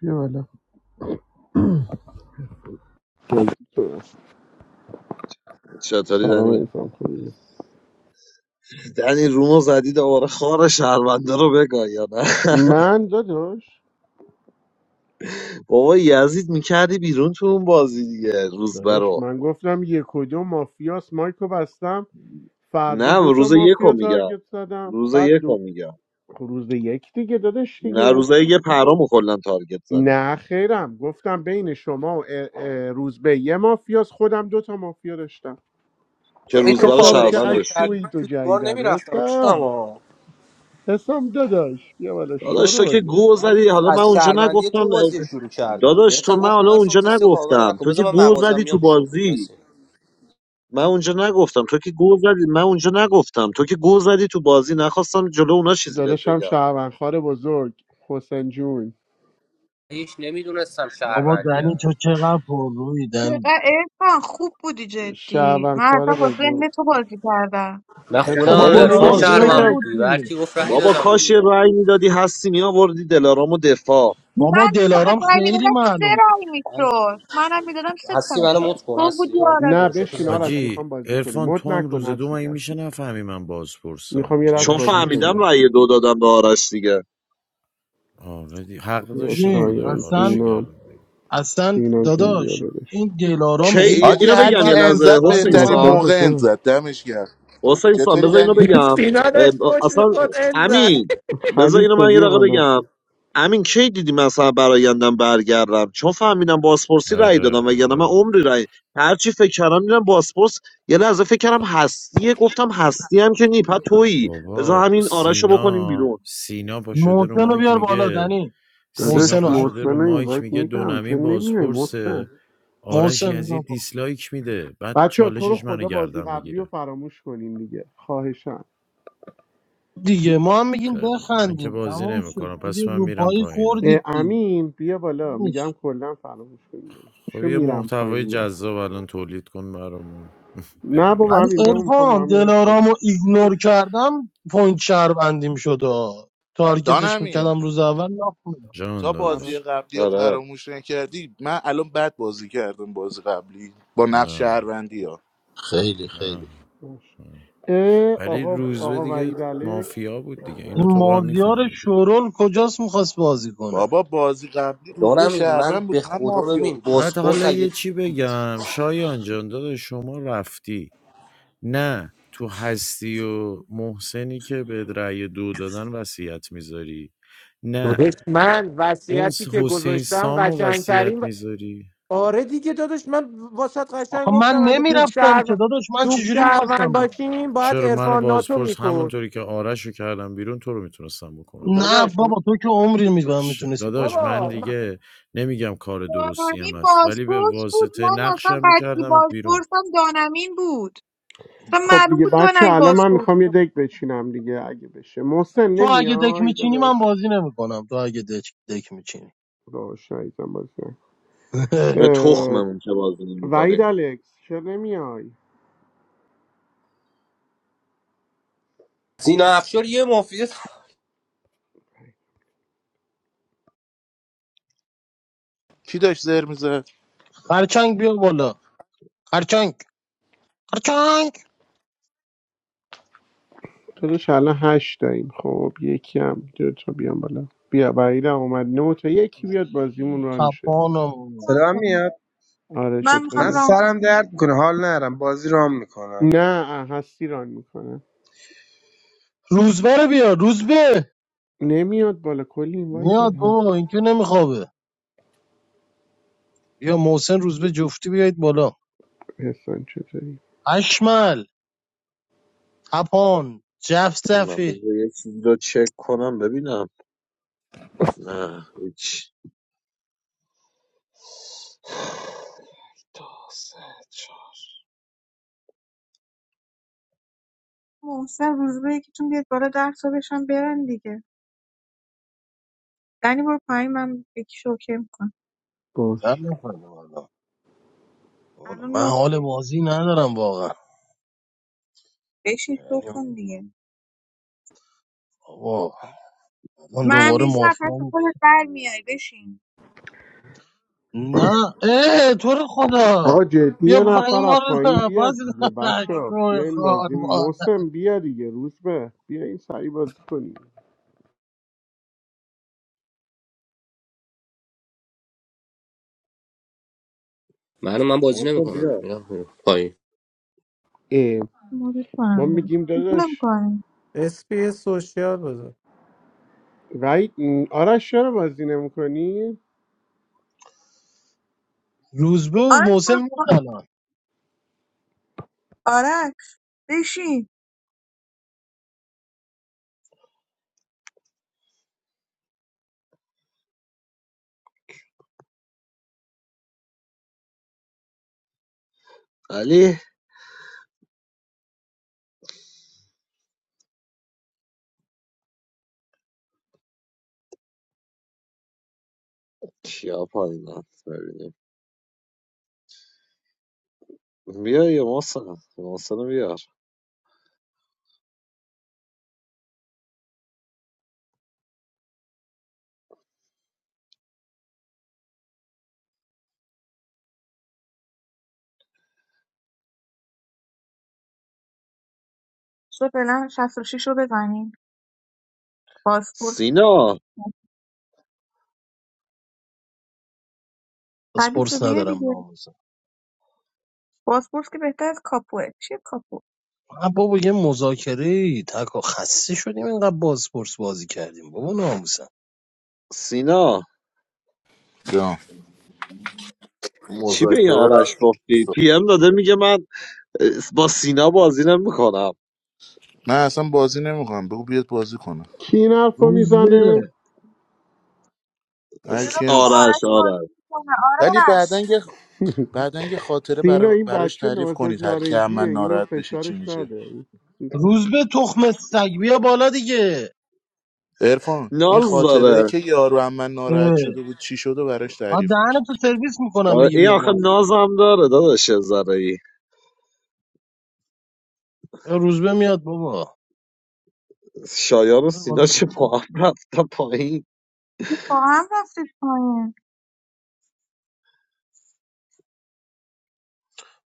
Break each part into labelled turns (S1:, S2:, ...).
S1: بیا بالا جذبه.
S2: چطوری
S1: سلام
S2: دنی
S1: ایفم خوبی
S2: دنی رومو زدی دوباره خار شهرونده رو بگاه یا نه
S1: من داداش
S2: بابا یزید میکردی بیرون تو اون بازی دیگه روز
S1: داداش
S2: برو
S1: من گفتم یک و دو مافیاس مایکو بستم فردا
S2: نه
S1: دوتا
S2: روز یکو
S1: مافیا
S2: میگم
S1: تارگت زدم
S2: روز
S1: بعد
S2: یکو
S1: دو
S2: میگم
S1: روز یک دیگه داداش
S2: نه
S1: دیگه
S2: روزای یه پرامو کلا تارگت زدی
S1: نه خیرم گفتم بین شما و اه، اه، روزبه یه مافیاس خودم دوتا مافیا داشتم
S2: که
S3: ای تو
S2: روزبر
S1: حسام
S3: کاورش
S2: شهروند
S1: چقدر
S3: نمیکردی
S2: داشتی
S1: شوی
S3: من
S1: تو
S3: تو دیوار
S1: جیدن
S3: نمیرفتم
S1: حسام
S3: اما
S1: حسام داداش بیا بالا
S2: داداش تو که
S1: شرول
S2: گو
S3: من
S2: زدی حالا من
S3: از
S2: اونجا
S3: شهروندی
S2: نگفتم
S3: تو بازی شروع کردم
S2: داداش
S3: بهت
S2: تو
S3: هم
S2: من
S3: گفتم
S2: حالا
S3: ارفان
S2: اونجا
S3: کسی رو کاور
S2: نگفتم
S3: نکن
S2: تو که
S3: بذار من
S2: گو
S3: مغازم
S2: زدی تو
S3: میام پیش تو
S2: بازی
S3: وایسی.
S2: من اونجا نگفتم تو که گو زدی من اونجا نگفتم تو که گو زدی تو بازی نخواستم جلو اونا چیزی بهت
S1: داداشم
S2: بگم
S1: شهروندخوار بزرگ حسین جون
S3: هیچ نمیدونستم
S4: بابا
S3: شهروندی
S4: دنی
S3: هم
S4: تو چقدر پر روی
S5: دقیقا
S4: دنی
S5: ارفان خوب بودی جدی
S1: شهروند
S5: من اصلا
S1: خاره
S5: با
S1: بزرگ
S5: ذهن تو بازی کردم
S3: من خودم
S1: حسام
S4: بابا
S3: هم
S1: چه
S2: بابا
S3: ارفان
S4: دلارام
S1: نمیای
S2: بازی
S4: شو
S1: دادا
S3: شهروند بود
S2: نکن
S4: بود
S3: دیگه هر
S4: دیگه
S3: کی گفت رأی
S2: بابا
S3: دادم
S2: کاش یه
S3: دیگه
S2: رأی میدادی هستی میآوردی دلارامو دفاع
S5: من
S4: بابا
S5: آخه
S4: دلارام
S5: رای
S4: خیلی
S5: میدادم سه
S4: معلوم بود.
S5: رای
S3: من
S5: میشد منم میدادم سه تا
S3: هستی منو
S5: میشد
S3: مت کن
S5: تو بودی
S3: هستی من
S1: نه
S5: آرش
S3: پروشاتو
S1: بشین
S3: دارم
S1: آرش
S3: بالا
S6: حاجی
S1: میخوام بازی کنیم
S6: ارفان
S1: مد
S6: تو هم
S1: نکن
S6: روز دو
S1: هستی
S6: مگه میشه
S1: کسی
S6: نفهمی من بازپرسم
S1: میخوام یه
S6: میگه
S1: دست
S6: من
S2: چون
S1: بازی
S6: شک
S2: فهمیدم
S1: کنیم
S6: دارم
S2: رأی دو دادم به آرش دیگه
S6: آره دی... حق
S1: بیا
S6: داشتم
S4: ببین
S6: خدای
S1: شایان
S4: اصلا
S6: آرشو
S1: زینا
S6: کردم
S4: اصلا
S1: زینا جون بیا
S4: داداش
S1: داداش
S4: این دلارام هی
S2: کی
S7: آجی
S2: اینو
S4: دنی
S7: هر
S2: بگم
S7: کی
S2: یه
S4: میبست رو
S2: لحظه
S7: انزد
S4: صورت
S2: حسین
S7: بهترین
S2: سان
S1: محسن
S4: من
S7: موقع
S1: کجا
S7: انزد دمش گرد
S2: حسین سان
S7: چطوری
S2: بذار اینو
S7: دنی
S2: بگم
S8: سینا داشت
S2: اه،
S8: پشت
S2: اصلا
S8: میخواد این زد
S2: امین بذار اینو
S1: خلیفه
S2: من یه
S1: بیا
S2: دقیقه
S1: بالا
S2: بگم امین کی دیدی مثلا برایندم برگردم چون فهمیدم بازپرسی رأی
S6: آره
S2: دادم وگرنه من
S6: آره
S2: عمری رأی هرچی فکر کردم دیدم بازپرس یه لحظه فکر کردم هستیه گفتم هستی هم که نی پس تویی بذار
S6: بابا
S2: همین آرش رو بکنیم
S6: سینا
S2: بیرون
S6: سینا پا شده رو
S4: محسن رو
S6: مایک
S4: بیار بالا
S6: میگه
S4: دنی
S6: سینا
S4: محسن
S1: داداش
S4: رو
S6: پا شده
S4: هستی
S1: محسن
S6: رو
S1: رو
S6: مایک
S1: اینوایت
S6: میگه
S1: میدم چه
S6: دونمین
S1: نمیای محسن
S6: بازپرسه آرش
S4: محسن بزن
S6: یزید
S4: کن.
S6: دیسلایک میده بعد
S1: بچه تو رو
S6: چالشش منو
S1: خدا بازی
S6: گردم
S1: قبلی رو
S6: میگیره
S1: فراموش کنین دیگه خواهشان
S4: دیگه ما هم میگیم
S6: خیلی خب من که
S4: بخندیم
S6: بازی
S4: تموم شد
S6: نمیکنم
S4: دیگه
S6: پس من
S4: رو
S6: میرم
S4: پای
S6: پایین آقا.
S4: خوردید
S1: امین بیا بالا
S4: دیگه
S1: میگم کلا فراموش کنین داداش.
S6: خب
S1: چی
S6: یه
S1: میرم پایین
S6: محتوای
S1: من
S6: جذاب الان تولید کن برامون
S1: نه بابا
S6: ببونیم
S1: همین
S4: ولی
S1: بمون میخوام با
S4: ارفان
S1: همین
S4: دلارامو رو ایگنور کردم پوینت شهروندیم شد آه. تارگتش
S7: دانمین
S4: میکردم روز اول ناف می‌داد.
S6: جان
S7: تا بازی
S6: داداش
S1: پرست
S7: قبلی رو
S2: آره
S7: فراموش نکردی من الان بد بازی کردم بازی قبلی با نقش
S6: نه
S7: شهروندی ها
S9: خیلی
S6: نه
S9: خیلی
S1: باشه
S6: نه.
S1: اه،
S6: ولی
S1: آقا
S6: روزبه
S1: آقا
S6: دیگه
S1: وحید الکس
S6: مافیا بود دیگه
S4: این
S6: اینو تو با هم
S4: مازیار
S6: میفهمیدی
S4: شورول کجاست میخواست بازی کنه
S7: بابا بازی قبلی روزبه
S3: دارم این من
S7: شهروند
S3: به
S7: بود من
S3: خدا
S7: مافیا
S3: ببین
S7: بودم
S6: بعد
S3: باسپورت
S6: حالا
S3: اگه
S6: یه چی بگم شایان جان داداش شما رفتی نه تو هستی و محسنی که به رأی دو دادن وصیت میذاری نه
S8: دادش من
S6: اون
S8: وصیتی
S6: س-
S8: که
S6: حسین
S8: گذاشتم
S6: سامو
S8: قشنگترین
S6: وصیت
S8: و-
S6: میذاری
S8: آره دیگه دادش من واسط
S4: آخه
S8: قشنگ
S4: من
S8: گفتم اگه دوب
S4: نمیرفتم که
S8: شهر
S4: داداش من
S8: دوب
S4: چجوری
S8: شهروند
S4: میخواستم برم
S8: باشیم باید
S6: چرا من
S8: عرفان ناتو
S6: بازپرس
S8: میکن
S6: همونطوری که آرش رو کردم بیرون تو رو میتونستم بکنم بیرون
S4: نه
S8: داداش م-
S4: بابا تو که عمری میبرم
S6: چ-
S4: میتونستی
S6: داداش
S4: تارگت کنی.
S6: من
S8: بابا من-
S6: دیگه نمیگم کار
S5: دانمین
S6: درستیم هست ولی به
S5: بازپرس بود
S6: واسطه
S5: من اصلا
S6: نقشم
S5: قطعی
S6: میکردمت بیرون
S5: بازپرسم دانمین بود اصلا
S1: خب
S5: معلوم
S1: دیگه
S5: بود
S1: بچه
S5: دانمین
S1: الان من
S5: بازپرس
S1: میخوام یه
S5: بود
S1: دک بچینم دیگه اگه بشه محسن
S4: تو اگه دک
S1: نمیای
S4: میچینی من
S1: داداش
S4: بازی نمیکنم تو اگه دک, دک میچینی
S1: داداش نایزم بازی نکن.
S2: به
S1: اه،
S2: تخممون که بازی
S1: وحید
S2: نمیکنی
S1: الکس چرا نمیای
S3: سینا افشار یه مافیه
S7: کی داشت زر میزد
S4: خرچنگ بیا بالا خرچنگ خرچنگ
S1: داداش الان هشت داریم خب یکی هم دو تا بیام بالا بیا وحید هم اومد نه تا یکی بیاد بازیمون ران شه دیگه
S4: تپانم
S5: ران
S10: صدا
S5: کنم.
S10: میاد
S1: آره
S5: من میخوام
S10: من
S1: چطوری
S5: ران
S10: سرم
S5: کنم
S10: درد میکنه حال نرم بازی رام میکنم
S1: نه هستی ران میکنه
S4: روزبه رو بیا روزبه
S1: نمیاد بالا کلی این وایت داد
S4: میاد بابا این که نمیخوابه بیا محسن روزبه جفتی بیایید بالا
S1: حسن چطوری
S4: اشمل تپان
S2: من
S4: جفزفی
S2: بذار یه چیزی رو چک کنم ببینم نه هیچ دو سه چهار
S5: محسن روز به یکیتون بیاد بالا ده تا بشم برن دیگه دنی برو پایین من یکی شوکه میکنم
S4: در
S1: باش
S4: نفهمم الان والا،
S5: الان
S4: من
S5: نه
S4: حال
S5: تایی
S4: بازی ندارم واقعا
S5: بشین شو
S4: یعنی
S5: کن دیگه
S4: آقا من
S5: من
S4: دوباره
S5: نیستم پس
S4: مافیا می-
S5: خودت در میای بشین
S4: نه اه تو رو خدا
S1: آقا جدی
S4: بیا
S1: یه
S4: پایین
S1: نفر از
S4: ما رو
S1: پایین
S4: نباز
S1: بیاد دیگه بچه ها
S4: شوی
S1: بیاین
S4: خار
S1: بازی
S4: مادر
S1: موسم بیا دیگه روز به بیاین سریع بازی کنیم
S3: من من بازی
S2: محسن
S3: نمیکنم
S2: بیا
S3: میرم میرم پایین
S1: اه،
S5: مورد
S1: ما
S5: کنم
S1: میگیم داداش
S5: نمیکنه
S8: اسپی سوشیال بذار
S1: وحید م، آرش چرا بازی نمیکنی؟
S4: روزبه و
S5: آرش
S4: محسن
S5: برو پا-
S4: میاد الان
S5: آرش بشین
S2: علی کیا پایینن ببینیم بیا یه محسن محسن رو بیار
S5: شو فعلا 66 رو بزنین پاسپورت
S2: سینا
S5: ردیف رو
S4: بازپرس
S5: بیه
S4: ندارم
S5: دیگه
S4: ناموزم
S5: پاسپورت که بهتر از کاپوه چیه کاپو
S4: نه بابا یه مذاکره تکا خسته شدیم اینقدر بازپرس بازی کردیم بابا ناموسم
S2: سینا
S7: جان
S2: چی به این
S9: مذاکره
S2: آرش
S9: رفت
S2: گفتی؟ پی ام داده میگه من با سینا بازی نمیکنم
S7: من اصلا بازی نمیکنم بگو بیاد بازی کنه
S1: کی این حرف رو
S4: روزبه
S1: میزنه؟
S7: هر
S5: چرا
S7: کیم
S5: بابا
S2: آرش
S5: آرش بازی
S2: آرش
S5: میکنه
S7: ولی بعدن
S5: آرش
S7: یه بعدن یه خاطره
S1: سینا
S7: برا...
S1: این
S7: براش
S1: بچه
S7: تعریف
S1: نازک
S7: کنید هر کی هم
S1: نارنجیه
S7: من
S1: اینو
S7: ناراحت بشه چی
S1: فشارش
S7: میشه
S1: نده این-
S4: روز به تخم سگ بیا بالا دیگه
S7: ارفان این
S2: ناز
S7: خاطره
S2: داره
S7: که یارو از من ناراحت
S4: اه.
S7: شده بود چی شده و براش
S4: آ
S7: تعریف کن
S4: دهن تو سرویس میکنم
S2: آره،
S4: بگی
S2: این
S4: بیا
S2: آخه
S4: بازی کن
S2: نازم داره داداش زرایی
S4: یا روز به میاد بابا
S2: شایان و
S4: بیار
S2: سینا
S4: بالا
S2: چه
S4: دیگه.
S2: با هم رفتن پایین
S5: این با هم رفتید پایین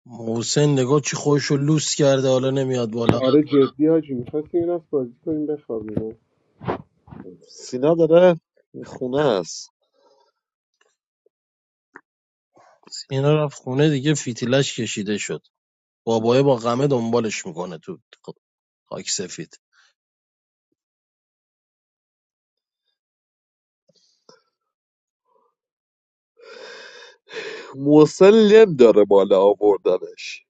S4: محسن نگاه چی خوشو لوس کرده حالا نمیاد بالا
S1: آره جدی هاجی میخواستیم این بازی کنیم بخوابیم
S2: سینا داره خونه است
S4: اینا رفت خونه دیگه فیتیلش کشیده شد بابایه با غمه دنبالش میکنه تو خاک سفید
S2: محسن لم داره بالا آوردنش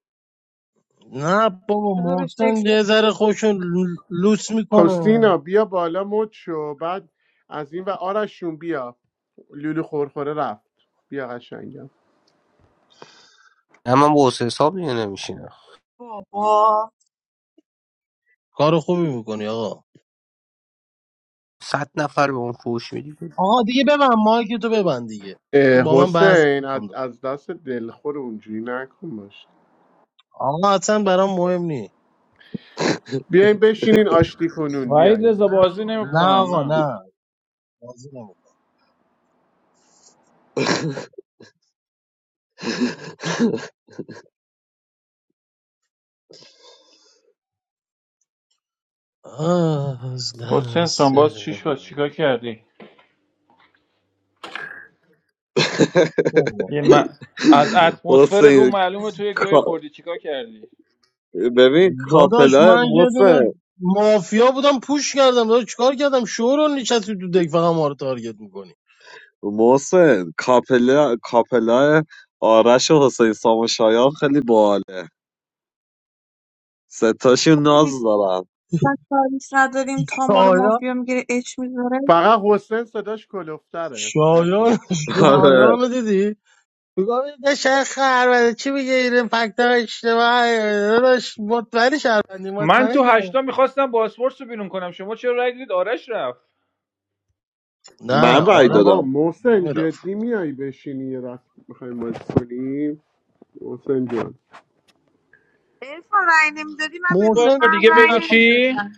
S4: نه بابا
S5: بذار بهش
S4: محسن
S5: تکس بدم.
S4: یه ذره خوشو لوس میکنه
S1: خستینا بیا بالا مد شو بعد از این و آرشون بیا لولو خورخوره رفت بیا قشنگم
S3: نه من با حسین حساب دیگه نمیشینم
S5: بابا
S4: کار خوبی میکنی آقا
S3: صد نفر به اون فوش میدی
S4: آقا دیگه ببند مایک تو ببند دیگه
S1: اه،
S4: با من بحث
S1: حسین از
S4: نکن
S1: از دست دلخور اونجوری نکن باش
S4: آقا اصلا برام مهم نیست
S1: بیاین بشینین آشتی کنون
S11: وحید
S1: بیاین
S11: رضا بازی
S4: نه
S11: نمیکنم
S4: آقا
S11: نه
S4: نه بازی نمی‌کنم. از
S11: حسین
S4: دست
S11: سان باز چی شد چیکار
S4: من
S11: کردی
S4: برو.
S11: یه من از اتمسفر رو
S2: حسین
S11: معلومه تو یه گوی
S2: کا-
S11: خوردی چیکار کردی
S2: ببین
S4: داداش
S2: کاپلا
S4: من یه دونه
S2: محسن
S4: مافیا بودم پوش کردم داداش چیکار کردم شورون نشستی تو دک فقط ما رو تارگت میکنی
S2: محسن کاپلا کاپلا آرش و حسین سام و شایان خیلی باله ستاشون
S5: آخه
S2: ناز
S5: دیدی
S2: دارن
S5: بس تاریخ نداریم تا ما رو
S4: شایان
S5: مافیا میگیره اچ میذاره
S1: فقط حسین صداش کلوفتره مرفان
S4: شایان
S2: آره
S4: شایان رو دیدی میگم این شیخ خربنده چی میگه این فکت ها اشتباه داداش مطمئنی شهروندی
S11: من
S4: مطمئنی
S11: تو
S4: شهروندی
S11: هشتا میخواستم باسپورس رو بیرون کنم شما چرا رای دیدید آرش رفت
S4: نه
S2: من رای
S4: آرش
S1: آقا
S2: دادم
S1: محسن
S4: میرفت
S1: جدی میای بشینی یه دست میخوایم بازی کنیم حسین جان
S5: ارفان رای نمیدادی من به
S11: بار
S4: محسن
S5: روزبه هم
S11: دیگه
S4: بازی
S5: رای
S11: بگو
S4: نکن
S11: چی
S5: نمیدادم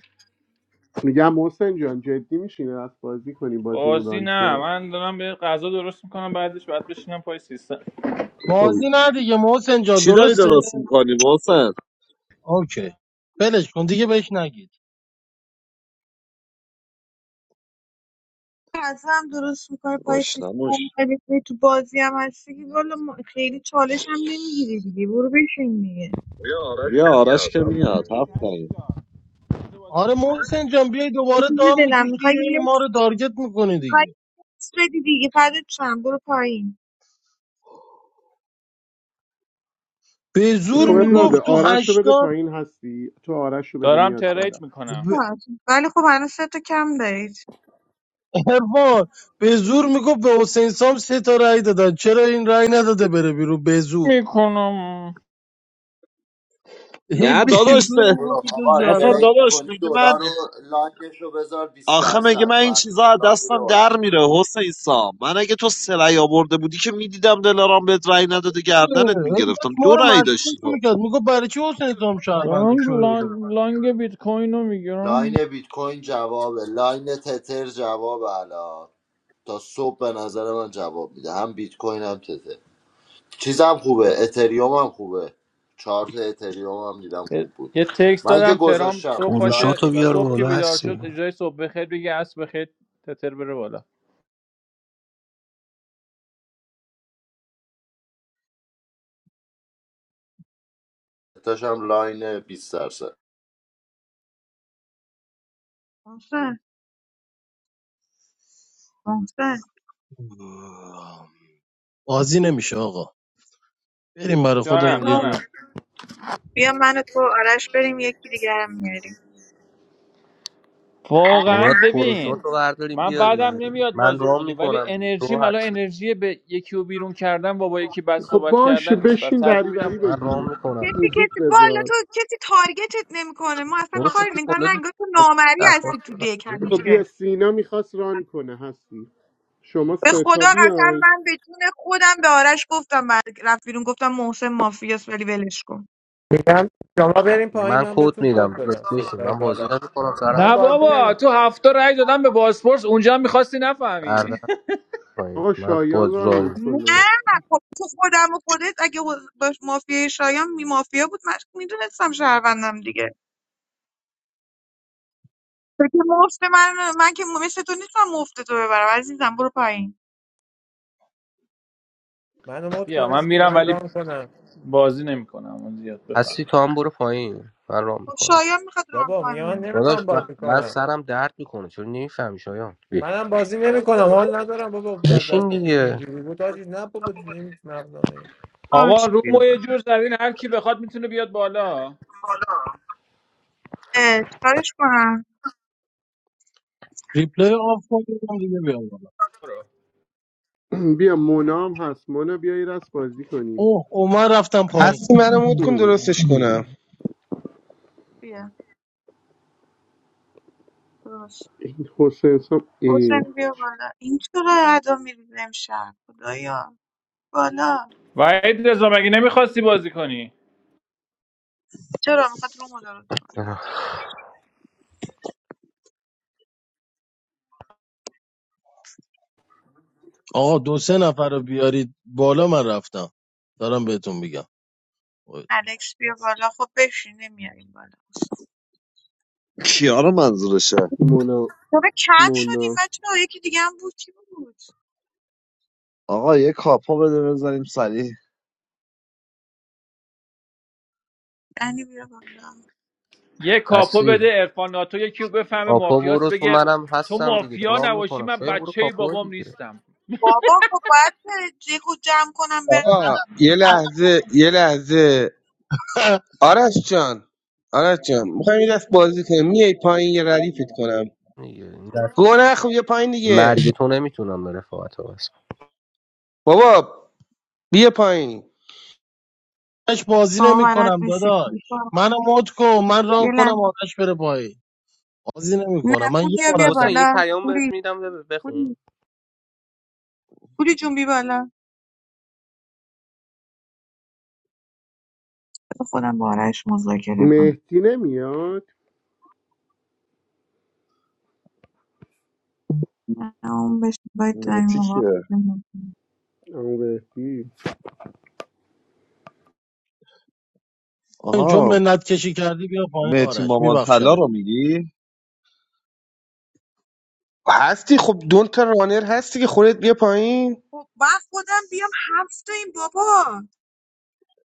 S1: میگم محسن جان جدی میشینی دست بازی کنیم بازیمون
S11: بازی نه
S1: رانشه
S11: من دارم به غذا درست میکنم بعدش بعد بشینم پای سیستم
S1: خب
S4: بازی
S1: هیچ.
S4: نه دیگه محسن جان
S2: چی داری
S4: درسته
S2: درست میکنی محسن
S4: اوکی ولش کن دیگه بهش نگید
S5: غذا هم درست میکنه پای سیستم.
S2: گشنمون
S5: هم تو بازی هم هستی که والا ما- خیلی چالش هم نمیگیری دیگه برو بشین دیگه
S11: بیا آرش
S2: بیا
S11: که
S2: آرش که
S11: میاد.
S2: میاد هفتم
S4: آره محسن جان بیای
S5: یه
S4: دوباره
S5: چیزی
S4: دام
S5: دلم
S4: میکشی
S5: میخوای
S4: هی ما
S5: نکس
S4: رو تارگت میکنی
S5: می‌خوای
S4: دیگه
S5: نکس بدی دیگه فردت چند برو پایین
S4: به
S1: خب
S4: زور
S1: اب نداره
S4: میگفت تو
S1: آرش رو بده
S4: هشتاد
S1: پایین هستی تو آرش رو بده
S11: دارم
S1: میاد بالا
S11: ترید
S4: ب...
S11: میکنم
S5: باشه. ولی خب هنوز سه تا کم دارید
S4: عرفان، به زور میگفت به حسین سام سه تا رأی دادن چرا این رأی نداده بره بیرون به زور
S11: میکنم
S4: هی
S2: نه
S4: به
S2: داداش
S4: زور
S2: سه-
S4: میگفت تو
S9: آقا
S2: اصلا
S4: شهروند
S9: ترید
S2: داداش
S9: میکنی
S2: میگه من
S9: دلار رو لاینش رو بذار بیست
S2: آخه میگه
S9: درصد
S2: من این
S9: فردا
S2: چیزا از
S9: دلار میره
S2: دستم
S9: بالا
S2: در میره حسین سام من اگه تو سه رأی آورده بودی که میدیدم دلارام بهت رأی نداده
S4: هی
S2: گردنت
S4: داشت
S2: میگرفتم
S4: ما
S2: دو
S4: رو
S2: رأی
S4: مشکوک
S2: داشتی تو
S4: میکرد میگفت برای چی حسین سام شهرونده
S11: دارم
S4: شده رو
S11: لانگ, لانگ بیت کوین رو میگیرم
S9: لاین بیت کوین جوابه لاین تتر جواب الان تا صبح به نظر من جواب میده هم بیت کوین هم تتر چیزم خوبه اتریوم هم خوبه چارت اتریوم هم دیدم
S11: یه
S9: خوب بود
S11: یه تکست
S9: من که
S11: دادم ترام
S9: گذاشتم
S11: صبح
S9: رو لاین
S11: پاشه
S3: فروشاتو
S9: اینا
S3: بیار
S11: صبح
S9: گذاشتم
S11: که
S3: بالا
S11: بیدار شد
S3: هستی
S11: اجرای صبح بخیر بگه عصر بخیر تتر بره بالا
S9: داشتم لاین بیست درصد
S5: محسن محسن
S4: بازی نمیشه آقا بریم برای
S11: جانم
S4: خودمون یه
S5: بذار
S4: جا
S11: جانم
S5: بیا من و تو و آرش بریم یکی دیگه هم میاریم
S3: باید
S11: واقعا ببین
S3: فروشاتو برداریم
S11: من
S3: بیاریم
S11: بعدم نمیاد
S3: من
S11: بازی
S3: رام
S11: کنی ولی
S3: میکنم دیگه
S11: انرژی
S3: تو
S11: ملا
S3: هستی
S11: انرژی به یکی رو بیرون کردن با با یکی بد
S1: خب
S11: صحبت
S1: باشه
S11: کردن نیست پس
S1: بشین
S11: ترجیح میدم
S1: دریوری
S11: بازی
S3: من
S11: کنم.
S1: بگو
S3: رام میکنم
S5: کسی
S3: دیگه
S1: موزیک
S5: کسی والا
S1: بذار
S5: تو کسی تارگتت نمیکنه ما اصلا
S3: فروش
S5: کاری
S3: پی
S5: نگاه
S3: بالا
S5: نه،
S3: دیگه.
S5: انگار تو نامری
S3: درخواست
S5: هستی تو
S3: دادم.
S5: دک
S3: آره
S1: خب
S3: دیگه.
S5: همیشه
S1: بیا سینا میخواست ران کنه هستی شما
S5: به خدا
S1: ستا
S5: قسم
S1: بیای
S5: من به جون خودم به آرش گفتم بعد رفت بیرون گفتم محسن مافیاست ولی ولش کن
S8: میگم شما بریم پایین
S3: من
S8: من
S3: کد
S8: بهتون کد
S3: میدم
S8: بدم
S3: بشین
S8: ستایی
S3: من بازی
S8: بالا
S3: نمیکنم سرم
S8: من
S11: نه
S8: بازی نمی
S11: بابا تو هفته رای دادم به بازپرس اونجا هم میخواستی نفهمی
S3: سردرد پایین
S1: آقا
S3: من
S1: شایان
S3: باز
S1: ران
S3: رام
S5: نه
S1: میکنه
S5: خب تو خودم و خودت اگه باش مافیای شایان می مافیا بود من میدونستم شهروندم دیگه تو که مفت من من که مثل تو نیستم مفت تو ببرم عزیزم برو پایین
S8: من مد کن
S11: بیا من
S8: اسپی
S11: میرم
S8: من
S11: ولی
S8: رام کنم
S11: بازی نمیکنم اون زیاد بفهم
S3: هستی تو هم برو پایین من رام
S5: خب
S3: میکنم
S5: شایان میخواد ران
S8: بابا میگه من
S5: کنه
S3: داداش
S8: نمیخوام
S3: من,
S8: بازی
S3: من
S8: کنم
S3: سرم درد میکنه چون نمیفهمی شایان بی.
S8: منم بازی نمیکنم حال ندارم بابا از
S3: بشین
S8: دست پیش
S3: دیگه
S8: اینجوری بود آجی نه بابا نمی مغزم نمی
S11: آقا
S5: باشه بیا
S11: رومو
S5: بالا
S11: یه جور زدین هر کی بخواد میتونه بیاد بالا
S5: اه، چیکارش کنم
S4: ریپلای آف کنیم دیگه بیام
S1: بیا مونا هم هست مونا بیا یه دست بازی کنیم
S4: اوه اوه من رفتم پایین
S10: هستی منو مود کن درستش کنم
S5: بیا باش
S1: حسین سام ای
S5: حسین بیا بالا این چرا ادا میریزه امشب خدایا بالا
S11: وحید رضا مگه نمیخواستی بازی کنی
S5: چرا میخواد رومو درست کنه
S4: آقا دو سه نفر رو بیارید بالا من رفتم دارم بهتون میگم خودتون.
S5: الکس بیا بالا خب بشین نمیاریم بالا
S2: کیا رو منظورشه
S1: مونا
S5: بابا کم شدیم
S1: مونا
S5: بچه ها یکی دیگه هم بود کی بود
S2: آقا یه کاپا بده بزنیم سریع
S5: دنی بیا بالا
S11: یه کاپو
S3: هستی
S11: بده ارفان ناتو یکی رو بفهمه
S3: کاپو
S11: مافیاس
S3: برو تو
S11: بگه
S3: منم
S11: تو
S3: هستم دیگه
S11: مافیا
S3: دارم
S11: نباشی
S3: میکنم
S11: من
S3: شاید برو
S11: بچه
S3: کاپو
S11: بابام
S3: دیگه
S11: نیستم
S5: بابا خب باید دیگه جمع کنم به
S10: آقا یه لحظه یه لحظه آرش جان آرش جان میخوایم یه دست بازی کنیم میای پایین یه ردیفت کنم
S3: دیگه این دست
S10: گو نخو بیا پایین دیگه
S3: مرگ تو نمیتونم به رفاقت ها بس
S10: بابا بیا پایین
S4: آتش بازی
S5: شما بلد
S4: نمیکنم
S5: نیستید
S4: داداش منو مد کن من
S5: یه
S4: ران کنم
S5: لحظه
S4: آرش بره پایین بازی
S5: نه
S4: نمیکنم من یه
S5: پوریا بیا
S4: مردم
S3: حسین یه
S5: بالا
S3: پیام بهت
S5: پوری
S3: میدم بب- بخون
S5: پوری پوری جون بی بالا بذار خودم با آرش مذاکره کنم
S1: مهدی نمیاد
S5: نه اون بهش باید در این
S2: مهتی
S5: موقع
S2: کیه
S1: اما مهدی
S4: چون
S2: آها
S4: منت کشی کردی بیا پایین
S2: مهتی
S4: آرش
S2: مامان طلا
S4: میبخشم
S2: رو میگی
S10: هستی خب دون تا رانر هستی که خودت بیا پایین
S5: خب من خودم بیام هفت تا این بابا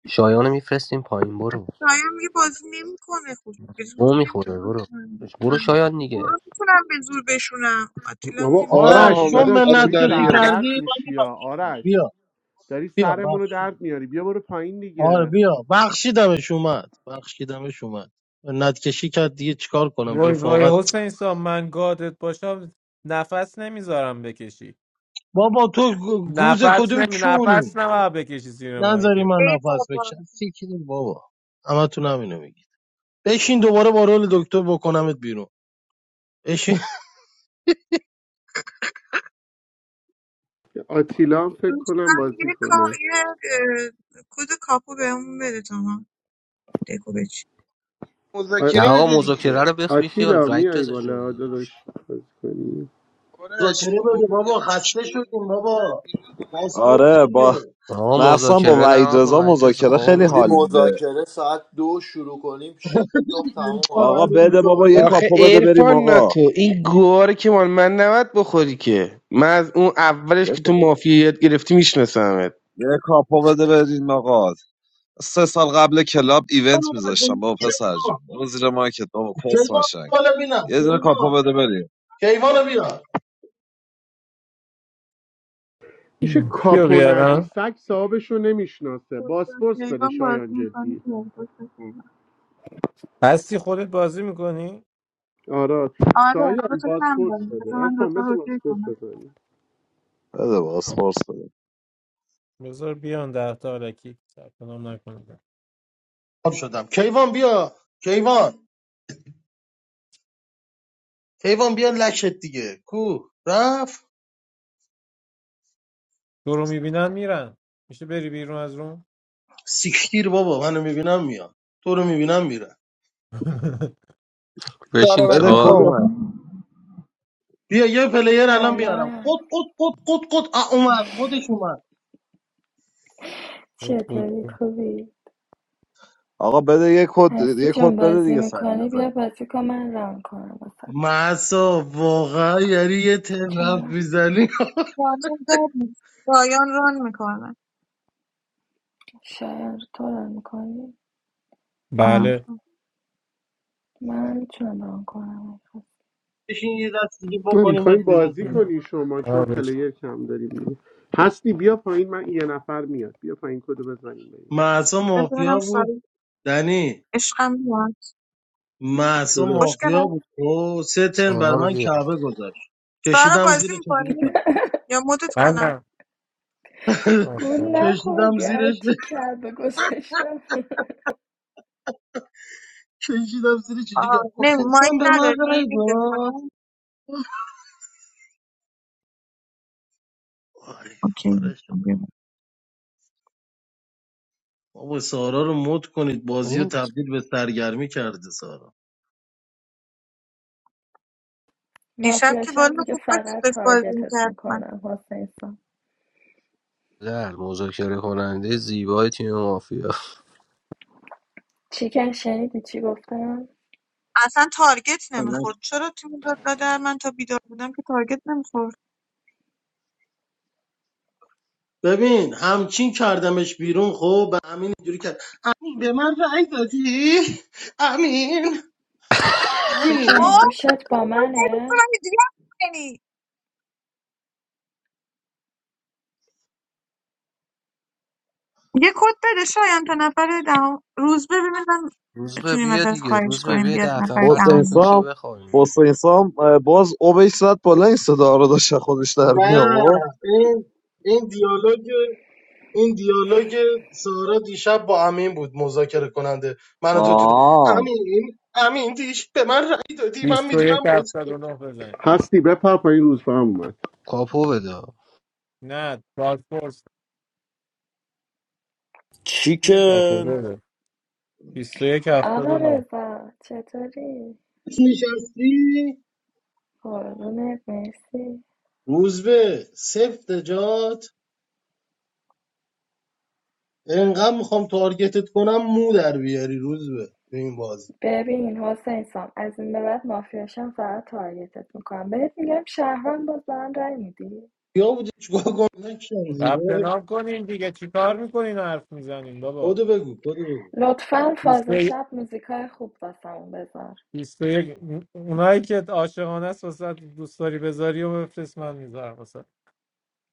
S3: شایانو میفرستیم پایین برو
S5: شایان میگه بازی نمیکنه خب بزرگ
S3: او
S5: که
S3: میخوره برو
S5: نمیتونی
S3: برو شایان
S5: گروه
S3: دیگه
S5: میتونم به زور بشونم آتیلا
S1: بابا
S5: میریم بازی
S4: آرش
S1: آرش
S5: می‌کنیم.
S4: چون
S10: آمد
S1: داداش
S10: آتی
S4: منت
S1: داری
S10: داره
S4: کشی
S10: بیار بالا
S1: سردرد
S4: کردی من
S1: میشی
S4: میبخشم
S1: یا آرش
S4: بیا
S1: داری
S4: بیا
S1: سرمون رو
S4: بخش
S1: درد میاری بیا برو پایین
S4: آره
S1: دیگه
S4: بیا بخشیدمش اومد بخشیدمش اومد منت کشی کرد دیگه چیکار کنم
S8: وای
S4: رفاقت
S8: وای حسین سام من گادت باشم نفس نمیذارم بکشی
S4: بابا تو گوز
S8: نفس
S4: کدوم
S8: نمی نفس
S4: کونی
S8: نباید بکشی زیر
S4: نذاری
S8: مایکه
S4: من
S5: ای
S4: نفس
S5: بابا
S4: بکشم سیکی بابا همه تو همینو میگی بشین دوباره با رول دکتر بکنمت بیرون بشین
S1: آتیلا هم فکر کنم
S5: دوستان
S1: بازی
S5: یه کار
S1: کنه
S5: یه اه، کد کاپو بهمون بده تا ما دکو بچی
S1: آ-
S3: نه
S10: مذاکره
S3: آقا
S10: بده
S3: مذاکره
S10: دیگه
S3: رو بخ بیخیال
S1: آتیلا
S3: وحید
S1: میای
S3: رزا جونه
S1: بالا
S3: داداش
S1: داداش بازی کنی
S4: مذاکره
S10: آرش
S4: بده
S10: مافیا
S4: بابا
S10: میشه
S4: خسته
S10: شروع
S4: شدیم
S10: میکنه میکنه
S4: بابا
S10: بیرون دیگه
S4: پاسپورت
S2: آره با
S4: چیه
S3: آقا
S2: مخصوصا با
S3: مذاکره نه
S2: وحید
S3: آقا
S2: رضا
S3: وحید رزا
S2: مذاکره خیلی
S3: خوابم
S9: حاجی،
S2: حال
S3: میاد
S2: میده
S9: مذاکره ساعت دو شروع کنیم 6 صبح
S4: عرفان
S9: تموم
S2: آقا
S4: هرون
S2: بده بابا یه
S4: زاده.
S10: آخه
S2: کاپو بده بریم
S10: عرفان نه
S2: آقا
S10: تو این گواره که مال من نباید بخوری که من از اون اولش
S2: یه
S10: که تو مافیا یاد گرفتی میشناسمت
S2: یه کاپو بده بریم آقا سه سال قبل کلاب ایونت میذاشتم
S4: کیوان
S2: بابا پسر جون برو زیر مایکت بابا پس
S4: کیوان
S2: مشنگ
S4: بالا بینم
S2: یه دونه کاپو
S4: کیوان
S2: بده بریم
S4: کیوانو بیا
S1: میشه
S8: بیا
S1: کاپو ندی
S8: بیارم
S1: سگ صاحبشو نمیشناسه باسپورس بده
S5: کیوان بازی
S1: شایان
S5: میکنه
S1: جدی
S5: دیالوگ با کیوان
S8: هستی خودت بازی میکنی؟
S1: آره
S5: آره دو
S1: شایان
S5: تا کم
S1: باسپورس
S5: داریم
S1: بده
S5: بذار من
S1: ارفان
S5: دوتا رو
S1: بذار
S5: اوکی
S1: باسپورس
S5: کنم
S1: بزنیم
S2: بده باز خورس بده
S8: بذار بیان ده تا الکی ثبت نام نکنم
S4: خب شدم کیوان بیا کیوان کیوان بیا لشت دیگه کو رفت
S8: تو رو میبینن میرن میشه بری بیرون از روم
S4: سیکتیر بابا منو میبینم میاد تو رو میبینم میره.
S10: سارا
S3: بشین
S2: بده
S10: وطنخواه
S2: کد
S3: چهار
S10: اومد
S4: بیا یه پلیر الان میارم
S12: سلام
S4: قد قد قد قد قد آ، اومد خودش اومد
S8: خود خود
S12: چطوری
S8: خود.
S12: خوبی
S2: آقا بده یه کد
S12: هستی
S2: یه
S12: جان
S2: کد بده
S12: بازی
S2: دیگه سریع
S12: میکنی بیا
S2: بزنیم
S12: بازی کن من ران کنم واسه
S4: مسا واقعا یعنی یه تلف
S12: چرا
S4: میزنی
S5: بازی داد نیست پایان ران میکنه
S12: شاید تو ران میکنی
S8: بله
S5: آره
S12: من میتونم ران کنم
S4: بشین یه دست دیگه
S1: ما
S4: بکنیم بهت
S1: میخوایم
S4: بیرون
S1: بازی
S4: کنیم
S1: کنی شما چون
S8: آه، بچه.
S1: پلیر کم داریم دیگه. هستی بیا پایین من یه نفر میاد بیا پایین کدو بزنیم بریم.
S4: مسا
S5: ببینم
S4: مافیا بود
S5: ساری
S4: دنی
S5: عشقم میاد
S4: مسا
S1: جونم
S4: مافیا
S5: خوشگلم
S4: بود او سه تن بر
S3: سانا رو
S4: من
S3: بیا
S4: کعبه گذاشت
S5: سارا
S4: کشیدم
S5: بازی
S4: زیر چجوری
S5: میکنی
S4: کرد
S5: یا مدت
S8: من
S5: کنم
S8: نه آه،
S12: گول
S8: بله.
S4: کشیدم
S12: نخوردی
S4: زیرش
S12: هرچی کعبه گذاشتم
S4: کشیدم زیر
S5: آه
S4: چجوری کرد
S5: نه
S4: حسین سان
S5: مایک
S4: به من
S5: نداری
S4: رای
S5: نمیدت
S4: داد
S5: کنم
S4: وای
S5: اوکی
S4: پاره شدم. بابا سارا رو مد کنید بازی رو
S3: این
S4: تبدیل به سرگرمی کرده سارا
S5: دیشب که
S12: مافیاشم
S5: والا
S12: دیگه
S5: خوب بود که
S12: فقط
S5: داشت بازی
S12: تارگتت
S5: میکرد من
S12: میکنم حسین سان
S3: در مذاکره کننده زیبای تیم مافیا
S12: چیکن شنیدی چی گفتم
S5: اصلا تارگت نمیخورد چرا تیم داد لادر من تا بیدار بودم که تارگت نمیخورد
S4: ببین همچین کردمش بیرون خب به امین اینجوری کرد امین به من رأی دادی امین
S5: خب
S12: چیکن
S4: امین
S12: گوشت
S5: چرا
S12: با
S5: باید تارگت کنم؟
S12: منه
S5: یه دوست رو اینجوری هم کنی؟ یه کد بده شایان تا نفر دهم روز ببینم
S3: روز به
S5: میتونیم
S3: بیا
S5: ازت
S3: دیگه
S5: خواهش
S3: روز به
S5: کنیم
S3: بیا
S5: بیاد
S3: ده
S5: نفر
S3: نفر
S2: حسین
S5: دهم
S3: تکمیل شه
S2: سام
S3: بخوابیم
S2: حسین سام اه، باز اوبش زد بالا این صدا رو داشت خودش در می
S4: نه
S2: آورد
S4: این این دیالوگ این دیالوگ سارا دیشب با امین بود مذاکره کننده من و تو تو د-
S2: آه
S4: امین امین دیش به من رأی دادی من
S8: 21
S4: میدونم با تو
S8: 79 بزن
S1: هستی بپر پایین روز به هم اومد
S3: کاپو بده
S8: نه پاسپورت چیه
S13: چیکن
S8: پاسپورت 21
S12: آقا
S8: 79
S12: رضا چطوری
S4: نشستی
S12: قربونت مرسی
S4: روزبه سفت جات انقدر میخوام تارگتت کنم مو در بیاری روز به تو این بازی
S12: ببین حسین سام از این به بعد مافیاشم فقط تارگتت میکنم بهت میگم شهروند باز به من رأی میدی
S4: یا بودی چیکار کنم نکشم
S8: ثبت
S4: زیره
S8: نام کنین دیگه چیکار میکنین حرف میزنین بابا
S4: کدو بگو کدو بگو
S12: لطفا فاز
S8: 21
S12: شب موزیکای خوب واسمون بذار
S8: 21 اونایی که عاشقانه است واسه دوست داری بذاری و بفرست من میذارم واسه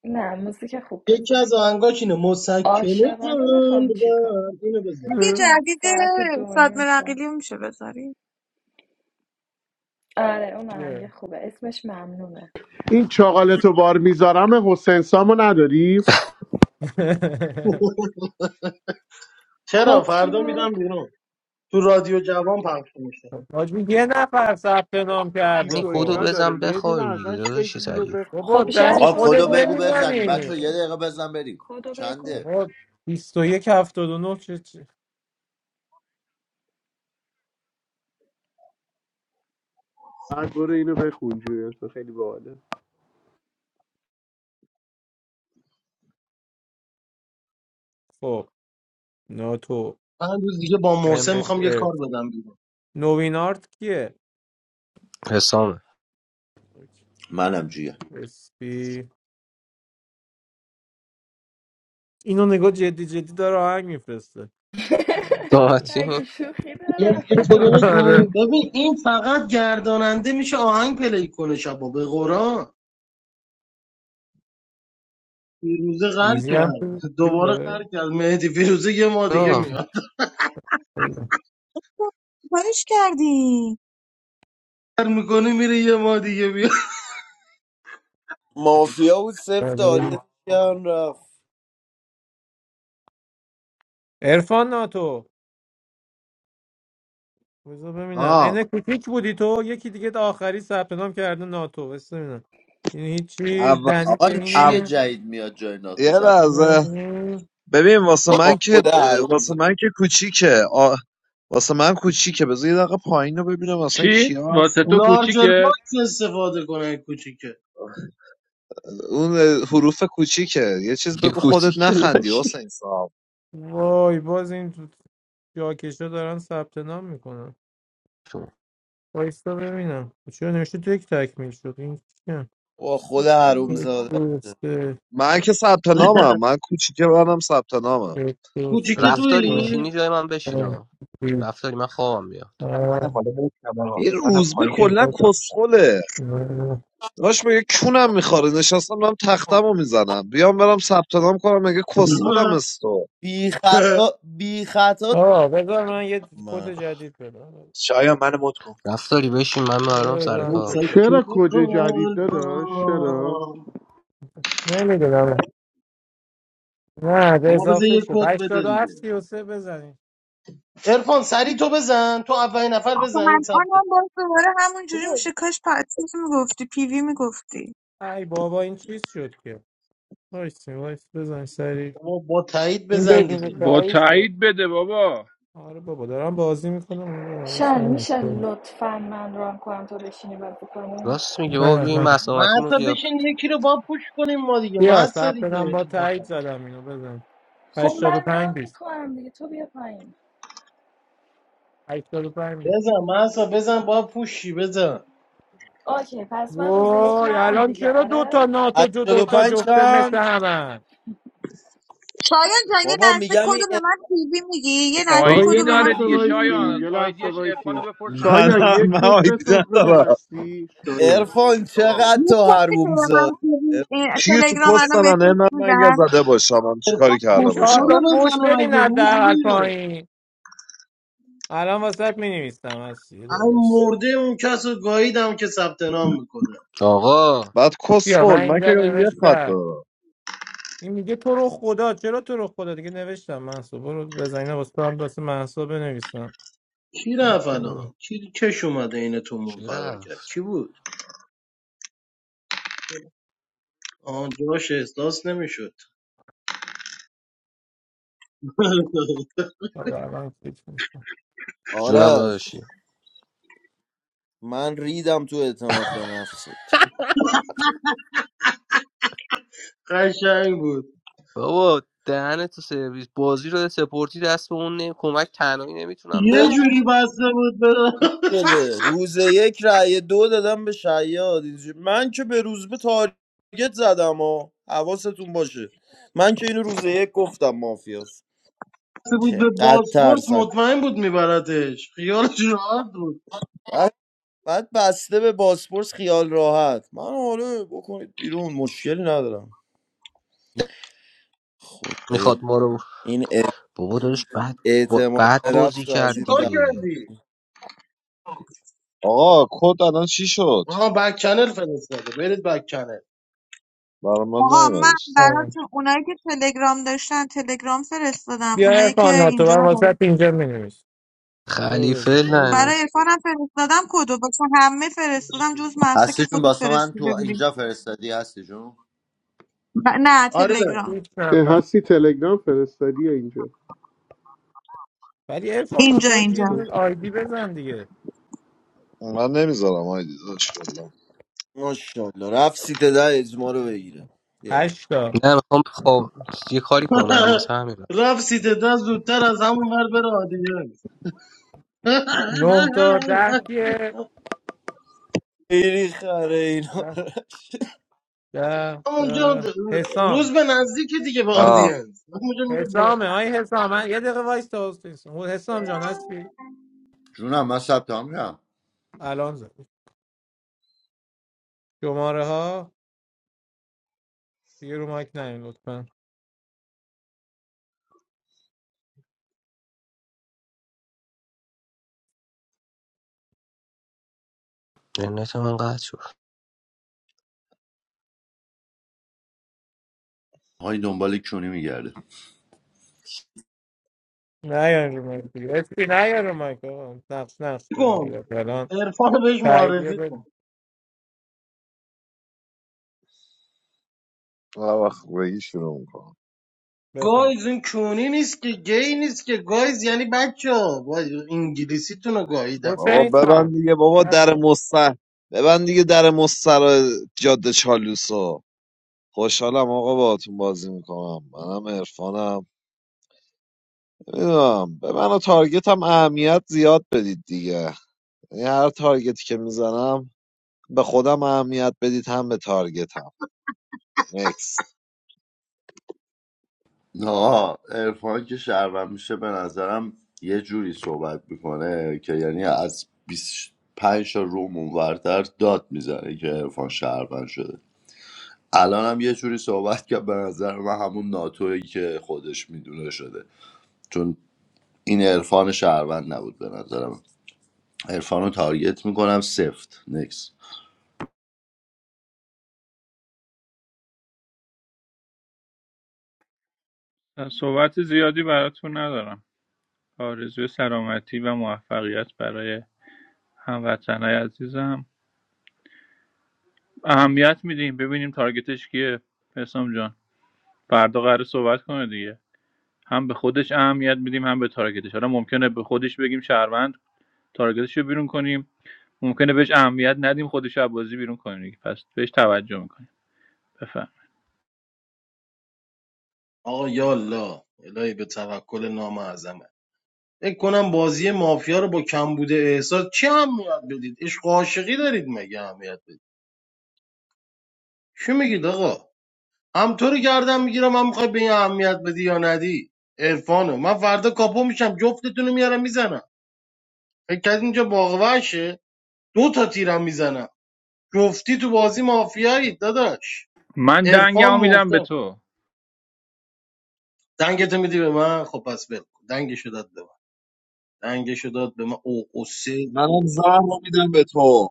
S12: نه موزیک خوب
S4: یکی
S12: بذار
S4: از آهنگاش اینه مسکنه
S12: عاشقانه میخوام
S4: قلبم
S12: چیکار
S4: اینو بزن
S5: یه جدید
S12: ساعت دو و
S5: صادم
S12: نیم شب
S5: رقیلی رو میشه بذاری
S12: آره اون آهنگ
S8: چیه
S12: خوبه اسمش ممنونه
S1: این چاقالتو بار میذارم حسین سامو نداری؟
S4: چرا
S12: کد چی
S4: فردا میدم
S12: بود
S4: بیرون تو رادیو جوان پخش میشه
S8: حاجی یه نفر ثبت نام
S3: یعنی
S8: کرده
S1: تو
S3: کدو
S1: اینا
S8: خب
S3: بزن
S1: داره یه دونه
S3: بخوابیم دیگه
S1: ازش بگی
S3: داداشی
S1: اینو
S3: سریع
S1: بخون
S8: بابا
S12: خب شاید
S8: دنی
S1: حسین
S9: آقا
S12: چون
S8: خودت
S9: کدو بگو
S12: کدو
S9: بزنی
S8: نمیزنی
S9: بچه یه
S12: نمیدونیم
S9: دقیقه بزن بریم
S12: کدو بگو
S9: چنده
S8: خب 21 79 چه چه-
S1: بعد برو اینو بخون جوریت خیلی باحاله
S8: خب ناتو
S4: من روز دیگه با موسم میخوام یه
S8: MFS
S4: کار بدم بیرون
S8: نوین آرت کیه
S3: حسامه
S9: منم جیه
S8: اسپی اینو نگاه جدی جدی داره آهنگ میفرسته
S3: ساعتی
S12: مگه شوخی دارم
S10: مرسی تو دو
S4: بزن.
S8: آره
S10: بگو
S4: ببین این فقط گرداننده میشه آهنگ پلی کنه شبا به قرآن فیروزه غر
S8: ایزی هم تو
S4: کرد دوباره
S8: چیزه.
S4: غر کرد مهدی فیروزه یه ما دیگه
S3: آه،
S4: میاد
S5: کارش کردی
S4: کار میکنه میره یه ما دیگه بیا
S13: مافیا بود سفت آریت کردن رفت
S8: عرفان ناتو بذار ببینم
S2: آه
S8: اینه کوچیک بودی تو یکی دیگه آخری ثبت نام کرده ناتو بس ببینم این هیچی
S2: اول
S8: دنی
S9: آقا
S8: که
S9: این چیه
S2: اول-
S8: اینه
S9: جدید میاد جای ناتو
S2: یه
S9: ثبت
S8: اینم
S2: لحظه
S8: این.
S2: ببین واسه من
S13: با
S2: که
S13: خود
S2: اه،
S13: حروم
S2: واسه
S13: زد
S2: من که کوچیکه آ... واسه من کوچیکه بذار یه دقیقه پایین رو ببینم اصلا
S11: چی
S2: کیا
S11: واسه تو
S2: هستن
S4: لارجر
S11: کوچیکه
S4: باکس استفاده کنه کوچیکه
S2: اون حروف کوچیکه یه چیز
S3: یه
S2: بگو خودت
S3: کوچی
S2: نخندی
S3: کلاشی
S2: حسین صاحب
S8: وای باز این تو جاکشا دارن ثبت نام میکنن وایستا ببینم چرا نوشته تو یک تکمیل شد این کیه
S13: با خود حروم
S8: یک
S13: زد
S8: دو سه
S2: من که ثبت نامم من کوچیکه منم ثبت نامم
S8: یک دو
S4: کوچیکه
S8: سه
S3: رفتاری
S8: چهار،
S3: میشینی
S4: تویی
S3: جای من بشین
S8: پنج،
S3: آه.
S8: شش،
S3: رفتاری من خوابم بیاد
S14: من منم
S8: هفت،
S14: بالا نمیشتم آقا
S2: این
S14: منم
S2: روزبه
S14: پایین
S2: کلا
S8: هشت،
S14: نمیتونستم باشم
S2: کسخله
S8: نه.
S2: داشت میگه کونم میخوره نشستم دارم تختم رو میزنم بیام برم ثبت نام کنم مگه کسخلم استو
S13: بی خطا بی خطا
S8: آقا بذار من یه کد
S13: من
S8: جدید بدم
S14: شایا منو مد کن
S3: رفتاری بشین من
S8: بذار
S3: برام سر
S4: مسکر
S3: کار
S8: اضافه شد.
S1: چرا کد جدید داداش چرا
S4: قلبم
S8: نمیدونم نه به
S4: بابا بذار
S8: اضافه
S4: یه
S8: شد
S4: کد بده
S8: 87
S4: دیگه
S8: 33 بزنید
S4: ارفان سری تو بزن تو اولین نفر
S5: آخه
S4: بزن
S5: من
S4: این ثبته
S5: آنم باز دوباره همون جوری
S8: بابا،
S5: میشه کاش پاتیس میگفتی پیوی میگفتی
S8: ای بابا این چیز شد که وایسی وایس بزن سری
S4: بابا با تایید
S8: این
S4: بزن
S8: بدون
S4: دیگه
S11: با
S8: کاری شد
S11: تایید بده بابا
S8: آره بابا دارم بازی میکنم این بار حواس
S12: شن میشه
S8: نمی‌کنم.
S12: لطفا من ران کنم تو بشینی بازی کنی
S3: راست میگه بابا
S8: نه
S3: بیا این
S8: نه
S3: مسامتیمون
S4: محسا
S3: قیاف
S4: بشین یکی رو با پوش کنیم ما دیگه
S8: بیا
S4: محسا
S8: ثبت نام
S4: دیگه
S8: با تایید زدم اینو بزن
S12: خب من
S8: 85
S12: ران
S8: 20
S12: میکنم دیگه تو بیا پایین
S8: 85 نیست.
S4: بزن محسا بزن با پوشی بزن
S12: اوکی پس من روز یک
S8: وای
S12: نرم
S8: الان
S12: دیگه
S8: چرا دو
S12: آره
S8: تا ناتو جو دو تا
S13: 85
S8: جفته مثل
S13: چند
S8: همه
S5: شایان جان یه
S13: بابا
S5: لحظه
S13: میگم این
S5: کدو به من پیوی میگی یه لحظه
S1: آقا یه
S5: کدو
S11: آیدی
S5: به من
S11: داره
S1: لحظه
S11: دیگه
S5: پیوی
S11: شایان
S1: وایسین
S11: از
S1: یه
S5: میگی
S1: لحظه
S11: آیدیش ارفانو
S1: وایسین
S11: بپرس
S2: نه
S11: بزن
S1: شایان
S2: نه
S1: یه
S2: من
S1: کد
S2: آیدی
S1: بساز بده
S2: ندارم
S1: هستی شایان
S13: ارفان چقدر
S5: یه
S13: تو
S5: کد که
S13: حروم
S5: به من
S13: زد
S5: پیوی اه،
S2: کیه تو
S5: تلگرام
S2: کست
S5: الان
S2: زننه
S5: بهتون
S2: من مگه
S5: میدم
S2: زده باشم من چیکاری
S4: ارفان
S8: یه
S2: کرده
S8: چهار
S2: باشم
S4: کسخوره
S8: تا فوش
S4: بزنه
S8: بدین
S4: مگه روز
S8: حداقل
S4: بده.
S8: پایین الان واسه می نویسم هستی
S4: هم
S8: درست
S4: مرده اون کس رو گاییدم که ثبت نام میکنه
S3: آقا
S2: بعد
S8: بیا
S2: کسخل
S8: من
S2: من که
S8: اینجا
S2: یه خط
S8: نوشتم
S2: دارم
S8: این میگه تو رو خدا چرا تو رو خدا دیگه نوشتم منصوب رو بزنین واسه هم واسه منصوب بنویسم
S4: کی
S8: این
S4: رفت
S8: تو
S4: الان کی کش اومده این تو مون
S3: چی
S4: فرار کرد
S3: رفت
S4: کی بود آن جاش احساس نمیشد
S8: حالا الان فکر می‌کنم.
S3: جونم
S13: آرش
S3: داداشی
S13: من ریدم تو اعتماد به نفست
S4: قشنگ بود
S3: بابا دهن تو سرویس بازی رو سپورتی دست به اون نمی... کمک تنهایی نمیتونم
S4: یه
S3: در بیارم.
S4: جوری بسته بود به
S13: گوش بده روز یک رأی دو دادم به شیاد اینجوری من که به روز به تارگت زدم و حواستون باشه من که اینو روز یک گفتم مافیاس
S4: بسته بود به
S13: چقدر
S4: بازپورت
S13: ترسک
S4: مطمئن بود میبرتش خیالش راحت بود
S13: بعد بعد بسته به باسپورس خیال راحت من حالا بکنید بیرون مشکلی ندارم خدایا
S3: میخواد ما رو
S13: این اع-
S3: بابا داداش بعد با-
S13: اعتماد
S3: بعد
S13: به
S3: بازی
S13: نفس رو از
S3: کرد
S13: این
S4: چیکار
S13: جمع
S3: دیگه
S4: کردی
S2: آقا کد الان چی شد
S4: آها بک چنل فرستاده برید بک چنل
S2: برای من
S5: آقا من
S2: نیومدش
S8: آره.
S5: براتون اونایی که تلگرام داشتن تلگرام فرستادم
S8: بیا
S5: اونایی که
S8: ارفان ناتو
S5: اینجا
S8: من
S5: هست.
S8: واسه اینجا می برو
S3: خلیفه
S8: بزن
S5: برای
S3: لعنت
S5: عرفانم فرستادم کدو واسه همه فرستادم جز محسا که
S9: هستی جون
S5: خودت
S9: واسه من تو
S5: فرستیده بودی
S9: اینجا فرستادی هستی جون
S5: ب- نه
S4: آره
S5: تلگرام
S8: هیچ
S1: اه،
S8: نفر
S1: هستی تلگرام فرستادی یا اینجا
S8: ولی ارفان
S5: اینجا
S8: ناتو
S5: اینجا
S8: یه دونه آیدی بزن دیگه
S2: من نمیذارم آیدی داشت کلا
S13: ماشاءالله رفت سیت ده اجما رو بگیره بیا
S8: هشتا
S3: نه میخوام خواب یه کاری کنم واسه همین رفت
S4: رفت سیت دست زودتر از همون ور بره آدینس
S8: نه تا ده کیه
S13: خیلی خره اینا
S8: ده ده
S4: اونجا
S8: ده. حسام
S4: روز به نزدیک دیگه به
S2: آه
S4: آدینس اونجا میره بالا
S8: حسامه آی حسام من- یه دقیقه وایس تا حسام حسام حسام جان هستی
S9: جونم من ثبت هم میرم
S8: الان زد شماره ها دیگه رو مایک نیم لطفا
S3: جنت من قطع شد
S9: های دنبال کونی میگرده
S8: نه یا رو مایک دیگه اسپی نه یا رو مایک آقا. نقش نقش داریم
S4: کن
S8: دیگه الان
S4: عرفان بهش
S8: تاییدیه
S4: معرفی
S8: بده
S4: کن
S2: هر وقت بگی شروع میکنم
S8: بفهم
S4: گایز این کونی نیست که گی نیست که گایز یعنی بچه ها انگلیسیتون رو گاییدم
S2: بابا
S8: حسین
S2: ببند
S8: سام
S2: دیگه بابا در مستر ببند دیگه در مستر جاده چالوسو خوشحالم آقا باهاتون بازی میکنم منم عرفانم نمیدونم به من و تارگت هم اهمیت زیاد بدید دیگه یعنی هر تارگتی که میزنم به خودم اهمیت بدید هم به تارگتم نکس
S9: آقا ارفان که شهرون میشه به نظرم یه جوری صحبت میکنه که یعنی از 25 تا روم اونورتر داد میزنه که ارفان شهرون شده الان هم یه جوری صحبت که به نظر من همون ناتویی که خودش میدونه شده چون این عرفان شهروند نبود به نظرم عرفان رو تارگت میکنم سفت نکس
S11: من صحبت زیادی براتون ندارم آرزوی سلامتی و موفقیت برای هموطنای عزیزم اهمیت میدیم ببینیم تارگتش کیه حسام جان فردا قراره صحبت کنه دیگه هم به خودش اهمیت میدیم هم به تارگتش حالا ممکنه به خودش بگیم شهروند تارگتش رو بیرون کنیم ممکنه بهش اهمیت ندیم خودش رو بازی بیرون کنیم پس بهش توجه میکنیم بفهم
S4: آقا یالا الهی به توکل نام اعظمه فکر کنم بازی مافیا رو با کم بوده احساس چی هم میاد بدید عشق و عاشقی دارید مگه اهمیت بدید چی میگید آقا هم تو رو گردن میگیرم هم میخوای به این اهمیت بدی یا ندی عرفانو من فردا کاپو میشم جفتتون رو میارم میزنم فکر کردی اینجا باغوشه دو تا تیرم میزنم جفتی تو بازی مافیایی داداش
S11: من
S4: عرفان
S11: دنگمو میدم به
S4: محسن
S11: تو
S4: دنگتو میدی به من خب پس بل دنگشو داد به من دنگشو داد به من او او سه
S2: منم زهر رو میدم به تو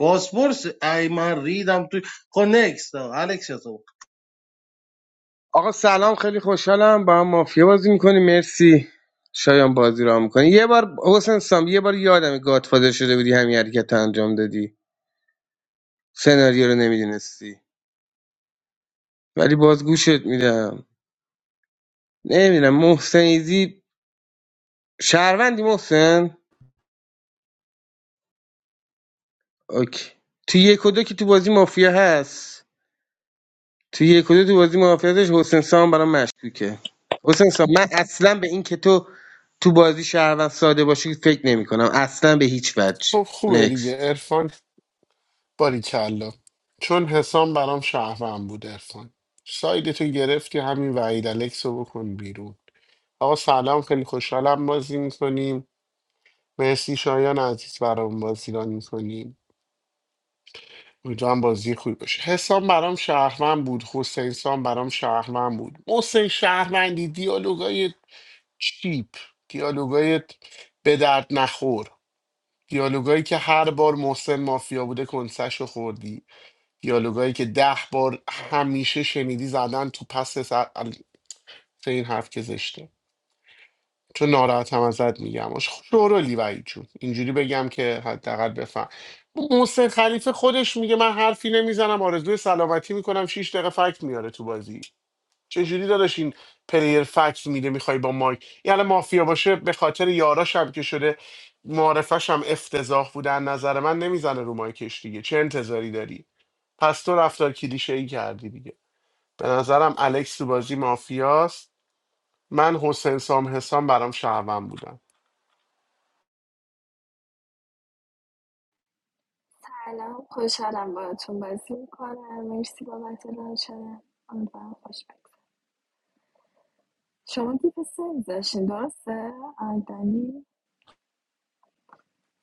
S4: پاسپورت ای من ریدم تو خب نکس الکس خود
S10: آقا سلام خیلی خوشحالم با هم مافیا بازی میکنی مرسی شایان بازی را میکنی یه بار حسین سام یه بار یادم گادفادر شده بودی همین حرکت رو انجام دادی سناریو رو نمیدونستی ولی باز گوشت میدم نمیدونم محسن ایزی شهروندی محسن اوکی تو یک و دو که تو بازی مافیا هست تو یک و دو تو بازی مافیا داشت حسین سام برام مشکوکه حسین سام من اصلا به این که تو تو بازی شهروند ساده باشی فکر نمی کنم اصلا به هیچ وجه
S1: خب خوبه دیگه
S10: نکست
S1: عرفان باریکلا چون حسام برام شهروند بود ارفان ساید تو گرفتی همین وحید الکس رو بکن بیرون آقا سلام خیلی خوشحالم بازی میکنیم مرسی شایان عزیز برام بازی را میکنیم امیدوارم بازی خوبی باشه حسام برام شهروند بود حسین سام برام شهروند بود محسن شهروندی دیالوگای چیپ دیالوگای به درد نخور دیالوگایی که هر بار محسن مافیا بوده کنسش رو خوردی دیالوگایی که ده بار همیشه شنیدی زدن تو پس سر البته این حرف که زشته چون ناراحتم ازت میگم شورولی وعید جون اینجوری بگم که حداقل بفهم محسن خلیفه خودش میگه من حرفی نمیزنم آرزوی سلامتی میکنم شیش دقیقه فکت میاره تو بازی چجوری داداش این پلیر فکت میده میخوای با مایک یعنی مافیا باشه به خاطر یاراش هم که شده معارفش هم افتضاح بوده از نظر من نمیزنه رو مایکش دیگه چه انتظاری داری پس تو رفتار کلیشه ای کردی دیگه به نظرم الکس تو بازی مافیاست من حسین سام حسام برام شهروند بودم
S12: سلام خوشحالم باهاتون بازی میکنم مرسی بابت شدم امیدوارم خوش بگذره شما دیگه سه میذاشین درسته آیدنی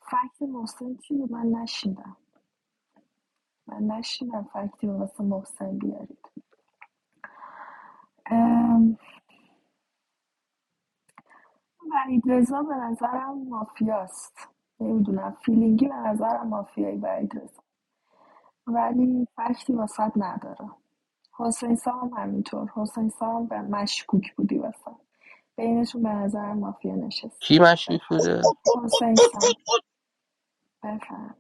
S12: فکت محسن چی بود من نشیدم من نشیندم فکتی رو واسه محسن بیارید ام... وحیدرضا به نظرم مافیاست نمیدونم فیلینگی به نظرم مافیایی وحیدرضا ولی فکتی واسط نداره حسین سام هم همینطور حسین سام به مشکوک بودی واسه بینشون به نظرم مافیا نشست
S3: کی مشکوک
S12: بفرم.
S3: بوده
S12: حسین سام بفرم.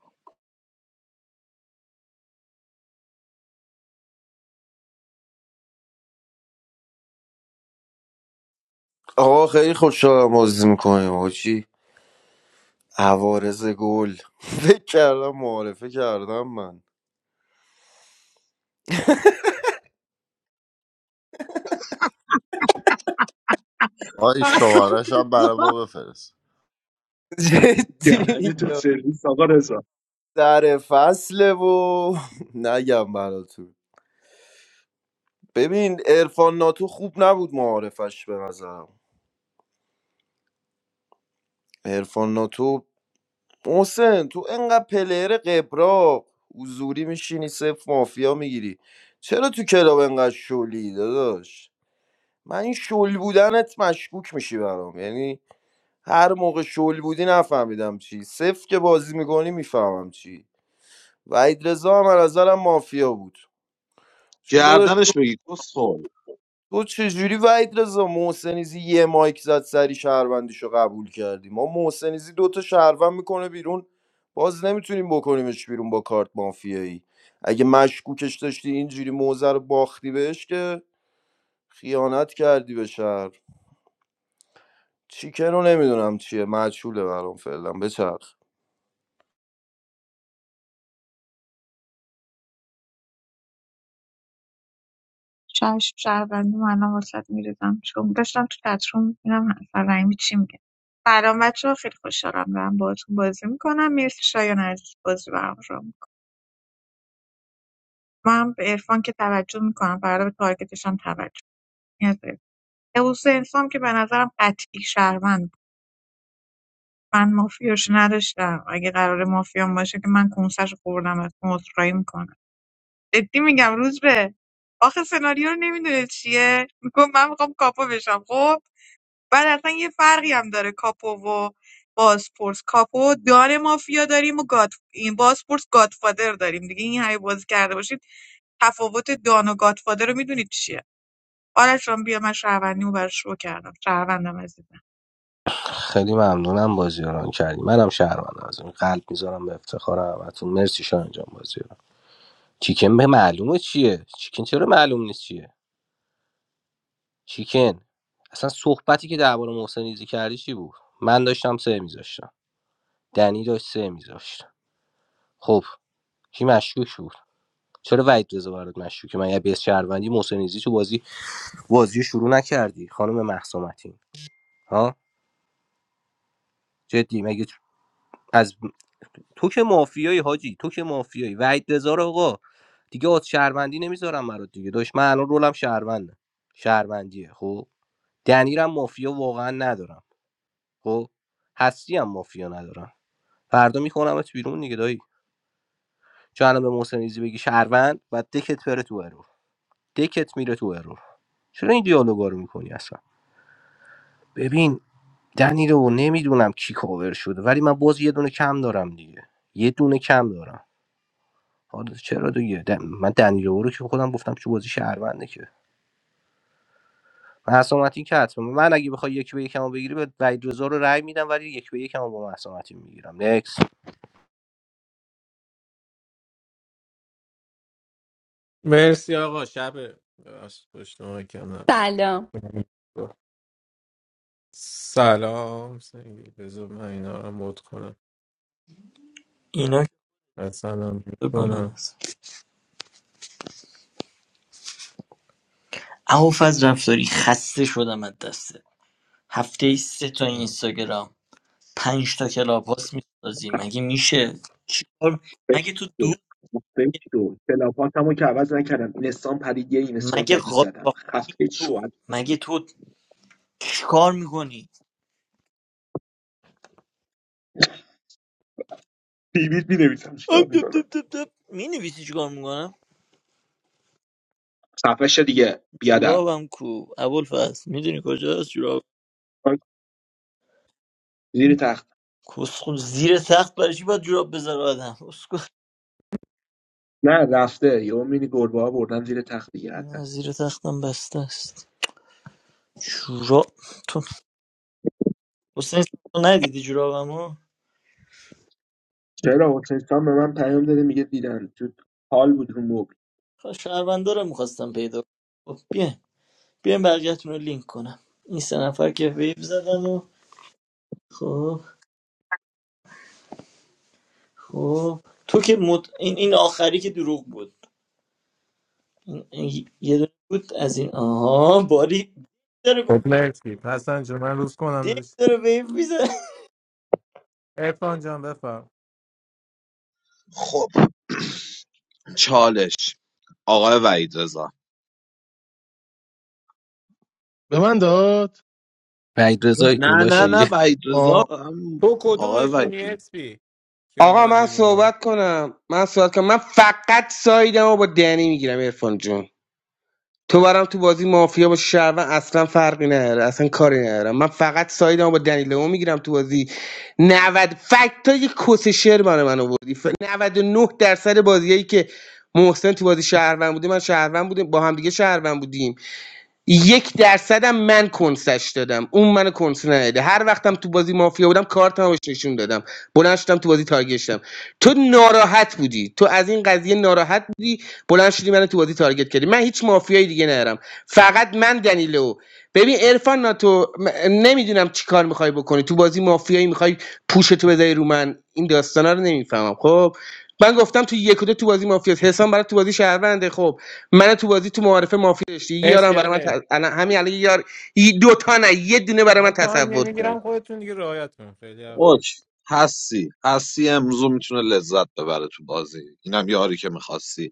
S13: آقا خیلی خوشحالم بازی میکنیم آجی عوارض گل فکر کردم معارفه کردم من
S9: آقا این شمارش هم برای ما بفرست
S13: جدی
S14: یعنی تو سرویس آقا رضا
S13: در فصله و نگم براتون ببین ارفان ناتو خوب نبود معارفش به نظرم ارفان ناتو محسن تو انقدر پلیر قبرا حضوری میشینی صفر مافیا میگیری چرا تو کلاب انقدر شلی داداش من این شل بودنت مشکوک میشی برام یعنی هر موقع شل بودی نفهمیدم چی صفر که بازی میکنی میفهمم چی وحید رضا هم از نظرم مافیا بود چون داداش
S2: گردنش بگی کسخل
S13: تو چجوری وحید رضا محسنیزی یه مایک زد سری شهروندیشو قبول کردی ما محسنیزی دوتا شهروند میکنه بیرون باز نمیتونیم بکنیمش بیرون با کارت مافیایی اگه مشکوکش داشتی اینجوری موزه رو باختی بهش که خیانت کردی به شهر چیکن رو نمیدونم چیه مجهوله برام فعلا بچرخ
S5: شهر شهروندی من الان واسط میریزم چون داشتم تو چتروم میبینم نفر رحیمی چی میگه سلام بچه ها، خیلی خوشحالم دارم باهاتون بازی میکنم مرسی شایان عزیز بازی برام رو میکنم من به عرفان که توجه میکنم فردا به تارگتش هم توجه میکنم حوس انسان که به نظرم قطعی شهروند بود. من مافیاش نداشتم اگه قرار مافیام باشه که من کنسش خوردم از عذرخواهی میکنم جدی میگم روز به آخه سناریو رو نمیدونه چیه میگم من میخوام کاپو بشم خب بعد اصلا یه فرقی هم داره کاپو و بازپرس کاپو دان مافیا داریم و گاد این بازپرس گادفادر داریم دیگه این همه بازی کرده باشید تفاوت دان و گادفادر رو میدونید چیه آرش جان بیا من شهروندیمو براش رو کردم شهروندم عزیزم
S3: خیلی ممنونم بازی رو ران کردی منم شهروندم از این قلب میذارم به افتخار همتون مرسی شاه انجام بازی رو چیکن به معلومه چیه چیکن چرا معلوم نیست چیه چیکن اصلا صحبتی که درباره محسن ایزی کردی چی بود من داشتم سه میذاشتم دنی داشت سه میذاشت خب کی مشکوک بود چرا وحید رضا برات مشکوکه من یه بیس شهروندی محسن ایزی تو بازی بازی رو شروع نکردی خانم مهسا متین ها جدی مگه تو- از تو که مافیایی حاجی تو که مافیایی وحید رضا رو آقا دیگه از شهروندی نمیذارم برات دیگه داش من الان رولم شهرونده شهروندیه خب دنیرم مافیا واقعا ندارم خب هستی هم مافیا ندارم فردا میخونمت بیرون دیگه دایی چون الان به محسن ایزی بگی شهروند بعد دکت بره تو ارور دکت میره تو ارور چرا این دیالوگا رو میکنی اصلا ببین دنیلو نمیدونم کی کاور شده ولی من باز یه دونه کم دارم دیگه یه دونه کم دارم حالا چرا دیگه د- من دنیلو رو که خودم گفتم چه بازی شهرونده که محسا متین که حتما من اگه بخوای یک به یکم رو بگیری به وحید رضا رو رأی میدم ولی یک به یکم با محسا متین میگیرم نکس
S8: مرسی آقا شب پشت مایکم
S15: Talia.
S8: سلام سعید. بذار من اینا رو مود کنم
S16: اینا که
S8: حسنم
S16: به بالا
S8: کنم
S16: نزن عوف رفتاری خسته شدم از دسته هفته ای سه تا اینستاگرام پنج تا کلاب هاست میسازی مگه میشه چیکار مگه تو دو
S14: بشتو بشتو کلاپات همو که عوض نکردم اینستان پرید یه اینستای
S16: مگه
S14: جدید زدم
S16: قاچاق
S14: خفه
S16: تو
S14: شوهر
S16: مگه تو چیکار میکنی
S14: بیبیت می نویسم چیکار میکنم
S16: مینویسی چیکار میکنم
S14: خفه شو دیگه بیادب
S16: جورابم کو ابوالفضل میدونی کجاست جوراب
S14: زیر تخت
S16: کسخون زیر تخت برای چی باید جوراب بذاره آدم اسکو
S14: نه رفته یهو میبینی گربه ها بردن زیر تخت دیگه حتما
S16: نه زیر تختم بسته است جوراب تو حسین سام ندیدی جورابمو
S14: چرا حسین خان به من پیام داده میگه دیدن تو حال بود رو مبل
S16: خب، شهروندا رو میخواستم پیدا کنم خب بیاین بیاین برگتون رو لینک کنم این سه نفر که ویب زدن و خب خب تو که مد... این این آخری که دروغ بود این... این یه دونه بود از این آها باری داره
S8: خب مرسی پس انجام من روز کنم
S16: دیگه
S8: داشت
S16: داره ویب میزنه
S8: ارفان جان بفرم
S2: خب چالش آقای وحید رضا
S4: به من داد
S3: وحید رضا
S2: نه نه
S8: تو,
S2: نه
S3: کلاشی
S2: وحید
S4: آه.
S2: رضا هم
S8: تو
S2: آقای وحید
S8: کدومشونی
S2: رضا.
S8: اسپی که
S10: آقا من
S8: اومدی رو من
S10: صحبت کنم من صحبت کنم من فقط سایدم رو با دنی میگیرم ارفان جون تو برام تو بازی مافیا با شهروند اصلا فرقی نداره اصلا کاری ندارم من فقط سایدمو با دنیلو میگیرم تو بازی 90 فکت های کس شعر برای من آوردی ف- 99 درصد بازیایی که محسن تو بازی شهروند بوده من شهروند بودیم با هم دیگه شهروند بودیم یک درصدم من کنسش دادم اون منو کنس نده هر وقتم تو بازی مافیا بودم کارتم بهش نشون دادم بلند شدم تو بازی تارگت شدم تو ناراحت بودی تو از این قضیه ناراحت بودی بلند شدی منو تو بازی تارگت کردی من هیچ مافیایی دیگه ندارم فقط من دنیلو ببین عرفان ناتو نمیدونم چی کار میخوای بکنی تو بازی مافیایی میخوای پوشتو بذاری رو من این داستانا رو نمیفهمم خب من گفتم تو یک و دو تو بازی مافیاس حسام برای تو بازی شهرونده خب من تو بازی تو معارفه مافیا داشتی یه یارم
S8: مرسی
S10: برای من
S8: الکس
S10: ت- الان همین الان یه یار یه- دو تا نه یه دونه برای
S8: من
S10: من
S8: تایم
S10: تصور کن
S8: نمیگیرم خودتون دیگه رعایت کنم خیلی حرف
S2: اوکی
S8: نست
S2: هستی هستی امروز میتونه لذت ببره تو بازی اینم یاری که میخواستی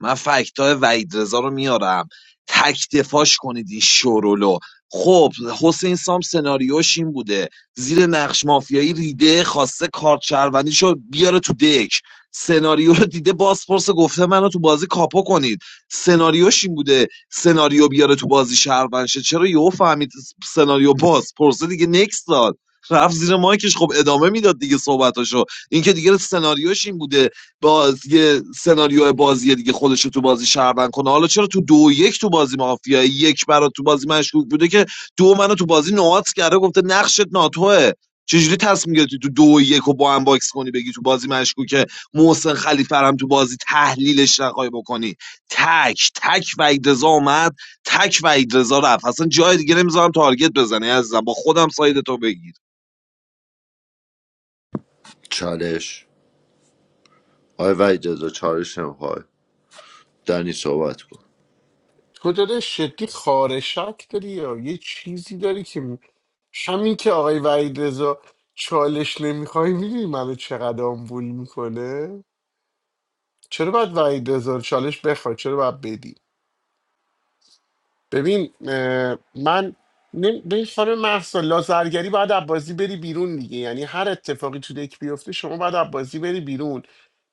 S2: من فکتای وحید رضا رو میارم تک دفاعش کنید این شورولو خب حسین سام سناریوش این بوده زیر نقش مافیایی ریده خواسته کارت شهروندیشو بیاره تو دک سناریو رو دیده بازپرس گفته منو تو بازی کاپو کنید سناریوش این بوده سناریو بیاره تو بازی شهروند شه چرا یهو فهمید سناریو بازپرسه دیگه نکس داد رفت زیر مایکش خب ادامه میداد دیگه صحبتاشو این که دیگه سناریوش این بوده باز یه سناریو بازی دیگه خودش رو تو بازی شهروند کنه حالا چرا تو دو یک تو بازی مافیا یک برات تو بازی مشکوک بوده که دو منو تو بازی نوات کرده گفته نقشت ناتوه چجوری تصمیم گرفتی تو دو یک رو با هم باکس کنی بگی تو بازی مشکوکه محسن خلیفه رو هم تو بازی تحلیلش نخوای بکنی تک تک وحید رضا اومد تک وحید رضا رفت اصلا جای دیگه نمیذارم تارگت بزنی عزیزم با خودم ساید تو بگیر
S9: چالش آی وحید رضا چالش نمیخوای دنی صحبت کن
S1: تو داره شدی خارشک داری یا یه چیزی داری که همین که آقای وحید رضا چالش نمیخوای میدونی منو چقدر آمبول میکنه چرا باید وحید رضا رو چالش بخوای چرا باید بدی ببین اه، من نمی- ببین خانم محسا لازرگری باید از بازی بری بیرون دیگه یعنی هر اتفاقی تو دک بیفته شما باید از بازی بری بیرون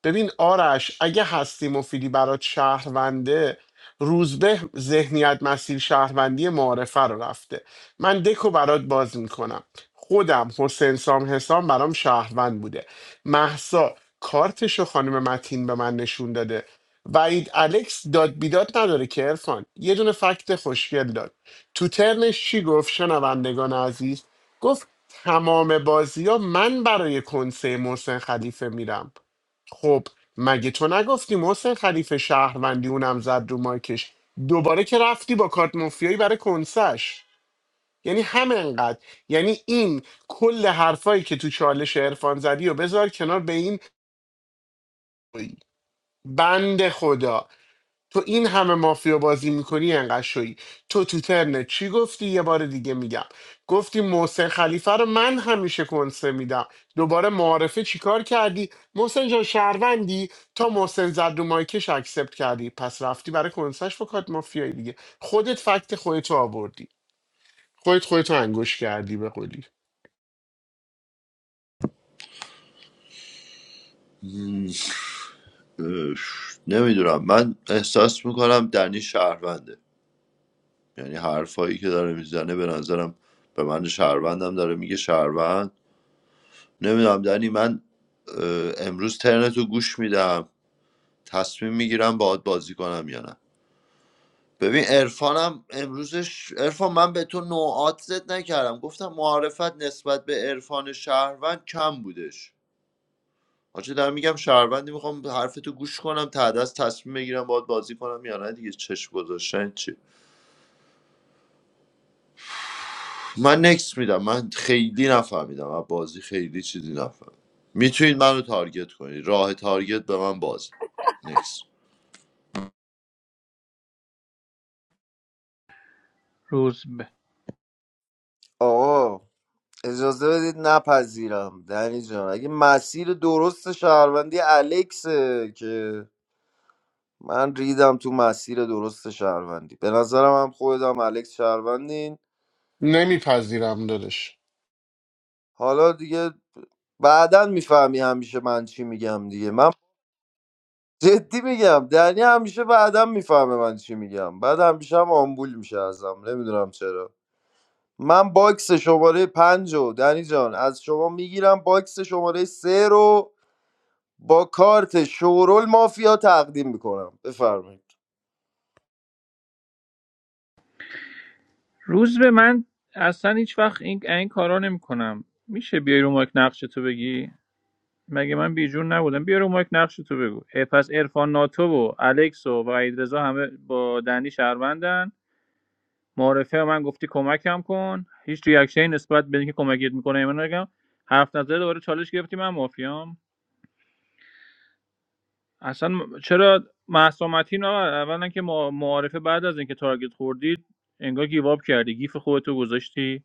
S1: ببین آرش اگه هستی مفیدی برات شهرونده روزبه ذهنیت مسیر شهروندی معارفه رو رفته من دکو برات باز میکنم خودم حسین سام حسام برام شهروند بوده محسا کارتشو خانم متین به من نشون داده وعید الکس داد بیداد نداره که ارفان یه دونه فکت خوشگل داد تو ترنش چی گفت شنوندگان عزیز گفت تمام بازی ها من برای کنسه محسن خلیفه میرم خب مگه تو نگفتی محسن خلیفه شهروندی اونم زد رو مایکش دوباره که رفتی با کارت مافیایی برای کنسش یعنی همینقدر یعنی این کل حرفایی که تو چالش عرفان زدی و بذار کنار به این بند خدا تو این همه مافیا بازی میکنی انقدر شوی تو تو ترنت چی گفتی یه بار دیگه میگم گفتی محسن خلیفه رو من همیشه کنسه میدم دوباره معارفه چیکار کردی محسن جان شهروندی تا محسن زد رو مایکش اکسپت کردی پس رفتی برای کنسش با کارت مافیایی دیگه خودت فکت خودتو آوردی خودت خودتو انگوش کردی به قولی
S9: نمیدونم من احساس میکنم دنی شهرونده یعنی حرفایی که داره میزنه به نظرم به من شهروندم داره میگه شهروند نمیدونم دنی من اه، امروز ترنتو گوش میدم تصمیم میگیرم باهات بازی کنم یا نه ببین عرفانم امروزش عرفان من به تو نوعات زد نکردم گفتم معارفت نسبت به عرفان شهروند کم بودش آنچه دارم میگم شهروندی میخوام حرف تو گوش کنم تا دست تصمیم بگیرم باید بازی کنم یا نه دیگه چشم گذاشتن چی من نکس میدم من خیلی نفهمیدم از بازی خیلی چیزی نفهمیدم میتونید منو تارگت کنید راه تارگت به من باز نکس
S11: روز به
S13: آقا اجازه بدید نپذیرم دنی جان اگه مسیر درست شهروندی الکسه که من ریدم تو مسیر درست شهروندی به نظرم هم خودم الکس شهروندین
S1: نمیپذیرم دادش
S13: حالا دیگه بعدا میفهمی همیشه من چی میگم دیگه من جدی میگم دنی همیشه بعدا میفهمه من چی میگم بعد همیشه هم آمبول میشه ازم نمیدونم چرا من باکس شماره پنج رو دنی جان از شما میگیرم باکس شماره سه رو با کارت شورول مافیا تقدیم میکنم بفرمایید
S11: روز به من اصلا هیچ وقت این این کارا نمیکنم میشه بیای رو مایک نقش تو بگی مگه من بیجون نبودم بیا رو مایک نقش تو بگو پس عرفان ناتو و الکس و وحید رضا همه با دنی شهروندن معارفه به من گفتی کمکم کن هیچ ریاکشنی نسبت به اینکه کمکت میکنه من نگم حرف نظر دوباره چالش گرفتی من مافیام اصلا م- چرا معصومتی نه اولا که ما- معارفه بعد از اینکه تارگت خوردید انگار گیواب کردی گیف خودتو گذاشتی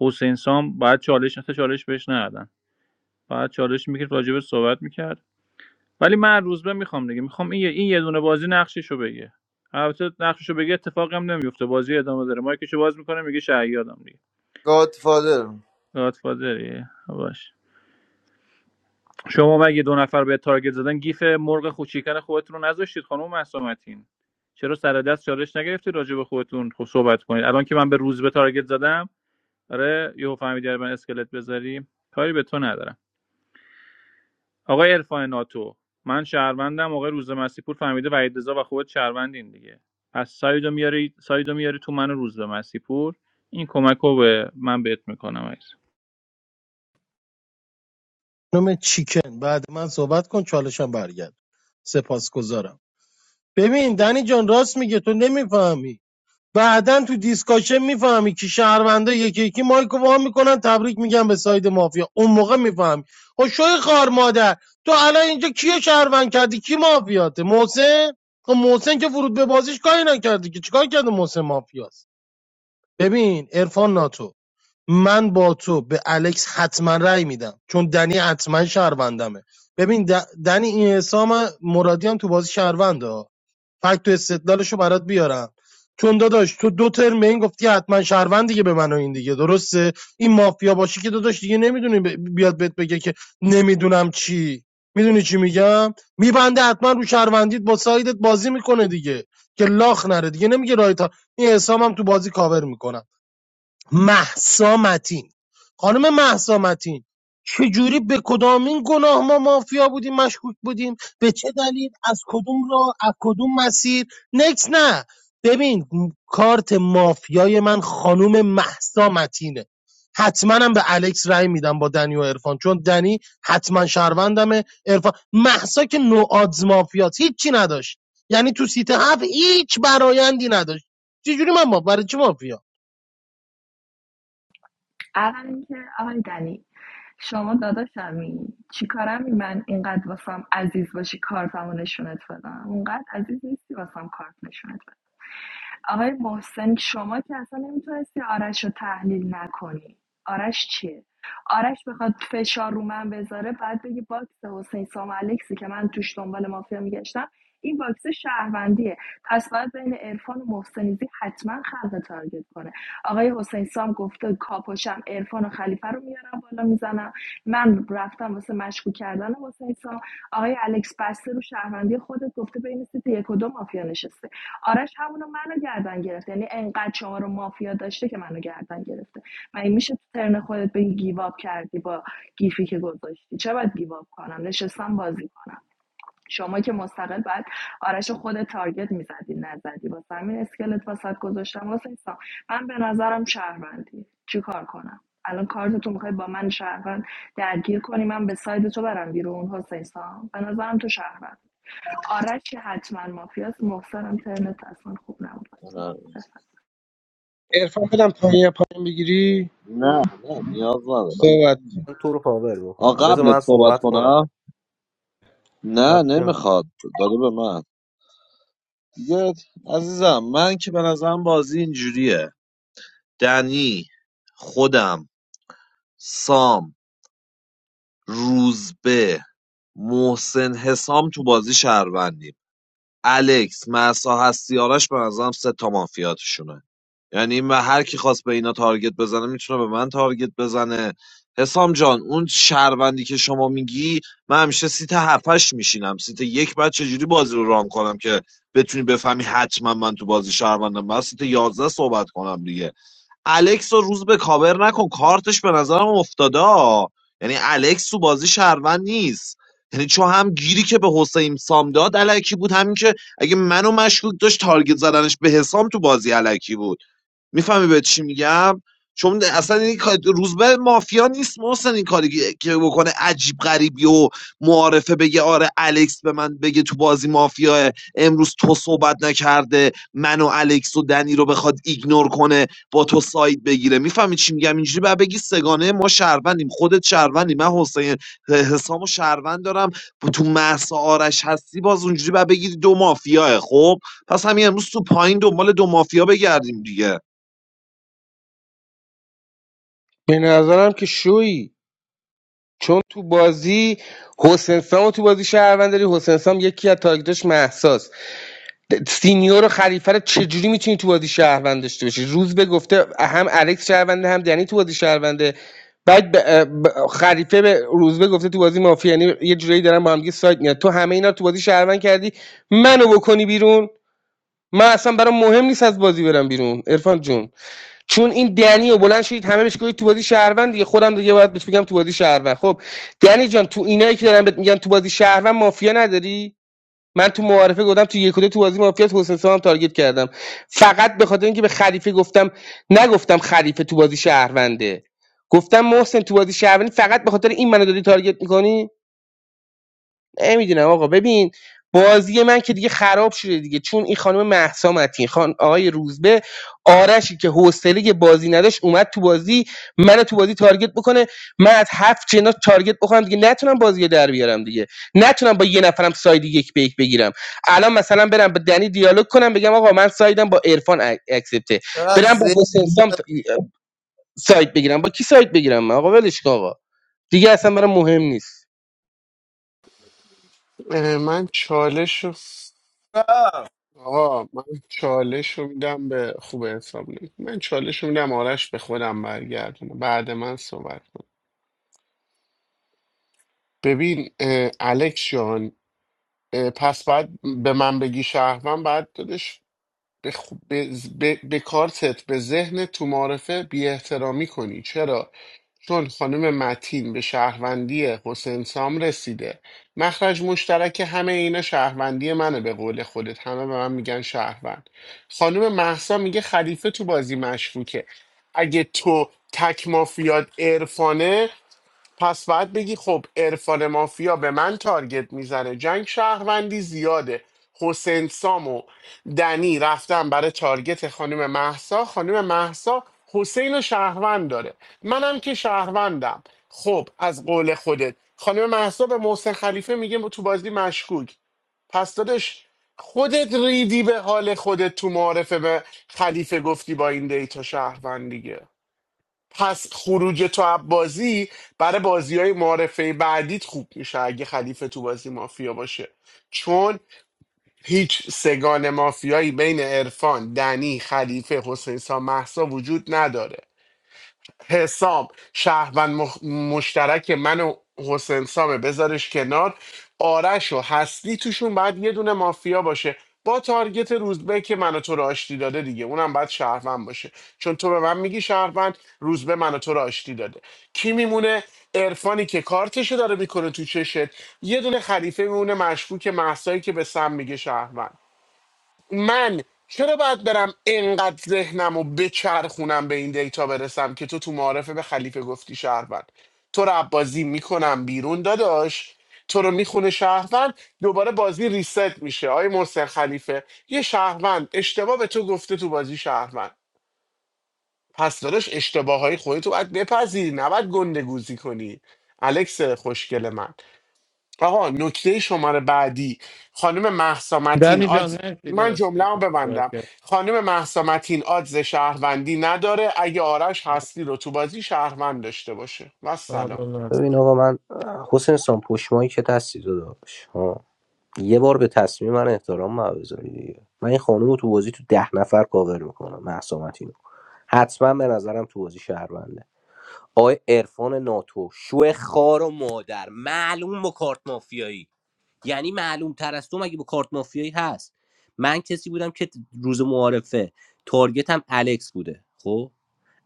S11: حسین سام بعد چالش نه چالش بهش ندادن بعد چالش میکرد راجبش صحبت میکرد ولی من روزبه میخوام دیگه میخوام این یه- این یه دونه بازی نقششو بگه البته نقششو بگه اتفاقی هم نمیفته بازی ادامه داره مایکشو باز میکنه میگه شهیادم دیگه
S13: گادفادر
S11: گادفادری باش شما مگه دو نفر به تارگت زدن گیف مرغ خوشیکن خودتون رو نذاشتید خانم محسومتین چرا سر دست چالش نگرفتی راجع به خودتون خب صحبت کنید الان که من به روز به تارگت زدم آره یهو فهمیدی برای من اسکلت بذاری کاری به تو ندارم آقای عرفان ناتو من شهروندم آقای روز مسیپور فهمیده وحید رضا و خودت شهروندین دیگه پس سایدو میاری سایدو میاری تو من و روز مسیپور این کمک رو به من بهت میکنم
S4: خانم چیکن بعد من صحبت کن چالشم برگرد سپاسگزارم ببین دنی جان راست میگه تو نمیفهمی بعدا تو دیسکاشن میفهمی که شهرونده یکی یکی مایکو وا میکنن تبریک میگن به ساید مافیا اون موقع میفهمی خب شوی خار مادر تو الان اینجا کیو شهروند کردی کی مافیاته محسن خب محسن که ورود به بازیش کاری نکردی که چیکار کرده محسن مافیاست ببین عرفان ناتو من با تو به الکس حتما رأی میدم چون دنی حتما شهروندمه ببین د- دنی این حسام مرادی هم تو بازی شهرونده ها. فکت و استدلالشو برات بیارم چون داداش تو دو ترم به این گفتی حتما شهروند دیگه به من و این دیگه درسته این مافیا باشی که داداش دیگه نمیدونی ب- بیاد بهت بگه که نمیدونم چی میدونی چی میگم میبنده حتما رو شهروندیت با سایدت بازی میکنه دیگه که لاخ نره دیگه نمیگه رایت ها. این حسام هم تو بازی کاور میکنم مهسا متین خانم مهسا متین چجوری به کدام این گناه ما مافیا بودیم مشکوک بودیم به چه دلیل از کدوم را از کدوم مسیر نکس نه ببین م- کارت مافیای من خانم مهسا متینه حتما هم به الکس رای میدم با دنی و عرفان چون دنی حتما شهروندمه عرفان محسا که نو آدز مافیاست هیچی نداشت یعنی تو سیت هفت هیچ برایندی نداشت چجوری من ما برای چی مافیا
S12: اول اینکه آقای دنی شما داداشمی چیکارمی من اینقدر واسم عزیز باشی کارتمو نشونت بدم اونقدر عزیز نیستی واسم کارت نشونت بدم آقای محسن شما که اصلا نمیتونستی آرش رو تحلیل نکنی آرش چیه آرش بخواد فشار رو من بذاره بعد بگی باکس حسین سام الکسی که من توش دنبال مافیا میگشتم این باکس شهروندیه پس باید بین عرفان و محسنیزی حتما خلق تارگت کنه آقای حسین سام گفته کاپوشم عرفان و خلیفه رو میارم بالا میزنم من رفتم واسه مشکوک کردن حسین سام آقای الکس بسته رو شهروندی خودت گفته بین سیت یک و دو مافیا نشسته آرش همونو منو گردن گرفته یعنی انقدر شما رو مافیا داشته که منو گردن گرفته من این میشه تو ترن خودت بگی گیواب کردی با گیفی که گذاشتی چه باید گیواب کنم نشستم بازی کنم شما که مستقل باید آرش خود تارگت میزدی نزدی واسه همین اسکلت واسط گذاشتم واسه ایسا من به نظرم شهروندی چی کار کنم الان کارت تو میخوای با من شهروند درگیر کنی من به ساید تو برم بیرون حسین سام به نظرم تو شهروند آرش که حتما مافیاست محسنم ترنت اصلا خوب نبود
S2: نه
S10: عرفان بدم پایین پایین بگیری
S2: نه نه، نیاز ندارم
S10: صحبت کن.
S3: من تو رو کاور
S2: آ
S3: بکنم بذار
S2: قبلت
S3: من
S2: صحبت
S3: صحبت کنم
S2: کنم نه
S3: بعد بم-
S2: نمیخواد داده به من دیگه عزیزم من که به نظرم بازی اینجوریه دنی خودم سام روزبه محسن حسام تو بازی شهروندیم الکس مسا هستی آرش به نظرم سه تا مافیا توشونه یعنی من هر کی خواست به اینا تارگت بزنه میتونه به من تارگت بزنه حسام جان اون شهروندی که شما میگی من همیشه سیت هفتش میشینم سیت یک بعد چجوری بازی رو ران کنم که بتونی بفهمی حتما من تو بازی شهروندم من سیت یازده صحبت کنم دیگه الکس رو روز به کاور نکن کارتش به نظرم افتاده ها. یعنی الکس تو بازی شهروند نیست یعنی چون هم گیری که به حسین سام داد الکی بود همین که اگه منو مشکوک داشت تارگت زدنش به حسام تو بازی الکی بود میفهمی به چی میگم چون اصلا این کار- روزبه مافیا نیست محسن این کاری که که بکنه عجیب غریبی و معارفه بگه آره الکس به من بگه تو بازی مافیا امروز تو صحبت نکرده من و الکس و دنی رو بخواد ایگنور کنه با تو ساید بگیره میفهمی چی میگم اینجوری بعد بگی سگانه ما شهروندیم خودت شهروندی من حسین حسام و شهروند دارم تو محسا آرش هستی باز اونجوری بعد بگی دو مافیاه خب پس همین امروز تو پایین دنبال دو مافیا بگردیم دیگه
S10: به نظرم که شویی چون تو بازی حسین سام رو تو بازی شهروند داری حسین سام یکی از تارگتاش مهساست سینیور و خلیفه رو چجوری میتونی تو بازی شهروند داشته باشی روز به گفته هم الکس شهرونده هم دنی تو بازی شهرونده بعد ب- ب- خلیفه به روزبه گفته تو بازی مافیا یعنی یه جورایی دارن با هم دیگه سایت میاد تو همه اینا رو تو بازی شهروند کردی منو بکنی بیرون من اصلا برام مهم نیست از بازی برم بیرون عرفان جون چون این دنی و بلند شدید همه بهش گفتید تو بازی شهروند دیگه خودم دیگه باید بهش بگم تو بازی شهروند خب دنی جان تو اینایی که دارن بهت میگن تو بازی شهروند مافیا نداری من تو معارفه گفتم تو یک و دو تو بازی مافیاس حسین سام هم تارگت کردم فقط به خاطر اینکه به خلیفه گفتم نگفتم خلیفه تو بازی شهرونده گفتم محسن تو بازی شهروندی فقط به خاطر این منو داری تارگت میکنی نمیدونم آقا ببین بازی من که دیگه خراب شده دیگه چون این خانم مهسا متین خان آقای روزبه آرشی که حوصله بازی نداشت اومد تو بازی منو تو بازی تارگت بکنه من از هفت جنا تارگت بخورم دیگه نتونم بازی رو در بیارم دیگه نتونم با یه نفرم ساید یک به یک بگیرم الان مثلا برم با دنی دیالوگ کنم بگم آقا من سایدم با عرفان ا- اکسپته
S13: چقدر
S10: برم با
S13: زیر
S10: حسین سام ت- ساید بگیرم با کی ساید بگیرم من؟ آقا ولش کن آقا دیگه اصلا برام مهم نیست
S1: اه، من چالش رو
S13: رفت.
S1: آقا من چالش رو میدم به خوب حساب نمی من چالش رو میدم آرش به خودم برگردونه بعد من صحبت کن ببین اه، الکس جان اه، پس بعد به من بگی شهروند بعد دادش به, خو- به, ز- به, به کارتت به ذهن تو معرفه بی احترامی کنی چرا چون خانم متین به شهروندی حسین سام رسیده مخرج مشترک همه اینا شهروندی منه به قول خودت همه به من میگن شهروند خانم محسا میگه خلیفه تو بازی مشکوکه اگه تو تک مافیاد عرفانه پس باید بگی خب عرفان مافیا به من تارگت میزنه جنگ شهروندی زیاده حسین سام و دنی رفتن برای تارگت خانم محسا خانم محسا حسین و شهروند داره منم که شهروندم خب از قول خودت خانم محسا به محسن خلیفه میگه تو بازی مشکوک پس دادش خودت ریدی به حال خودت تو معارفه به خلیفه گفتی با این دیتا شهروند دیگه پس خروج تو از بازی برای بازی های معارفه بعدیت خوب میشه اگه خلیفه تو بازی مافیا باشه چون هیچ سگان مافیایی بین عرفان، دنی، خلیفه، حسین سام، محسا وجود نداره حسام شهروند مخ... مشترک من و حسین سامه بذارش کنار آرش و هستی توشون باید یه دونه مافیا باشه با تارگت روزبه که منو تو را آشتی داده دیگه اونم باید شهروند باشه چون تو به من میگی شهروند روزبه منو تو را آشتی داده کی میمونه عرفانی که کارتشو داره میکنه تو چشت یه دونه خلیفه میمونه مشکوک محسایی که به سم میگه شهروند من چرا باید برم انقدر ذهنم و بچرخونم به این دیتا برسم که تو تو معارفه به خلیفه گفتی شهروند تو رو بازی میکنم بیرون داداش تو رو میخونه شهروند دوباره بازی ریست میشه آی محسن خلیفه یه شهروند اشتباه به تو گفته تو بازی شهروند پس داداش اشتباه های خودتو باید بپذیری نباید گندگوزی کنی الکس خوشگل من آقا نکته شماره بعدی خانم مهسا متین
S8: دمی جان
S1: آدز
S8: مرسی
S1: من
S8: داداش
S1: جمله
S8: خیلی صحبت
S1: ببندم
S8: کرد.
S1: خانم مهسا متین آدز شهروندی نداره اگه آرش هستی رو تو بازی شهروند داشته باشه و سلام
S8: ممنون از-
S3: ببین آقا من حسین سان پشمایی که دستی داداش ها، یه بار به تصمیم من احترام ما بذاری دیگه من این خانم رو تو بازی تو ده نفر کاور میکنم مهسا متین حتما به نظرم تو بازی شهرونده آقای عرفان ناتو شو خار و مادر معلوم با کارت مافیایی یعنی معلوم تر از تو مگه با کارت مافیایی هست من کسی بودم که روز معارفه تارگتم الکس بوده خب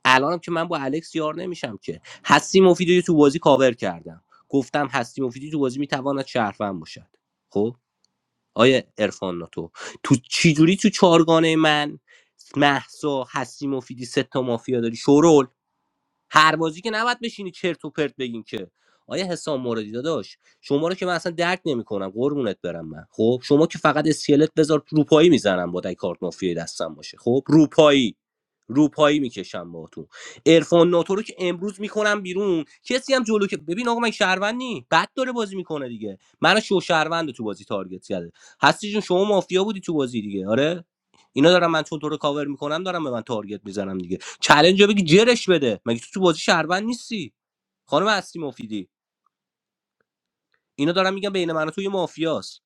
S3: الانم که من با الکس یار نمیشم که هستی مفیدی رو تو بازی کاور کردم گفتم هستی مفیدی تو بازی میتواند شهروند باشد خب آیا ارفان ناتو تو چی جوری تو چارگانه من محسا هستی مفیدی سه تا مافیا داری شورول هر بازی که نباید بشینی چرت و پرت بگین که آیا حسام موردی داداش شما رو که من اصلا درک نمیکنم قربونت برم من خب شما که فقط اسکلت بذار روپایی میزنم با دای کارت مافیای دستم باشه خب روپایی روپایی میکشم باهاتون عرفان ناتو رو که امروز میکنم بیرون کسی هم جلو که ببین آقا من شهروند نی بد داره بازی میکنه دیگه من شو شهروند تو بازی تارگت کرده هستی جون شما مافیا بودی تو بازی دیگه آره اینا دارم من چون تو رو کاور میکنم دارم به من تارگت میزنم دیگه چلنج رو بگی جرش بده مگه تو تو بازی شهروند نیستی خانم اصلی مفیدی اینا دارن میگن بین من و تو یه مافیاست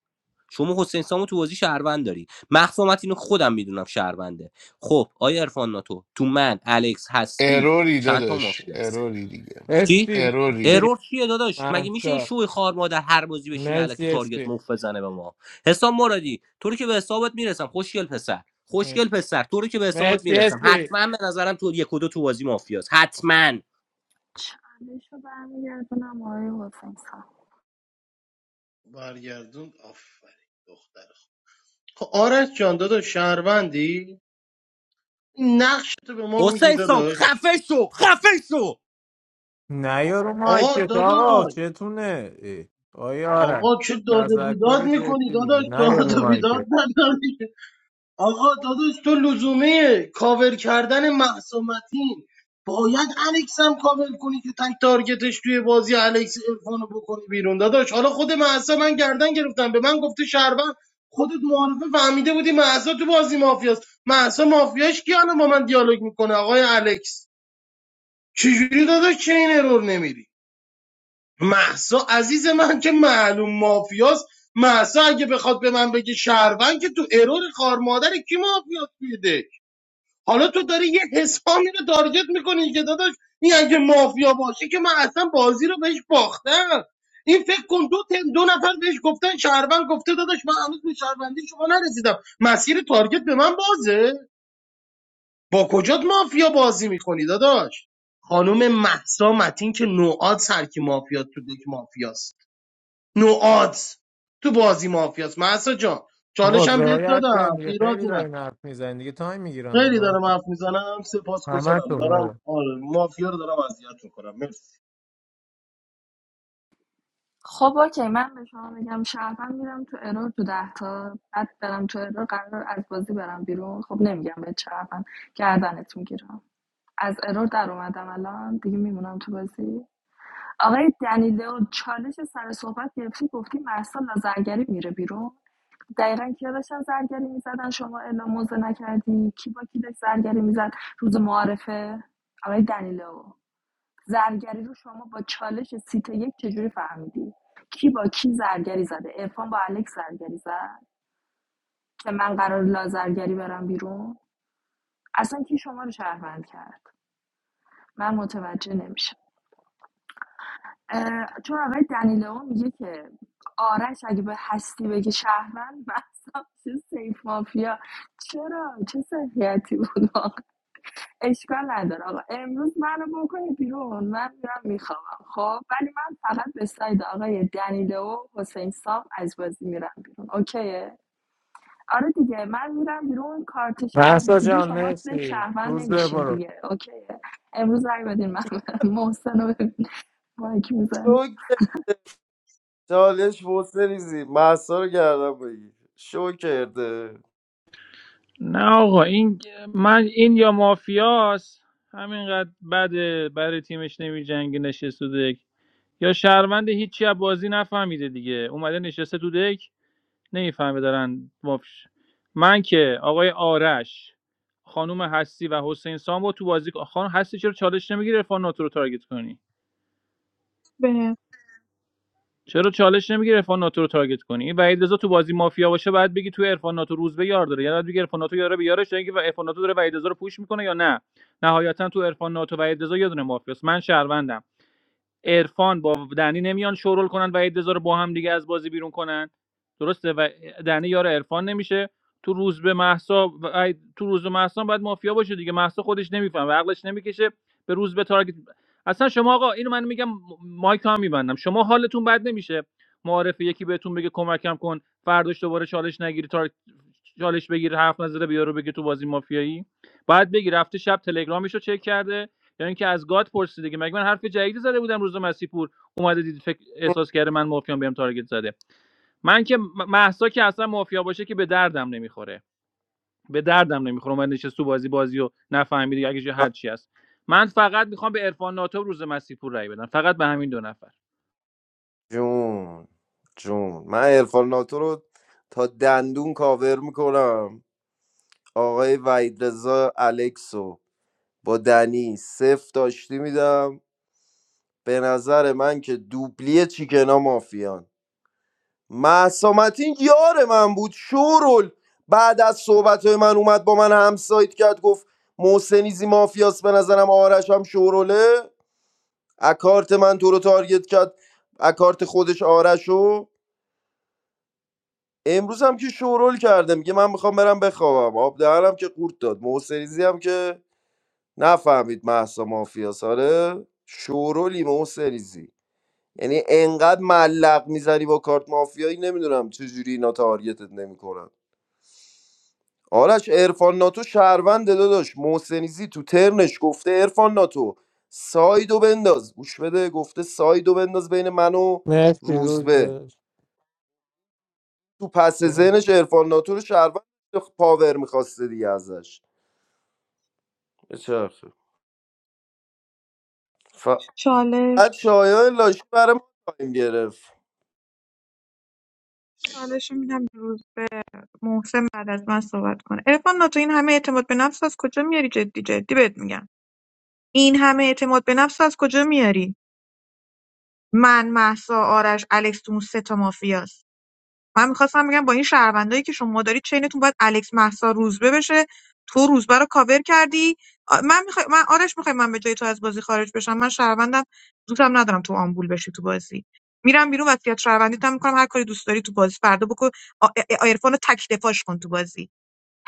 S3: شما حسین سامو تو بازی شهروند داری مخفومت اینو خودم میدونم شهرونده خب آیا عرفان ناتو تو من الکس هستی
S1: اروری
S3: چند تا
S1: داداش
S3: مافیاست
S1: اروری دیگه
S3: کی
S8: اسپی
S1: اروری
S8: مرسی
S3: ارور چیه داداش مگه میشه این
S8: مهسا.
S3: شوی خار مادر هر بازی بشینه الکی
S8: مرسی
S3: تارگت
S8: اسپی
S3: مفت بزنه به ما حسام مرادی تو رو که به حسابت میرسم خوشگل پسر خوشگل پسر تو رو که به حسابت
S8: مرسی
S3: میرسم
S8: اسپی
S3: حتما به نظرم تو یک و دو تو بازی مافیاست حتما
S12: چندش رو برمیگردونم آقای حسین سام
S4: برگردون آفرین دختر خوب خب آرش جان داداش شهروندی این نقش تو به ما میگی
S3: حسین سام
S4: داداش
S3: خفه شو خفه شو
S8: نه یارو
S4: آقا
S8: مایکت آقا
S4: داداش
S8: چتونه اه، آیا آرم
S4: آقا چه داد و بیداد
S8: تذکر
S4: میکنی
S8: جدی
S4: داداش
S8: میده نه یارو
S4: داد و بیداد
S8: مایکت
S4: نداری آقا داداش تو لزومه کاور کردن مهسا متین باید الکس هم کاور کنی که تک تارگتش توی بازی الکس ارفانو بکنی بیرون داداش حالا خود مهسا من گردن گرفتم به من گفته شهروند خودت معارفه فهمیده بودی مهسا تو بازی مافیاست مهسا مافیاش کی الان با من دیالوگ میکنه آقای الکس چجوری داداش چه این ارور نمیری محسا عزیز من که معلوم مافیاست محسا اگه بخواد به من بگه شهروند که تو ارور خار مادر کی مافیاست توی حالا تو داری یه حسامی رو تارگت میکنی که داداش این اگه مافیا باشه که من اصلا بازی رو بهش باختم این فکر کن دو, تن دو نفر بهش گفتن شهروند گفته داداش من هنوز به شهروندی شما نرسیدم مسیر تارگت به من بازه با کجات مافیا بازی میکنی داداش خانم محسا متین که نوعاد سرکی مافیا تو دک مافیاست نوعاد تو بازی مافیاست محسا جان
S8: آقا
S4: چالشم بهت
S8: رعایت کنیم
S4: دادم
S8: دیگه خیلی
S4: ایرادی نداره.
S8: دارین حرف میزنین دیگه تایم میگیرم و
S4: خیلی
S8: من
S4: دارم حرف میزنم
S8: همه
S4: سپاسگزارم
S8: تون
S4: دارم
S8: آقا
S4: آره مافیا رو دارم اذیت میکنم مرسی
S12: خب اوکی من به شما میگم شهروند میرم تو ارور تو ده تا بعد برم تو ارور قرار از بازی برم بیرون خب نمیگم به شهروند گردنت میگیرم از ارور در اومدم الان دیگه میمونم تو بازی آقای دنیلو چالش سر صحبت گرفتی گفتی مرسا لازرگری میره بیرون دقیقا کیا داشتن زرگری میزدن شما اعلام موضع نکردی کی با کی داشت زرگری میزد روز معارفه آقای دنیلو زرگری رو شما با چالش سیت یک چجوری فهمیدی کی با کی زرگری زده عرفان با الکس زرگری زد که من قرار لازرگری برم بیرون اصلا کی شما رو شهروند کرد من متوجه نمیشم اه، چون آقای دنیلو میگه که آرش اگه به هستی بگه شهروند بحثم چه سیف مافیا چرا چه سیفیتی بود آقا؟ اشکال نداره آقا امروز منو بکنه بیرون من میرم میخوام خب ولی من فقط به ساید آقای دنیلو و حسین سام از بازی میرم بیرون اوکیه آره دیگه من میرم بیرون کارت شهر
S8: محسا
S12: دیگه
S8: جان
S12: شما تو یک
S8: مرسی
S12: شهروند
S8: روز به
S12: نمیشین
S8: برو
S12: دیگه اوکیه امروز رای بدین من برم. محسن رو ببین مایک میزنه
S13: تو که- چالش بسریزی محسا رو گردم بگیر شو کرده
S11: نه آقا این من این یا مافیاست همینقدر بده برای تیمش نمی جنگ نشسته تو دک یا شهروند هیچی از بازی نفهمیده دیگه اومده نشسته تو دک نمیفهمه دارن مافش من که آقای آرش خانم هستی و حسین سام رو تو بازی خانم هستی چرا چالش نمیگیره فان رو تارگت کنی
S5: به
S11: چرا چالش نمیگیره عرفان ناتو رو تارگت کنی این وحید رضا تو بازی مافیا باشه بعد بگی تو عرفان ناتو روز به یار داره یعنی باید بگی عرفان ناتو یاره به یارش یعنی که عرفان ناتو داره وحید رضا رو پوش میکنه یا نه نهایتا تو عرفان ناتو وحید رضا یه دونه مافیاست من شهروندم عرفان با دنی نمیان شورول کنن و ادزار با هم دیگه از بازی بیرون کنن درسته و دنی یار عرفان نمیشه تو روز به محسا و- تو روز به محسا باید مافیا باشه دیگه محسا خودش نمیفهم و عقلش نمیکشه به روز به تارگت اصلا شما آقا اینو من میگم مایک هم میبندم شما حالتون بد نمیشه معارف یکی بهتون بگه کمکم کن فرداش دوباره چالش نگیری تار... چالش بگیر حرف نزده بیارو بگه تو بازی مافیایی بعد بگی رفته شب تلگرامش رو چک کرده یا اینکه از گاد پرسیده دیگه مگه من حرف جدیدی زده بودم روز مسیح پور اومده دید فکر احساس کرده من مافیام بهم تارگت زده من که م- مهسا که اصلا مافیا باشه که به دردم نمیخوره به دردم نمیخوره من نشست تو بازی بازیو نفهمیدی اگه چه هر چی هست من فقط میخوام به عرفان ناتو روز مسیح پور رای بدم فقط به همین دو نفر
S13: جون جون من عرفان ناتو رو تا دندون کاور میکنم آقای وحید رضا الکسو با دنی صفر داشتی میدم به نظر من که دوبلی چیکنا مافیان مهسا متین یار من بود شورل بعد از صحبت من اومد با من همسایت کرد گفت محسنیزی مافیاس به نظرم آرش هم شوروله اکارت من تو رو تارگت کرد اکارت خودش آرشو امروز هم که شورول کرده میگه من میخوام برم بخوابم آب دهنم که قورت داد محسنیزی هم که نفهمید محسا مافیاس آره شورولی محسنیزی یعنی انقدر ملق میزنی با کارت مافیایی نمیدونم چجوری اینا تارگتت نمیکنن آرش ارفان ناتو شهرونده داداش محسنیزی تو ترنش گفته ارفان ناتو سایدو بنداز گوش بده گفته سایدو بنداز بین من و
S8: مرسی روز
S13: روزبه
S8: به
S13: تو پس
S8: جان.
S13: ذهنش ارفان ناتو رو شهروند داشته، خب پاور میخواسته دیگه ازش بچرخه فقط
S5: چالش
S13: شایان لاشی برای ما تایم گرفت
S5: چالش رو میدم روز محسن بعد از من صحبت کنه عرفان ناتو این همه اعتماد به نفس از کجا میاری جدی جدی بهت میگم این همه اعتماد به نفس از کجا میاری من محسا آرش الکس تو اون سه تا مافیاست من میخواستم بگم با این شهروندایی که شما دارید چینتون باید الکس مهسا روزبه بشه تو روزبه رو کاور کردی آ، من میخوای من آرش میخوای من به جای تو از بازی خارج بشم من شهروندم دوستم ندارم تو آمبول بشی تو بازی میرم بیرون وصیت شهروندیت هم میکنم هر کاری دوست داری تو بازی فردا بکن آ- آ- آ- عرفان رو تک دفاعش کن تو بازی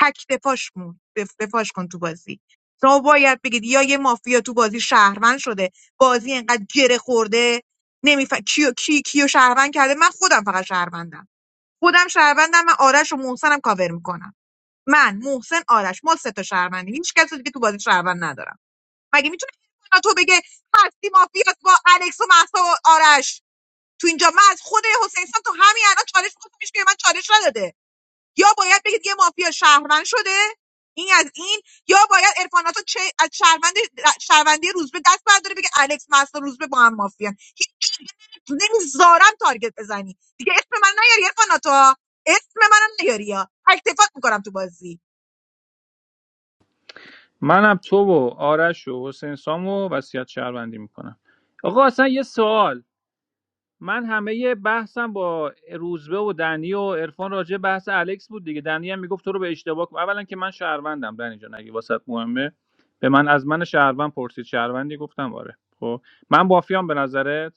S5: تک دفاعش کن دف- دفاعش کن تو بازی شما باید بگید یا یه مافیا تو بازی شهروند شده بازی انقدر گره خورده نمیفهم کیو کی کیو شهروند کرده من خودم فقط شهروندم خودم شهروندم من آرش و محسنم کاور میکنم من محسن آرش ما سه تا شهروندیم هیچ کس دیگه تو بازی شهروند ندارم مگه میتونه تو بگه هستی مافیاس با الکس و مهسا و آرش تو اینجا من از خود حسین سام تو همین الان چالش می‌خواستم، هیچ که به من چالش نداده یا باید بگید یه مافیا شهروند شده این از این یا باید عرفاناتو چه از شهروند شهروندی روزبه دست برداره بگه الکس مستا روزبه با هم مافیا هیچ جا نمیذارم تارگت بزنی دیگه اسم من نیاری عرفاناتو اسم منم نیاری یا تکتفات میکنم تو بازی
S11: منم تو و آرش و حسین سام و وصیت شهروندی میکنم آقا اصلا یه سوال من همه بحثم با روزبه و دنی و عرفان راجع بحث الکس بود دیگه دنی هم میگفت تو رو به اشتباه کن اولا که من شهروندم دنی جان اگه واسط مهمه به من از من شهروند پرسید شهروندی گفتم آره خب من بافیام به نظرت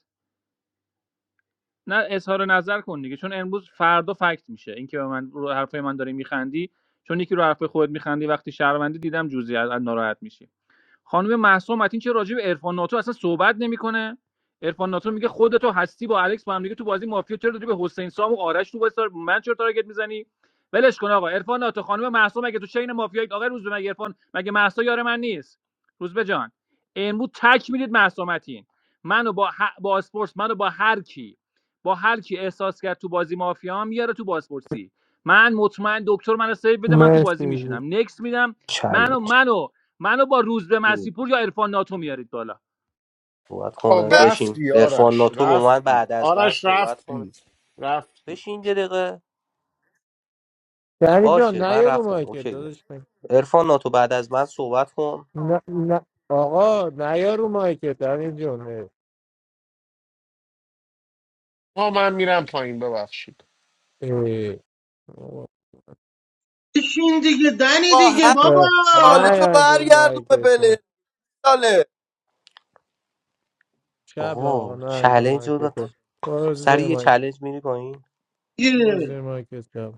S11: نه اظهار نظر کن دیگه چون امروز فردا فکت میشه اینکه به من رو حرفای من داری میخندی چون یکی رو حرفای خودت میخندی وقتی شهروندی دیدم جزئی از از ناراحت میشی خانم مهسا متین چه راجع به عرفان ناتو اصلا صحبت نمیکنه عرفان ناتو میگه خودتو هستی با الکس با هم دیگه تو بازی مافیا چرا داری به حسین سام و آرش تو بازی تار- من چرا تارگت میزنی ولش کن آقا عرفان ناتو خانم مهسا مگه تو چین مافیا آقا روزبه به مگه عرفان مگه مهسا یار من نیست روزبه جان امروز تک میدید مهسا متین منو با ه... با اسپورس منو با هر کی با هر کی احساس کرد تو بازی مافیا میاره تو بازپرسی من مطمئن دکتر منو سیو بده من تو بازی
S8: مرسی
S11: میشینم نکس میدم منو
S3: چلنج
S11: منو منو با روزبه
S2: خب
S11: مسیپور یا عرفان ناتو میارید بالا
S3: صحبت
S1: خب
S3: کنه بشین
S1: رفتی
S3: عرفان
S1: آرش
S3: ناتو با من
S1: رفتی
S3: بعد از من
S1: آرش
S3: صحبت کنه
S1: رفتی رفتی
S3: بشین یه دقیقه
S8: دنی جان
S3: باشه
S8: نه
S3: من
S8: یارو
S3: رفتم
S8: مایکت
S3: اوکیه
S8: داداش من.
S3: عرفان ناتو بعد از من صحبت کن
S8: نه نه آقا نه یارو مایکت دنی جان اه.
S1: آقا من میرم پایین ببخشید
S8: اه. آقا.
S4: بشین دیگه دنی
S13: با
S4: دیگه
S13: هر
S4: بابا
S8: نه
S13: چالش رو
S8: یارو
S13: برگردون به
S8: مایکت
S13: بله چاله.
S8: شب آقا
S3: آقا
S8: نه اندو
S3: چلنج رو داد.
S8: مایکتو برو
S3: سری
S8: زیر
S3: یه
S8: مایک
S3: چلنج میری پایین
S8: برو
S4: دیگه
S8: زیر مایکت شب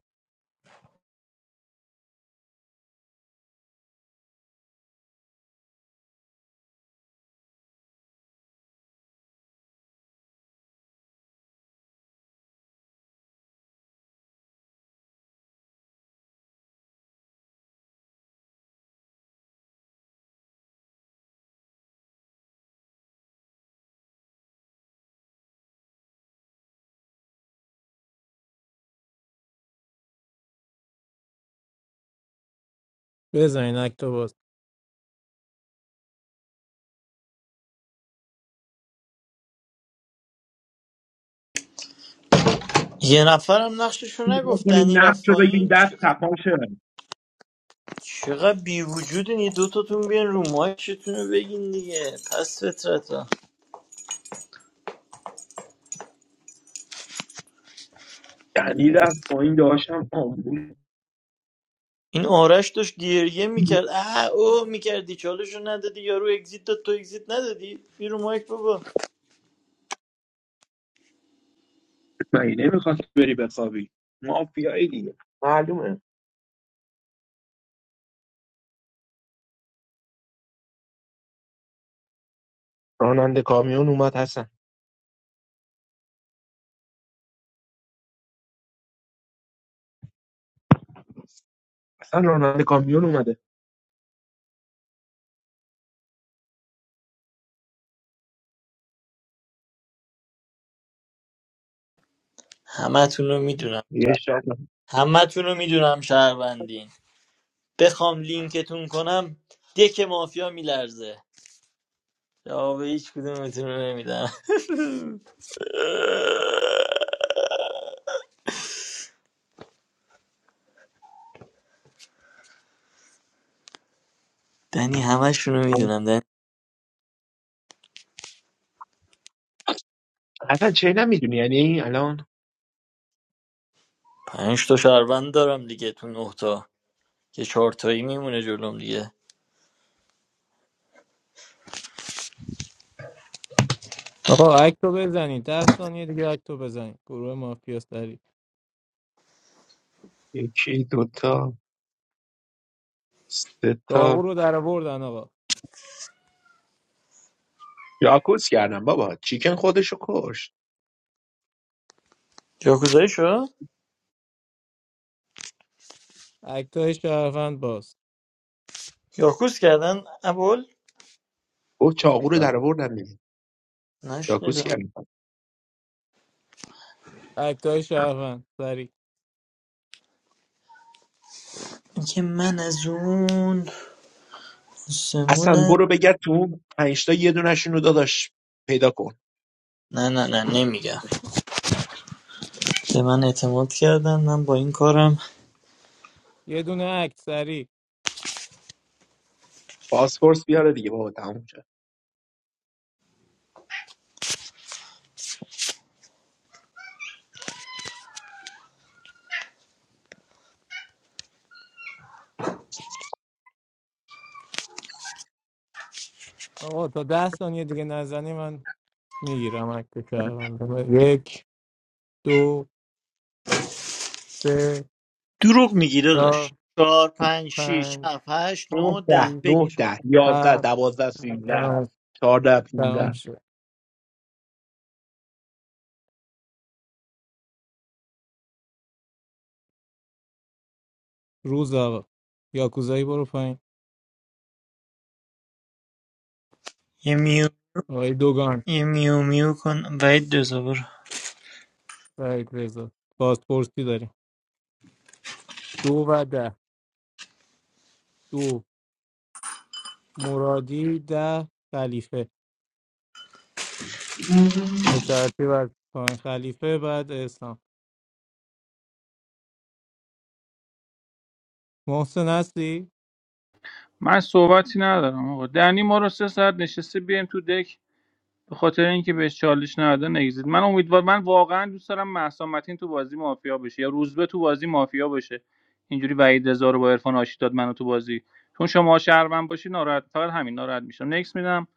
S8: بزنین اکتو باز
S16: یه نفرم نقششو نگفت
S14: کنی
S16: دنی رفت
S14: نقش رو بگیری
S16: پایین
S14: دست
S16: چقدر
S14: تپان شه
S16: چقدر بی وجودین یه دوتاتون بیان رو مایکتون رو بگین دیگه پس فطرت
S14: یعنی رفت پایین داشتم آمبول
S16: این آرش داشت گریه میکرد اه او میکردی چالشو ندادی یارو اگزیت داد تو اگزیت ندادی بیرو مایک بابا
S14: مگه نمیخواد بری بخوابی مافیایی دیگه معلومه راننده کامیون اومد حسن اصلا راننده کامیون اومده
S16: همه رو میدونم
S14: یه شب
S16: همه رو میدونم شهروندین بخوام لینکتون کنم دک مافیا میلرزه جواب هیچ کدومتون رو نمیدم دنی همشون رو میدونم دنی
S14: حسن چه نمیدونی یعنی الان
S16: پنج تا شهروند دارم دیگه تو نه تا که چهار تایی میمونه جلوم دیگه
S8: آقا اکتو بزنین ده ثانیه دیگه اکتو بزنین گروه مافیا سری
S14: یکی دوتا سه
S8: داغو
S14: تا
S8: رو در آوردن آقا
S14: یاکوس کردم بابا چیکن خودشو کشت
S16: یاکوزایی شد؟
S8: اکتای شهروند باز
S16: یاکوز کردن ابول
S14: او چاقو رو در آوردم دیگه یاکوس
S16: نشنیدم
S14: کردم
S8: اکتای شهروند سری
S16: اینکه من از اون
S14: اصلا
S16: آسمونه
S14: برو بگرد تو اون پنج تا یه دونشون رو داداش پیدا کن
S16: نه نه نه نمیگم به من اعتماد کردن من با این کارم
S8: یه دونه اکت سری
S14: پاسپورت بیاره دیگه بابا تموم شد
S8: آقا تا ده ثانیه دیگه نزنی من میگیرم اکت شهروند یک دو سه
S16: دروغ میگی داداش
S8: چهار
S16: چهار پنج شیش
S8: پنج
S16: هفت هشت نو
S14: 9
S16: ده
S14: ده
S8: شیش
S14: 9
S16: بگیر
S14: ده 11
S8: هفت
S14: 12 13
S8: تمام
S14: 14 15
S8: تموم شد. روز آقا یاکوزایی برو پایین
S16: یه میو
S8: آقای دوگان
S16: یه میو میو کن وید دزاور
S8: وحید رضا بازپرسی داریم دو و ده دو مرادی ده خلیفه به ترتیب از پایین خلیفه بعد اسلام محسن هستی؟
S11: من صحبتی ندارم آقا دنی ما رو سه ساعت نشسته بیایم تو دک به خاطر اینکه بهش چالش نداده نگزید من امیدوار من واقعا دوست دارم مهسا متین تو بازی مافیا بشه یا روزبه تو بازی مافیا بشه اینجوری وحید رضا رو با عرفان آشتی داد منو تو بازی چون شما شهروند باشی ناراحت فقط همین ناراحت میشم نکس میدم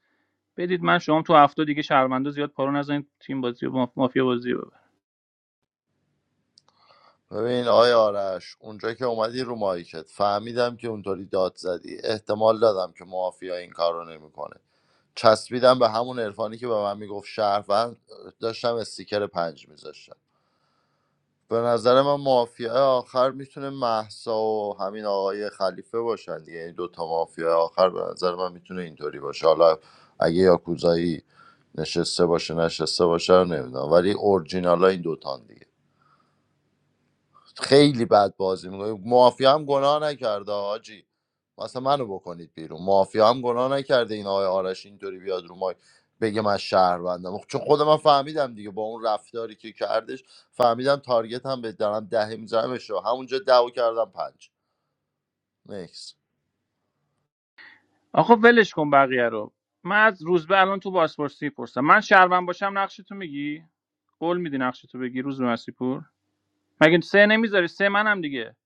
S11: بدید من شما تو هفته دیگه شهروندا زیاد پارو نزنید تیم بازی و مافیا بازی
S9: ببین آیا آرش اونجا که اومدی رو مایکت فهمیدم که اونطوری داد زدی احتمال دادم که مافیا این کار رو نمیکنه چسبیدم به همون عرفانی که به من میگفت شهروند داشتم استیکر پنج میذاشتم به نظر من مافیا آخر میتونه محسا و همین آقای خلیفه باشن دیگه این دوتا مافیا آخر به نظر من میتونه اینطوری باشه حالا اگه یاکوزایی نشسته باشه نشسته باشه رو نمیدونم ولی اورجینال این دوتان دیگه خیلی بد بازی میکنه مافیا هم گناه نکرده آجی مثلا منو بکنید بیرون مافیا هم گناه نکرده این آقای آرش اینطوری بیاد رو ما بگه من شهروندم چون خود من فهمیدم دیگه با اون رفتاری که کردش فهمیدم تارگت هم به دارم ده میزنم اشتباه همونجا دعوا کردم پنج
S11: آقا ولش کن بقیه رو من از روز به الان تو بازپرسی پرسم من شهروند باشم نقشتو میگی قول میدی نقشتو بگی روز به مسیح پور مگه سه نمیذاری سه منم دیگه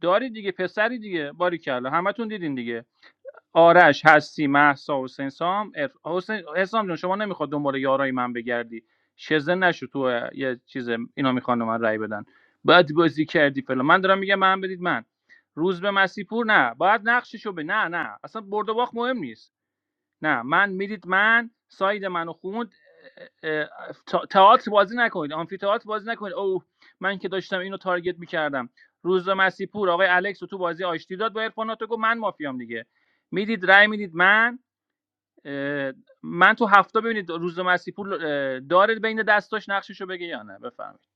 S11: داری دیگه پسری دیگه باری کلا همتون دیدین دیگه آرش هستی محسا حسین سام عرف- حسین حسام جون شما نمیخواد دنبال یارای من بگردی شزن نشو تو اه، یه چیز اینا میخوان به من رای بدن باید بازی کردی فلان من دارم میگم من بدید من روز به مسیپور پور نه باید نقششو به نه نه اصلا برد و باخت مهم نیست نه من میرید من ساید منو خوند اه، تئاتر بازی نکنید آمفی تئاتر بازی نکنید اوه من که داشتم اینو تارگت میکردم روز مسیپور آقای الکس رو تو بازی آشتی داد با ارفاناتو گفت من مافیام دیگه میدید رای میدید من من تو هفته ببینید روز مسیپور اه، داره بین دستاش نقششو بگه یا نه بفرمایید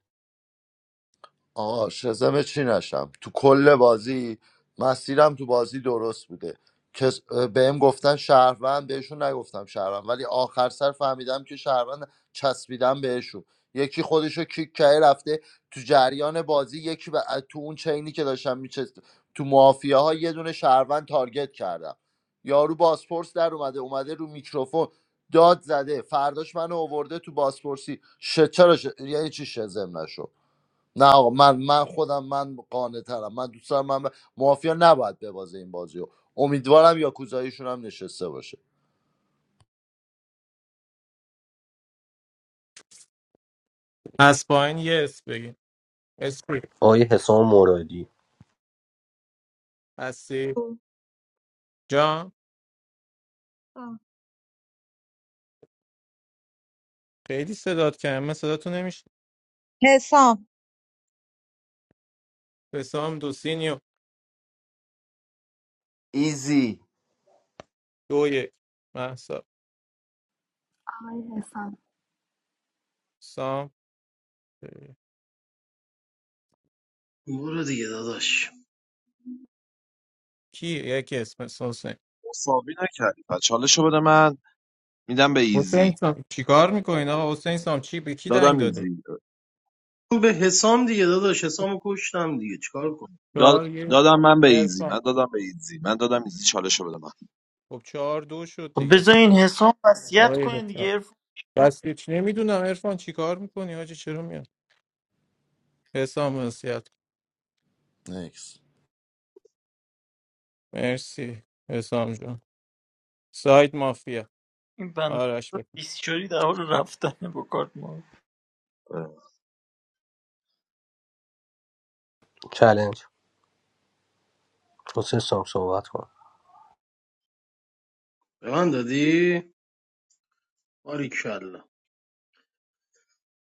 S9: آقا شزم چی نشم تو کل بازی مسیرم تو بازی درست بوده کس بهم گفتن شهروند بهشون نگفتم شهروند ولی آخر سر فهمیدم که شهروند چسبیدم بهشون یکی خودشو کیک کرده رفته تو جریان بازی یکی به- تو اون چینی که داشتم میچست تو مافیاها ها یه دونه شهروند تارگت کردم یارو باسپورس در اومده اومده رو میکروفون داد زده فرداش منو آورده تو باسپورسی ش... چرا ش... یعنی چی شزم نشو نه آقا من من خودم من قانع ترم من دوست دارم من ب- مافیا نباید ببازه این بازی رو امیدوارم یا کوزاییشون هم نشسته باشه
S8: از پایین یه اس بگین اسپی
S3: آیه حسام مرادی
S8: هستی؟ جان
S5: گفتم.
S8: خیلی صدات کردم من صداتو نمیشه
S5: حسام
S8: حسام دو سینیو
S13: ایزی
S8: دو یک محسا
S12: آقای حسام
S8: سام
S4: برو دیگه داداش
S8: کی یکی اسم حسام. حسین
S2: مساوی نکردی پس چالشو بده من میدم به ایزی
S8: حسین سام چیکار میکنین آقا حسین سام چی به کی
S2: دادم
S8: دنگ دادی
S2: ایزی
S4: به حسام دیگه داداش حسامو کشتم دیگه چیکار کنم
S2: داد
S8: چهار یه
S2: دادم من به ایزی من
S8: ارفان
S2: دادم به ایزی من دادم ایزی چالشو بده من
S8: خب چهار دو شد
S16: خب
S8: دیگه
S16: بذار این حساب وصیت
S8: آقای
S16: کنین
S8: حسام
S16: دیگه عرفان. جان،
S8: بس هیچ نمیدونم ارفان چیکار میکنی حاجی چرا میاد حسام وصیت کن.
S9: نیکس
S8: مرسی حسام جون سایت مافیا
S16: این بند
S8: آرش بکن
S16: بیسچوری در حال رفتن با کارت ما
S2: اه.
S3: چلنج حسین سام صحبت کن
S4: به من دادی باریکلا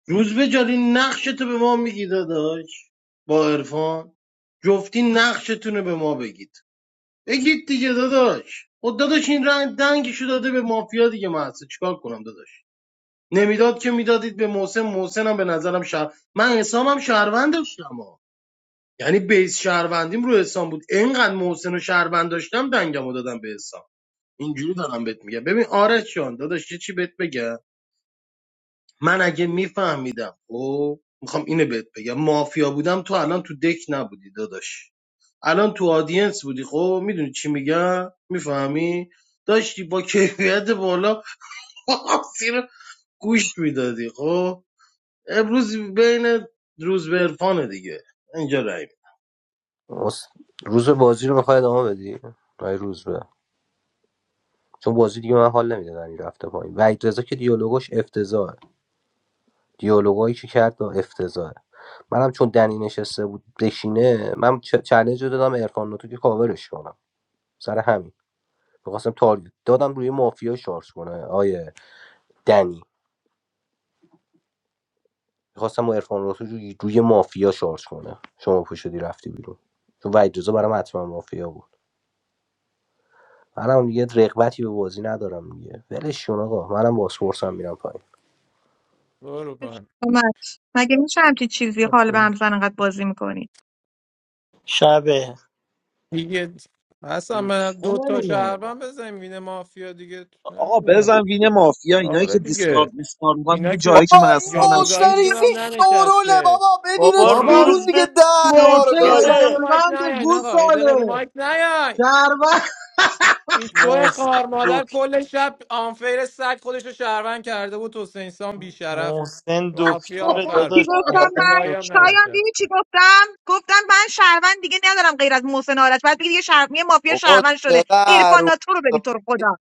S4: روز به جاری نقشتو به ما میگی داداش با عرفان جفتی نقشتونو به ما بگید بگید دیگه داداش خب داداش این رنگ دنگشو داده به مافیا دیگه محسن چیکار کنم داداش نمیداد که میدادید به محسن محسن هم به نظرم شهر من حسامم شهروند داشتم ها. یعنی بیس شهروندیم رو حسام بود اینقدر محسن و شهروند داشتم دنگمو دادم به حسام اینجوری دارم بهت میگم ببین آرش جان داداش یه چی بهت بگم من اگه میفهمیدم خب میخوام اینو بهت بگم مافیا بودم تو الان تو دک نبودی داداش الان تو آدینس بودی خب میدونی چی میگم میفهمی داشتی با کیفیت بالا پاسی رو گوش میدادی خب امروز بین روز به عرفانه دیگه اینجا رای
S3: حس- روز بازی رو میخوای ادامه بدی آیه روز به چون بازی دیگه من حال نمیده دنی رفته پایین وحید رضا که دیالوگش افتضاحه دیالوگایی که کرد با افتضاحه منم چون دنی نشسته بود بشینه من چ- چالش رو دادم عرفان ناتو که کاورش کنم سر همین میخواستم تارگت دادم روی مافیا شارژ کنه آیه دنی میخواستم با عرفان ناتو روی, روی مافیا شارژ کنه شما پوشیدی رفتی بیرون چون وحید رضا برام حتما مافیا بود منم دیگه رغبتی به بازی ندارم دیگه ولش کن آقا منم باسپورس هم میرم پایین
S8: برو
S5: بفرمایید.
S8: پایین
S5: اومد مگه میشه همچی چیزی حال به
S8: بس
S5: هم زن انقدر بازی میکنی
S16: شبه
S8: دیگه اصلا من دو
S4: کنم
S8: تا
S4: اینا آقا
S8: شهروند به زمین مافیا دیگه
S2: آقا
S8: نمیدونم
S2: بزن وین مافیا اینایی که
S8: آره دیگه
S2: دیسکارد میسکارد میکنن
S8: اینا
S2: تو
S8: که
S2: جایی که
S13: بابا این
S2: محسا نشینی
S8: یاکوزاییشون
S13: موسریزی
S8: هم
S13: شوروله
S8: ننشسته
S13: بابا
S16: بابا
S13: بدینش
S8: این
S4: بابا
S13: بیرون
S16: روز
S13: دیگه
S16: به
S13: دهن ما رو
S4: محسن
S8: یه دقیقه
S13: گایید
S8: رو
S16: دکتره
S8: مایک
S4: شهروند
S8: نیاین
S4: گوز
S8: آقا یه
S4: ساله
S8: دقیقه رو مایک نیاین.
S4: شهروند
S8: این شو خار
S16: محسن
S8: مادر کل شب آنفیر سگ خودش رو شهروند کرده بود حسین سان بیشرف
S16: محسن
S8: مافیا
S16: دکتره
S8: آخر
S5: چی
S16: داداش
S8: بود یا
S5: گفتم
S16: محسن
S5: من
S8: کوزایی هم
S16: دکتر
S5: شایان دیدی
S8: ننشست
S5: چی گفتم گفتم من شهروند دیگه ندارم غیر از محسن آرش بعد بگی دیگه شهر... یه مافیا
S13: بابا
S5: شهروند شده
S13: چقدر
S5: عرفان
S13: اون
S5: ناتو رو ببین تو رو خدا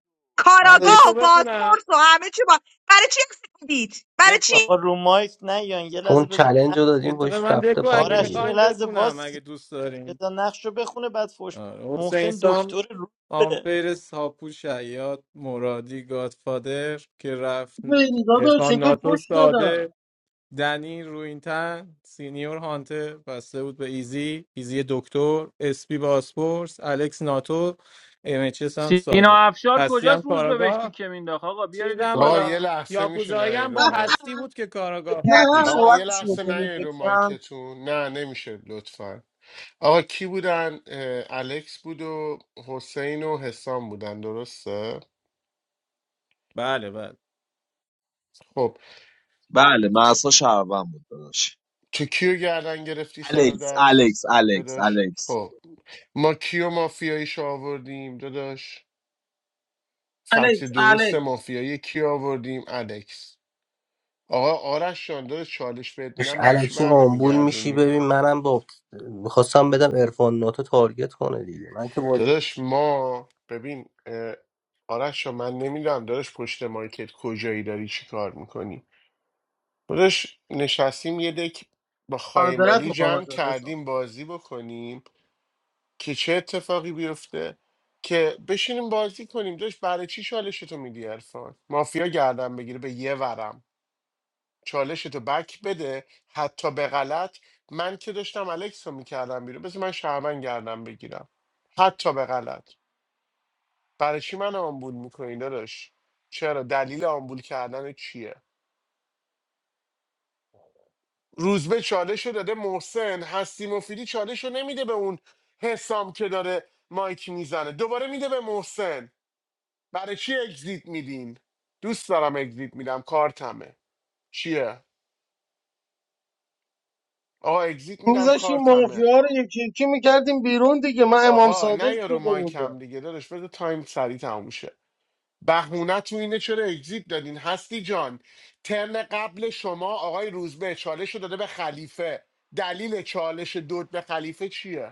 S8: من
S5: کاراگاه
S8: دکو
S5: و
S8: بخونم
S5: بازپرس و همه چی با برای چی دید برای چی
S8: دکو
S16: آقا رو مایک نیان یه لحظه
S3: چون
S16: بذار
S3: چالش
S16: نق-
S3: رو
S8: یه
S3: دادیم
S8: دقیقه
S3: بهش
S8: من
S3: رفته
S8: دکو اگه
S3: پایین
S16: آرش
S3: دیگه
S16: یه
S8: میخواین
S16: لحظه
S8: بخونم
S16: باسی
S8: اگه دوست دارین
S16: بذار نقش رو بخونه بعد فوش
S8: آره. حسین
S16: محسن
S8: سام
S16: دکتر روزه
S8: آنفیر ساپو شیاد مرادی گادفادر که رفت
S4: محسن دادا
S8: ارفان
S4: چگه
S8: ناتو
S4: پشت
S8: ساده
S4: دادم
S8: دنی روینتن سینیور هانتر بسته بود به ایزی ایزی دکتر اسپی باسپورس الکس ناتو امچس هم
S11: سینا
S8: ساده
S11: افشار
S8: هستی هم
S11: کجاست روز بهشتی
S8: کاراگاه
S11: که مینداخت آقا بیاریدش
S8: چیزم
S1: آقا
S8: با
S1: یه
S11: بالا
S1: لحظه میشه
S8: یاکوزایی
S1: نه
S8: هم
S1: رو
S8: با
S1: مایک
S8: هستی بود که کاراگاه بود دیگه
S1: آقا یه لحظه نه رو مایکتون نه نمیشه لطفا آقا کی بودن اه، الکس بود و حسین و حسام بودن درسته
S8: بله بله
S1: خب
S2: بله محسا شهروند بود داداش
S1: تو کیو گردن گرفتی سر و
S2: الکس
S1: دست
S2: الکس الکس
S1: داداش
S2: الکس
S1: خب ما کیو مافیاییش آوردیم داداش فکت
S4: الکس
S1: درست
S4: الکس
S1: مافیایی کی آوردیم الکس آقا آرش جان داداش چالش بهت
S3: داشت
S1: میدم برای چی
S3: الکی
S1: بر
S3: آمبول میشی
S1: نمیگردونی
S3: ببین منم با میخواستم بدم ارفان ناتو تارگت کنه دیگه من که بازی
S1: داداش ما ببین اه، آرش جان، من نمیدونم داداش پشت مایکت کجایی داری چی کار میکنی داداش نشستیم یه دک با
S4: معذرت
S1: خایمالی
S4: میخوام
S1: جمع
S4: از دستم
S1: کردیم بازی بکنیم که چه اتفاقی بیفته که بشینیم بازی کنیم داشت برای چی چالشتو میدی ارفان مافیا گردن بگیره به یه ورم چالشتو بک بده حتی به غلط من که داشتم الکس رو میکردم بیرون بس من شهرمن گردم بگیرم حتی به غلط برای چی من آمبول میکنی داداش چرا دلیل آمبول کردن چیه روزبه چالش رو داده محسن هستی مفیدی چالش رو نمیده به اون حسام که داره مایک میزنه دوباره میده به محسن برای چی اگزیت میدین دوست دارم اگزیت میدم کارتمه چیه آقا اگزیت میدم
S4: میذاشیم
S1: کارتمه
S4: مافیا رو یکی یکی میکردیم بیرون دیگه من امام
S1: آقا
S4: صادق
S1: نه یا رو
S4: شده بودم
S1: مایکم دیگه داداش بذار تایم سریع تموم شه بهونه تو اینه چرا اگزیت دادین هستی جان ترن قبل شما آقای روزبه چالش رو داده به خلیفه دلیل چالش دود به خلیفه چیه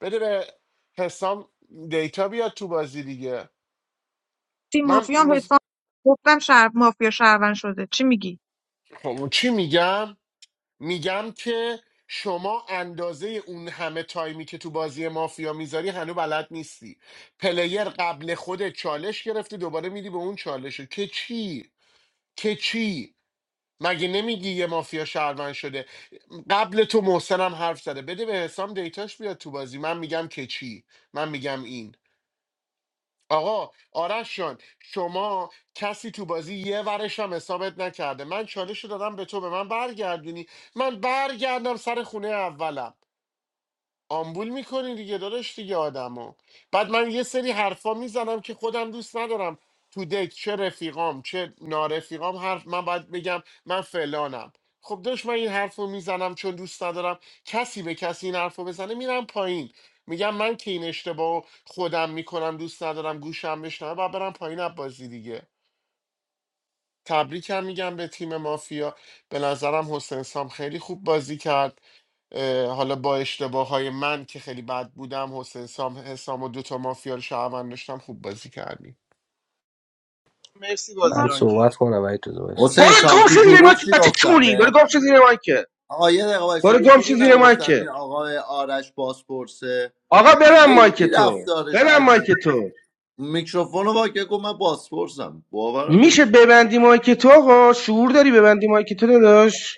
S1: بده به حسام دیتا بیاد تو بازی دیگه
S5: تیم
S1: من
S5: مافیا هم
S1: مز-
S5: حساب گفتم شهر مافیا شهروند شده چی میگی
S1: خب چی میگم میگم که شما اندازه اون همه تایمی که تو بازی مافیا میذاری هنوز بلد نیستی پلیر قبل خود چالش گرفته دوباره میدی به اون چالش که چی که چی مگه نمیگی یه مافیا شهروند شده قبل تو محسنم حرف زده بده به حسام دیتاش بیاد تو بازی من میگم که چی من میگم این آقا آرش جان شما کسی تو بازی یه ورش هم حسابت نکرده من چالش رو دادم به تو به من برگردونی من برگردم سر خونه اولم آمبول میکنی دیگه داداش دیگه آدمو بعد من یه سری حرفا میزنم که خودم دوست ندارم تو دک چه رفیقام چه نارفیقام حرف من باید بگم من فلانم خب داشت من این حرف میزنم چون دوست ندارم کسی به کسی این حرف بزنه میرم پایین میگم من که این اشتباه خودم میکنم دوست ندارم گوشم بشنوه و برم پایین از بازی دیگه تبریکم میگم به تیم مافیا به نظرم حسین سام خیلی خوب بازی کرد اه، حالا با اشتباه های من که خیلی بد بودم حسین سام حسام و دوتا مافیا رو شهروند داشتم خوب بازی کردی
S5: من-
S3: من صحبت کنم ولی تو دوستم
S9: حسین
S10: برو
S9: سام
S10: گم شو
S9: تو
S10: زیر
S9: گروه
S10: مایک
S9: چی
S10: بچه
S9: گفتم
S10: چونی
S9: به
S10: برو گم شو زیر مایکه
S9: آقا یه دقیقه وایسا.
S10: برو
S9: تو
S10: گم شو
S9: گروه
S10: زیر
S9: نگفتم این
S10: مایکه
S9: آقای آرش باسپورسه
S10: آقا ببند مایک
S9: خیلی
S10: تو
S9: رفتارش
S10: ببند
S9: عجیب
S10: مایک
S9: بود.
S10: تو
S9: میکروفون رو واکه گفت من باسپورسم باورم
S10: میشه
S9: نمیشه
S10: ببندی مایک تو آقا شعور داری ببندی مایک تو داداش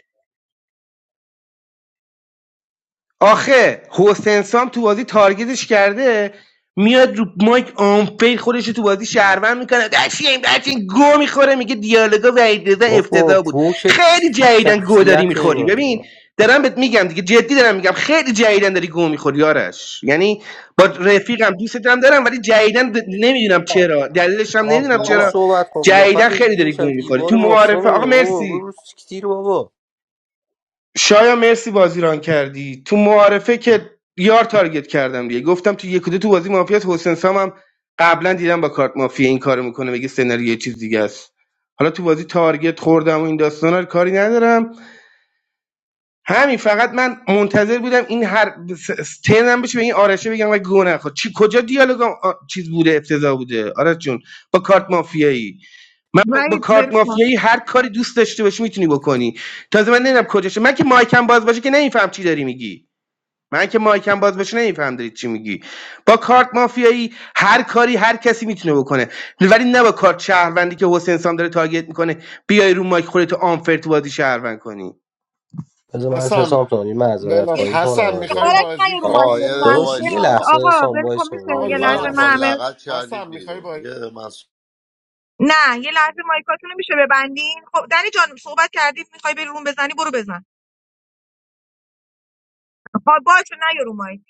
S10: آخه حسین سام تو بازی تارگتش کرده میاد رو مایک آنفیل خودش رو تو بازی شهروند میکنه دشیم دشیم گو میخوره میگه دیالوگا و ایدزا
S3: بابا
S10: افتضاح بود
S3: گوشت
S10: خیلی جدیدن گو داری
S3: شخصیت
S10: میخوری
S3: اینو
S10: ببین
S3: نگاه
S10: دارم بهت میگم دیگه جدی دارم میگم خیلی جدیدن داری گو میخوری آرش یعنی با رفیقم دوستم دارم ولی جدیدن د- نمیدونم
S4: آه،
S10: چرا دلیلش هم نمیدونم
S3: درست
S10: چرا
S4: آقا
S3: صحبت کن
S10: جدیدن
S3: قیافت رو
S10: خیلی
S3: دیدی
S10: داری
S3: شبیه
S10: گو میخوری تو
S3: دیوار محسن
S10: معارفه آقا
S3: نمی بابا
S10: مرسی
S3: برو سیکتیر بابا
S10: شایا مرسی بازی ران کردی تو معارفه که یار تارگت کردم دیگه گفتم تو یک و دو تو بازی مافیاس حسین سام هم قبلا دیدم با کارت مافیا این کارو میکنه میگه سناریو یه چیز دیگه است حالا تو بازی تارگت خوردم و این داستانا رو کاری ندارم همین فقط من منتظر بودم این هر س- ترنم بشه به این آرشه بگم و گونه خود چی کجا دیالوگم چیز بوده افتضاح بوده آرش جون با کارت مافیایی من با, با
S5: وحید
S10: کارت
S5: برفان
S10: مافیایی هر کاری دوست داشته باشی میتونی بکنی تازه من نمیدونم کجاشه من که مایکم باز باشه که نمیفهم چی داری میگی من که مایکم باز باشه نمیفهم داری چی میگی با کارت مافیایی هر کاری هر کسی میتونه بکنه ولی نه با کارت شهروندی که حسین سام داره تارگت میکنه بیای رو مایک خودتو آنفر تو بازی شهروند کنی
S3: بذار من از
S1: حسن
S3: حسام تانی معذرت
S1: بلاش
S5: یعنی
S3: خواهی کنم
S1: حسن
S3: از
S1: میخوای
S5: آرش
S1: بازی
S5: نه رو مایک
S9: آقا یه دقیقه
S1: کنی
S5: لطفاً
S3: داداش
S5: یه
S3: یه
S5: لحظه
S9: وایسا
S3: لحظه
S5: آقا
S3: حسام
S5: ول کن
S3: وایس
S5: میشه
S1: آقا
S5: یه
S3: برو
S1: یه
S9: من
S3: کنم،
S9: رو
S5: لحظه
S9: با
S5: من
S3: من
S5: همه
S1: لحظه
S9: لغت
S1: حسن
S9: کردید
S1: میخوای
S9: بیرون
S1: بازی
S9: یه دقیقه من
S5: نه یه لحظه مایکاتونو میشه ببندین خب دنی جان صحبت کردی میخوای بری روم بزنی برو بزن ها باشه نیا رو مایک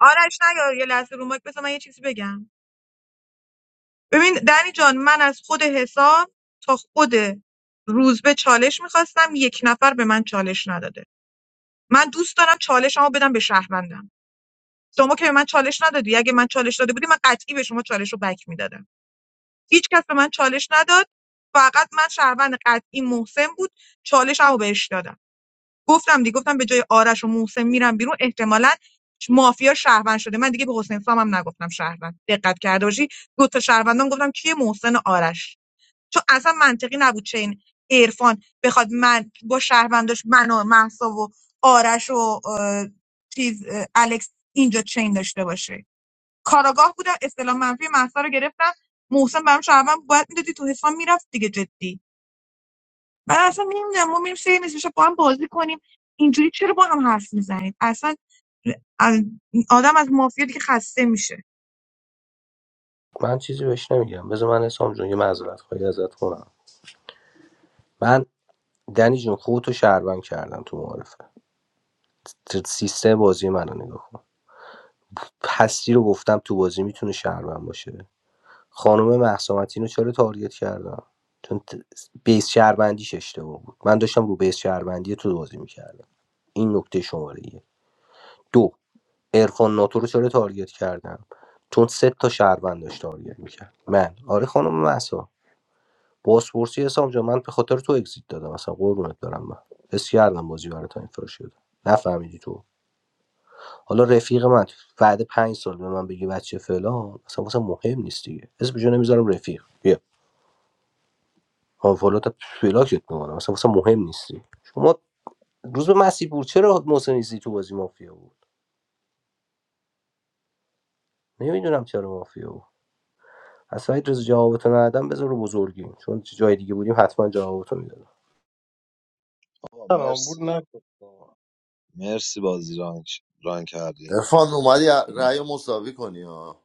S5: آرش نیا یه لحظه رو مایک بذار من یه چیزی بگم ببین دنی جان من از خود حساب تا خود روزبه چالش میخواستم یک نفر به من چالش نداده من دوست دارم چالشمو بدم به شهروندم شما که به من چالش ندادی اگه من چالش داده بودی من قطعی به شما چالش رو بک میدادم هیچ کس به من چالش نداد فقط من شهروند قطعی محسن بود چالشمو بهش دادم گفتم دیگه گفتم به جای آرش و محسن میرم بیرون احتمالاً مافیا شهروند شده من دیگه به حسین سام هم نگفتم شهروند دقت کرده باشی دو تا شهروندام گفتم کیه محسن و آرش چون اصلا منطقی نبود چه این عرفان بخواد من با شهرونداش من و مهسا و آرش و اه، چیز اه، الکس اینجا چین داشته باشه کاراگاه بودم اصطلاح منفی مهسا رو گرفتم محسن برام شهروند بود. باید میدادی تو حساب میرفت دیگه جدی بعد اصلا نمیدونم ما میریم سری نیست میشه با هم بازی کنیم اینجوری چرا با هم حرف میزنید اصلا از- آدم از مافیا دیگه خسته میشه
S3: من چیزی بهش نمیگم بذار من حسام جون یه معذرت خواهی ازت کنم من دنی جون خودتو شهروند کردم تو معارف سیستم بازی منو نگاه کن هستی رو گفتم تو بازی میتونه شهروند باشه خانم مهسا متین رو چرا تارگت کردم چون ت- بیس شهروندیش اشتباه بود من داشتم رو بیس شهروندی تو بازی میکردم این نکته شماره یه دو عرفان ناتو رو چرا تارگت کردم چون سه تا شهروند داشت تارگت میکرد من آره خانم مهسا بازپرسی حسام جان من به خاطر تو اگزیت دادم اصلا قربونت برم من حس کردم بازی برای تا این فراش شده نفهمیدی تو حالا رفیق من بعد پنج سال به من بگی بچه فلان اصلا واسه مهم نیست دیگه اسم جو نمیذارم رفیق بیا آنفالو تا فلاکت میکنم اصلا واسه مهم نیستی شما روز به مسیح بود چرا محسن ایزی تو بازی مافیا بود نمیدونم چرا مافیا بود از سعید رضا جوابتو ندادم بذار رو بزرگیم چون جای دیگه بودیم حتما جوابتو میدادم
S2: آقا
S4: سلام بود
S2: مرسی
S4: نکن بابا.
S2: مرسی بازی رانگ ران کردی
S9: ارفان اومدی رأی مساوی کنی ها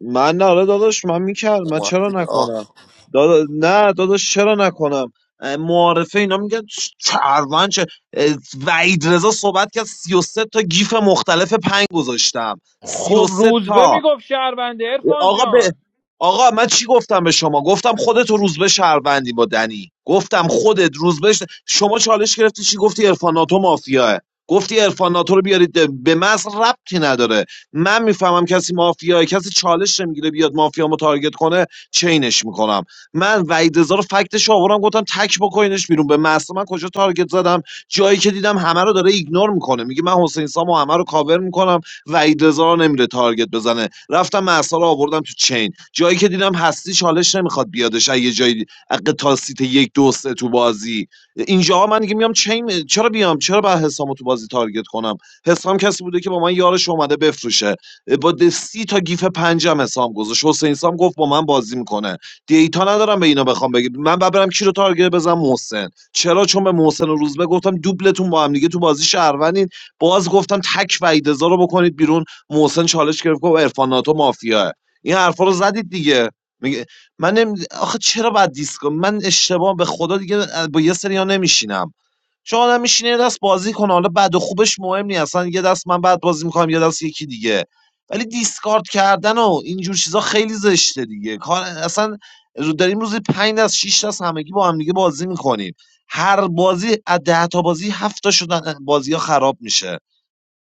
S2: من نه حالا داداش من میکرد من چرا
S9: اومدی آه
S2: نکنم دادا نه داداش چرا نکنم اه، معارفه اینا میگن چرون چه اه، وحید رضا صحبت کرد 33 تا گیف مختلف پنگ گذاشتم
S11: خب
S2: 33
S11: روزبه
S2: تا
S11: میگفت شهربنده ارفان
S2: آقا به
S11: جان
S2: آقا من چی گفتم به شما گفتم خودت رو روزبه شهروندی با دنی گفتم خودت روزبه ش- شما چالش گرفتی چی گفتی عرفان ناتو مافیاه گفتی عرفان ناتو رو بیارید به مس ربطی نداره من میفهمم کسی مافیاه کسی چالش نمیگیره بیاد مافیامو تارگت کنه چینش میکنم من وحید رضا رو فکتش آوردم گفتم تک بکنینش بیرون به مس من کجا تارگت زدم جایی که دیدم همه رو داره ایگنور میکنه میگه من حسین سامو همه رو کاور میکنم وحید رضا رو نمیره تارگت بزنه رفتم مهسا رو آوردم تو چین جایی که دیدم هستی چالش نمیخواد بیادش از یه جایی حق تا سیت یک دو سه تو بازی اینجاها من دیگه میام چین چرا بیام چرا با حسامو تو بازی تارگت کنم حسام کسی بوده که با من یارش اومده بفروشه با دستی سی تا گیف پنجم حسام گذاشت حسین سام گفت با من بازی میکنه دیتا ندارم به اینا بخوام بگم من بعد برم کی رو تارگت بزنم محسن چرا چون به محسن و روزبه گفتم دوبلتون با هم دیگه تو بازی شهروندین باز گفتم تک وعیدزا رو بکنید بیرون محسن چالش گرفت گفت عرفان ناتو مافیاه این حرفا رو زدید دیگه میگه من نمی... آخه چرا باید دیسکو من اشتباه به خدا دیگه با یه سریا نمیشینم چون آدم میشینه یه دست بازی کنه حالا بد و خوبش مهم نیست اصلا یه دست من بعد بازی میکنم یه دست یکی دیگه ولی دیسکارد کردن و اینجور چیزا خیلی زشته دیگه کار اصلا رو- داریم روزی 5 از 6 تا همگی با هم دیگه بازی میکنیم هر بازی از 10 تا بازی 7 تا شدن بازی ها خراب میشه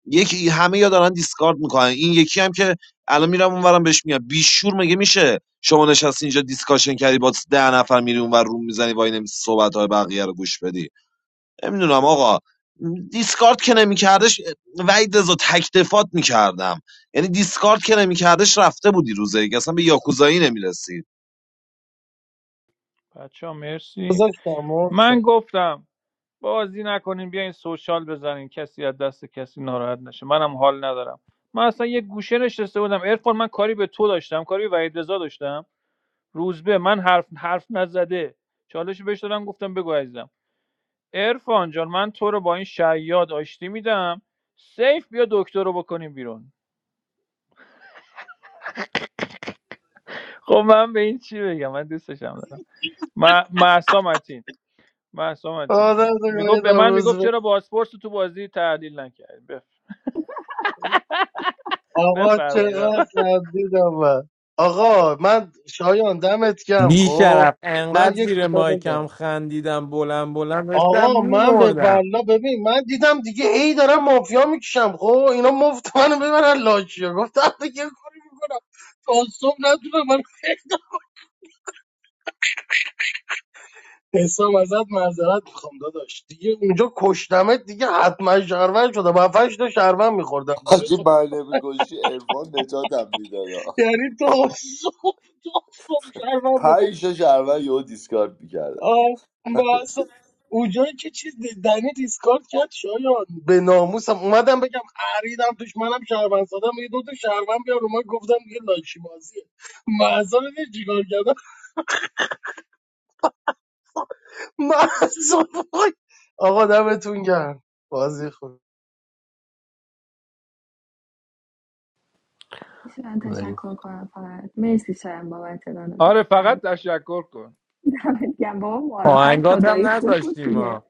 S2: یکی همه یا دارن دیسکارد میکنن این یکی هم که الان میرم اونورم بهش میگم بیشور مگه میشه شما نشستی اینجا دیسکاشن کردی با ده نفر میری اونور روم میزنی وای نمیسی صحبت های بقیه رو گوش بدی نمیدونم آقا دیسکارد که نمیکردش وعید رضا تک دفات میکردم یعنی دیسکارد که نمیکردش رفته بودی روزه که اصلا به یاکوزایی نمیرسی
S11: بچه مرسی
S4: گذاشتم
S11: من
S4: محسن
S11: گفتم بازی نکنین بیاین سوشال بزنین کسی از دست کسی ناراحت نشه منم حال ندارم من اصلا یه گوشه نشسته بودم ارفان من کاری به تو داشتم کاری به وحید رضا داشتم روزبه من حرف حرف نزده چالش بهش دادم گفتم بگو عزیزم ارفان جان من تو رو با این شیاد آشتی میدم سیف بیا دکتر رو بکنیم بیرون خب من به این چی بگم من دوستشم دارم محسا متین محسا متین
S4: آدم
S11: میگفت به من میگفت
S4: دقایقم
S11: چرا بازپرس رو تو بازی تحلیل نکردی
S4: آقا
S11: بفرمایید
S4: چقدر
S11: آقا.
S4: خندیدم من آقا من شایان دمت گم
S8: بی
S4: خب
S8: شرف انقدر
S4: من یه
S8: زیر
S4: کوتاه بگم
S8: مایکم خندیدم بلند بلند داشتم
S4: آقا من به
S8: میمردم
S4: والله ببین من دیدم دیگه ای دارم مافیا میکشم خب اینا مفت منو ببرن لاشیا گفتم دیگه یه کاری میکنم تا صبح نتونم من حسام ازت معذرت میخوام داداش دیگه اونجا کشتمت دیگه حتما شهروند شدم هفتش تا شهروند میخوردم جلو
S9: حاجی
S4: تو
S9: برنامه گوشی ارفان نجاتم میداد
S4: یعنی تا صبح تا صبح شهروند می‌خوردم.
S9: پنج شش اول یهو دیسکارد میکرد
S4: آه، بس اونجایی که چیز دنی دیسکارد کرد شایان به ناموسم اومدم بگم خریدم توش منم شهروند سادم یه دو تا شهروند بیار اومد گفتم دیگه لاشی بازیه مهسا رو دیدی چیکار کردم مهسا وای. آقا دمتون گرم بازی خوب
S12: میتونم
S3: ولی
S12: تشکر کنم فقط مرسی شایم بابت ران
S11: آره
S12: بازی دمت
S11: فقط
S12: گرم
S11: تشکر کن
S12: دمت گرم بابا معارفم
S8: آهنگات هم
S12: خدایی خوب بود
S8: نذاشتیم
S12: دیگه
S8: ها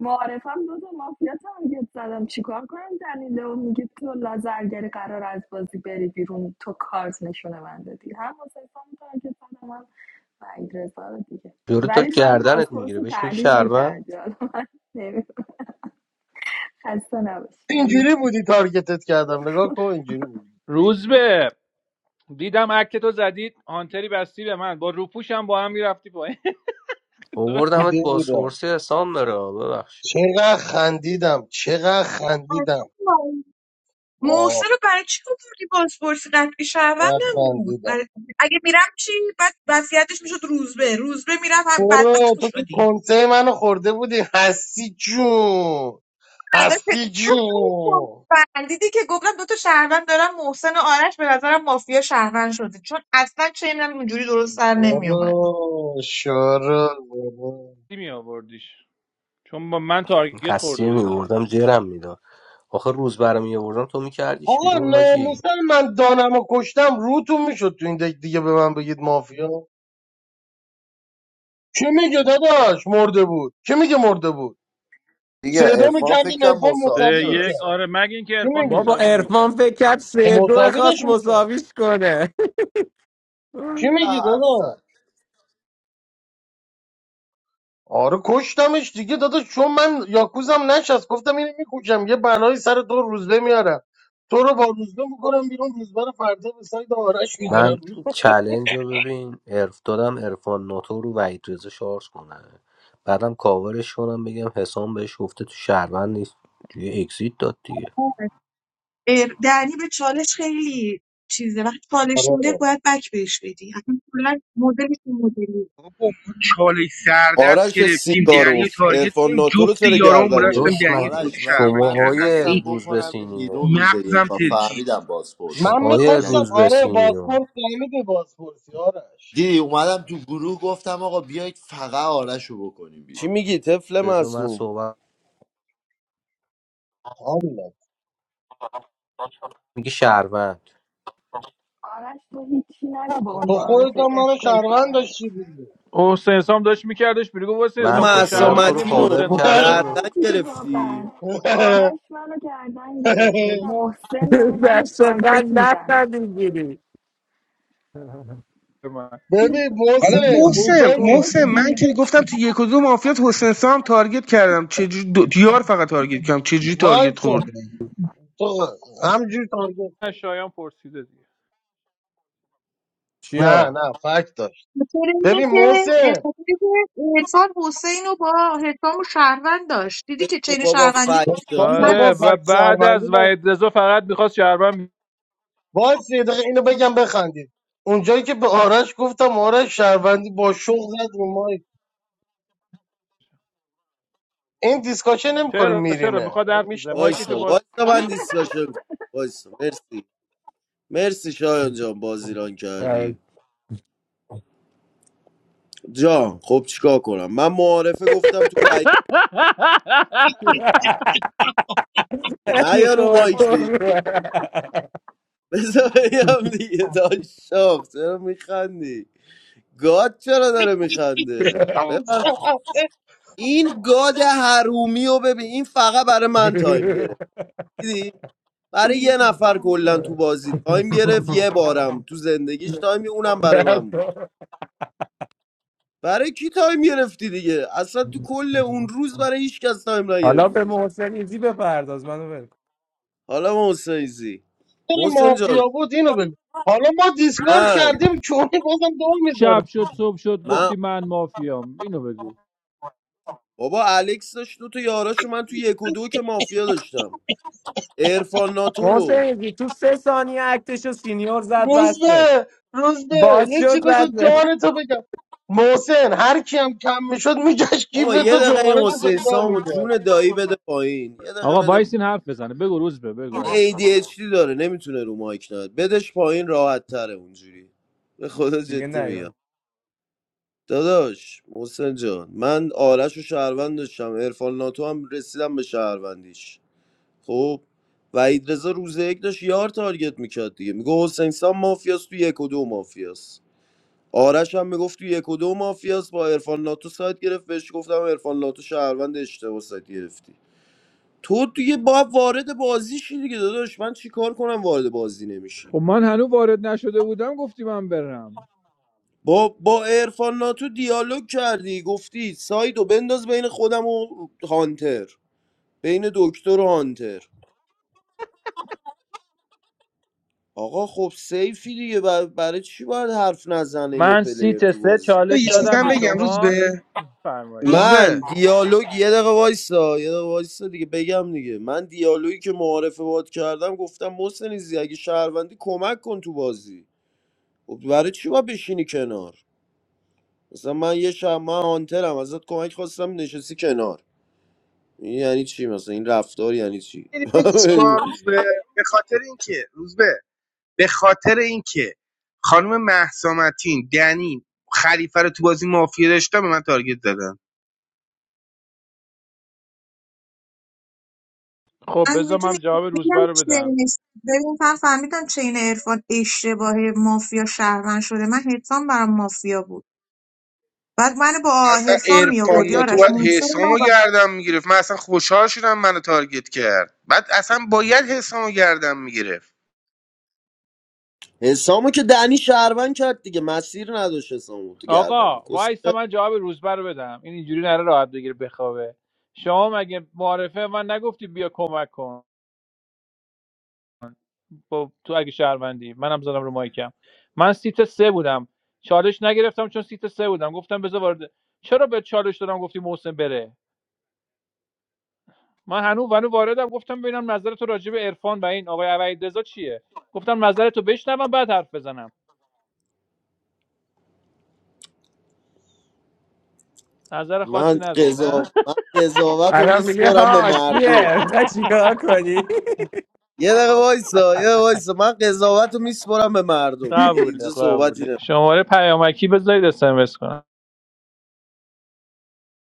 S12: معارفم دو تا مافیا تارگت زدم چیکار کنم دنیلو میگه تو لازرگری قرار از بازی بری بیرون تو کارت نشونه من دادی هم واسه تارگت زدم هم وحید رضا رو دیگه
S3: یورو
S12: ولی
S3: داد
S12: باید
S3: گردنت
S12: بازپرس
S3: میگیره
S12: رو
S3: بهش میگی
S12: تحلیل
S3: شرمن
S12: میکردی حالا من نمی‌دونم. خسته نباشی ولی
S4: اینجوری بودی تارگتت کردم نگاه کن اینجوری بودی
S11: روز به دیدم اکت تو زدید هانتری بستی به من با روپوشم با هم میرفتی پایین دو
S3: اووردمت
S4: دیده
S3: با
S4: بودم
S3: سورسی حسام مرا ببخشید
S4: چقدر خندیدم چقدر خندیدم
S5: محسن
S4: آه
S5: رو برای چی آوردی بازپرسی قطعی شهروندم بود
S4: خندیدم
S5: برای... اگه میرم چی بعد وصیتش میشد روزبه روزبه میرم هم بدبخت
S4: برو تو که
S5: میشدیم
S4: کنسه منو خورده بودی هستی جون هستی جون
S5: فهمیدی که گفتم دوتا شهروند دارم محسن و آرش به نظرم مافیا شهروند شده چون اصلا چه اینم اینجوری درست سر نمیومد
S4: برو شارو برو
S11: می آوردیش چون با من تارگت خورده
S3: هستی
S11: بودم
S3: میوردم جرم میداد آخه روز برام میآوردم تو میکردیش
S4: آقا
S3: بیرون حاجی
S4: ناموسن من دانم و کشتم روتون میشد تو این دک دیگه به من بگید مافیا چه میگه داداش مرده بود چه میگه مرده بود
S9: دیگه
S4: صدا
S9: عرفان
S4: میکردیم
S9: فکرم
S4: ارفان
S9: مساوی شد
S4: مساوی
S11: سه یک
S4: میکرد
S9: اصلا
S11: آره مگه اینکه
S4: چی
S11: عرفان
S8: بابا
S4: میگی
S11: مساوی
S8: ارفان
S11: میکرد
S8: فکر کرد
S4: خب
S8: سه دو
S4: مساوی
S8: خواست
S4: داشت میکرد
S8: مساویش کنه
S4: چی
S9: نه
S4: میگی
S9: حرف
S4: داداش
S9: زد
S4: آره کشتمش دیگه داداش چون من یاکوزم نشست گفتم اینو میکشم یه بلایی سر تو روزبه میارم تو رو با روزبه میکنم بیرون روزبه رو فردا به سایت آرش میکنم
S3: من چلنج رو ببین عرف دادم عرفان ناتو رو وحید رضا شارژ کنه بعدم کاورش کنم بگم حسام بهش گفته تو شهروند نیست دیگه اکسیت داد دیگه
S5: اه، دنی به چالش خیلی چیزه وقتی چالش میده
S4: آره
S5: باید بک بهش بدی اصلا کلا مدلش این مدلی
S10: بابا ما چالش سردست
S13: آرش
S10: گرفتیم دنیا
S13: سیکاروف
S10: تارگت
S13: ارفان
S10: کنیم
S13: ناتو رو
S10: جفت
S13: چرا
S10: یاران
S13: گردن
S10: بلند شدن
S13: گرفت
S3: داداش
S10: دنیا تو
S3: مگه
S10: بازی
S9: آرش ولی
S10: شهروند
S9: من
S3: شما
S10: کردن
S3: آیه
S9: میخواستم
S10: یعنی
S3: روز
S9: بکنم بیرون
S3: بسینیو
S9: روز
S10: مغزم
S9: یکا
S10: ترکید
S9: فهمیدم
S3: شما
S4: من
S9: بازپرسی
S3: آیه
S4: میخواستم
S9: یعنی
S3: روز
S4: آره
S3: بسینیو
S4: باسپورت فهمیده باسپورتی آرش
S9: دیدی اومدم تو گروه گفتم آقا بیایید فقط آرش رو بکنیم
S13: چی
S9: بیرون
S13: میگی طفل
S3: بذار من
S13: معصوم
S3: صحبت
S4: حالا
S3: میگه شهروند
S12: آرش تو هیچی نگو به اون
S4: تو
S12: معارف
S4: خودت هم منو شهروند
S12: افتضاحت
S4: داشتی دیگه
S11: حسین حسام داشت میکردش بیرون گفت حسین
S13: تو
S3: من
S11: حسام تو
S3: پا
S13: محسا
S3: شدم تو
S12: بابا
S3: رو
S11: شهروندی
S13: متین رو
S11: محسن
S3: کاور
S12: چیکار
S11: مافیا
S3: کردم
S12: کنم
S13: گردن
S12: دیگه
S13: گرفتی
S12: واقعا آرش منو گردن گرفته محسن داره منو
S8: دست خط
S12: تارگت
S8: نفت
S12: میزنه
S8: میگیری
S11: من
S4: ببین
S10: حالا
S4: بوسه
S10: محسن
S4: اونجایی که
S12: بابا
S10: محسن من که گفتم تو یک و دو مافیات حسین سام تارگت کردم چجوری دو... یار فقط تارگت کردم چجوری تارگت
S4: وایسا
S10: خورد
S4: تو همجور تارگت کن
S11: شایان پرسیده دیگه
S4: نه
S8: چیا
S4: نه فکت داشت
S5: خاطر اینه
S4: ببین
S5: که اه،
S4: محسن
S5: خاطر اینه که حسام حسین رو با حسام شهروند داشت دیدی که
S13: تو
S5: چین
S13: بابا
S5: شهروندی
S13: فک داد
S4: خب
S13: دو
S5: من
S4: بابا
S11: آره
S13: دست
S11: و
S4: فکت
S11: بعد
S4: شهروندی
S11: از
S4: من
S11: وحید رضا فقط میخواست شهروند
S4: باید یه دقیقه اینو بگم بخندید اونجایی که به آرش گفتم آرش شهروندی با شوق زد رو مایک این دیسکاشن نمیکنه
S11: چرا چرا
S4: میرینه
S11: میخواد حرف بزنه
S4: میشناسم
S11: مایکشو
S13: وایسا وایسا
S11: باز
S13: من دیسکاشن کنم. وایسا مرسی مرسی شایان جان بازیران
S8: یعنی
S13: کردی جان خب چیکار کنم من معارفه گفتم تو وعید نه یارو
S8: خوبه
S13: مایک
S8: پر
S13: دیگه
S8: رو.
S13: بذار بگم دیگه داشت شاخ چرا میخندی گاد چرا داره میخنده این گاد حرومی رو ببین این فقط برای من تایم گرفت دیدی برای یه نفر کلا تو بازی تایم گرفت یه بارم تو زندگیش تایم گرفت، اونم برای من بود برای کی تایم گرفتی دیگه اصلا تو کل اون روز برای هیچ کس تایم
S8: حالا به
S13: نگرفتی
S8: محسن ایزی بپرداز منو ول کن.
S13: حالا محسن زی
S4: تو
S13: محسن جان
S4: مافیا بود اینو بگو حالا ما دیسکارد
S13: من
S4: کردیم چونی بازم دو میذاره
S11: شب شد صبح شد
S13: من
S11: گفتی من مافیام اینو بگو
S13: بابا الکس داشت دو تا یاراشو من تو یک و دو که مافیا داشتم عرفان ناتو
S8: محسن
S13: رو
S8: ایزی تو سه ثانیه اکتشو سینیور زد
S4: روز
S8: بس بت
S4: به روز به
S8: باز
S4: یه
S8: شد
S4: چی
S8: بس
S4: بذار
S8: بت
S4: جان تو بگم محسن هر کی هم کم میشد میگشت کیف
S13: بابا یه
S4: تو
S13: دقیقه
S4: جمانه
S13: این حسین
S4: پیدا
S13: سامو
S4: میکرد
S13: جون دایی بده پایین یه دقیقه
S11: آقا
S13: بده پایین.
S11: وایس این حرف بزنه بگو روز به بگو وایس
S13: این ADHD داره نمیتونه رو مایک ناد بدش پایین راحت تره اونجوری به خدا
S8: دیگه
S13: جدی میگم
S8: نیاد
S13: داداش محسن جان من آرش و شهروند داشتم عرفان ناتو هم رسیدم به شهروندیش خب وحید رضا روز یک داشت یار تارگت میکرد دیگه میگه حسین سام مافیاست تو یک و دو مافیاست آرش هم میگفت تو یک و دو مافیاست با عرفان ناتو سایت گرفت بهش گفتم عرفان ناتو شهروند اشتباه سایت گرفتی تو دیگه با وارد بازی شی دیگه داداش من چیکار کنم وارد بازی نمیشی
S11: خب من هنوز وارد نشده بودم گفتی من برم
S13: با با عرفان ناتو دیالوگ کردی گفتی سایدو بنداز بین خودم و هانتر بین دکتر و هانتر آقا خب سیفی دیگه بر- برای چی باید حرف نزنه یه
S11: من
S13: پلیر
S11: سیت
S13: تو
S11: سه
S13: بازی
S11: چالش
S10: یه چیز
S11: دادم
S10: هم
S11: به
S10: بگم روز
S11: شما
S10: به
S11: فرمایید
S10: روز
S13: من
S10: به
S13: دیالوگ یه دقیقه وایسا یه دقیقه وایسا دیگه بگم دیگه من دیالوگی که معارفه باد کردم گفتم محسن ایزی اگه شهروندی کمک کن تو بازی خب برای چی باید بشینی کنار مثلا من یه شب من هانترم ازت کمک خواستم نشستی کنار این یعنی چی مثلا این رفتار یعنی چی
S10: یعنی بگوش کن روز به به خاطر اینکه روز به به خاطر اینکه خانم مهسامتین دنی خلیفه رو تو بازی مافیا داشتم به من تارگت دادم
S11: خب
S5: من
S11: بذار
S5: میدونی
S11: من جواب
S5: میگم
S11: روزبه رو بدم
S5: چین است. ببین من فهمیدم چین عرفان اشتباه مافیا شهروند شده من حسام برام مافیا بود بعد من با
S10: اصلا
S5: حسام می آورد
S10: ارفان تو
S5: یارش
S10: باید
S5: موسی رو
S10: حسام رو
S5: نبرد.
S10: گردم میگرفت من اصلا خوشحال شدم منو تارگت کرد بعد اصلا باید حسام رو گردم میگرفت
S13: حسامو که دنی شهروند کرد دیگه مسیر نداشت حسامو تو گردم
S11: آقا
S13: میکس
S11: وایس من جواب روزبه رو بدم این اینجوری نره راحت بگیره بخوابه شما مگه معارفه من نگفتی بیا کمک کن با تو اگه شهروندی منم زدم رو مایکم من سیت سه بودم چالش نگرفتم چون سیت سه بودم گفتم بذار وارد چرا به چالش دادم گفتی محسن بره من هنوز هنوز واردم گفتم ببینم نظر تو راجع به عرفان و این آقای وحیدرضا چیه گفتم نظر تو بشنوم بعد حرف بزنم نظر خاصی
S13: من
S11: نداری
S13: قضا
S11: نه
S13: من قضاوت رو
S8: الان میگه
S13: میسپرم به
S8: ها
S13: مردم
S8: کیه می‌خوای چیکار کنی
S13: یه دقیقه وایسا یه دقیقه وایسا من قضاوت رو میسپرم به مردم دیگه
S11: قبوله
S13: اینجا صحبتی
S11: قبوله
S13: نه
S11: شماره پیامکی بذارید اس ام اس کنم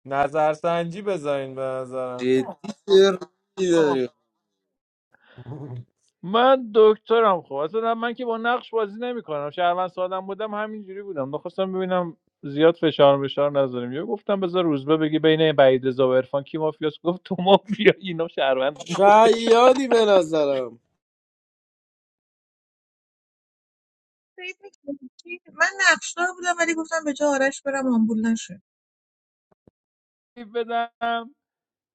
S8: نظرسنجی بذارین به نظرم
S13: جدی چرتی داری
S11: من دکترم خب اصلا من که با نقش بازی نمیکنم شهروند سادم بودم همینجوری بودم نخواستم ببینم زیاد فشار بشار نذاریم یا گفتم بذار روزبه بگی بین بعید رضا و عرفان کی مافیاس گفت تو مافیا اینا شهروند جفتش
S13: شیادی به نظرم
S5: فکر می‌کنی؟ که- من نقشدار بودم ولی گفتم به جای آرش برم آمبول نشم.
S11: بدم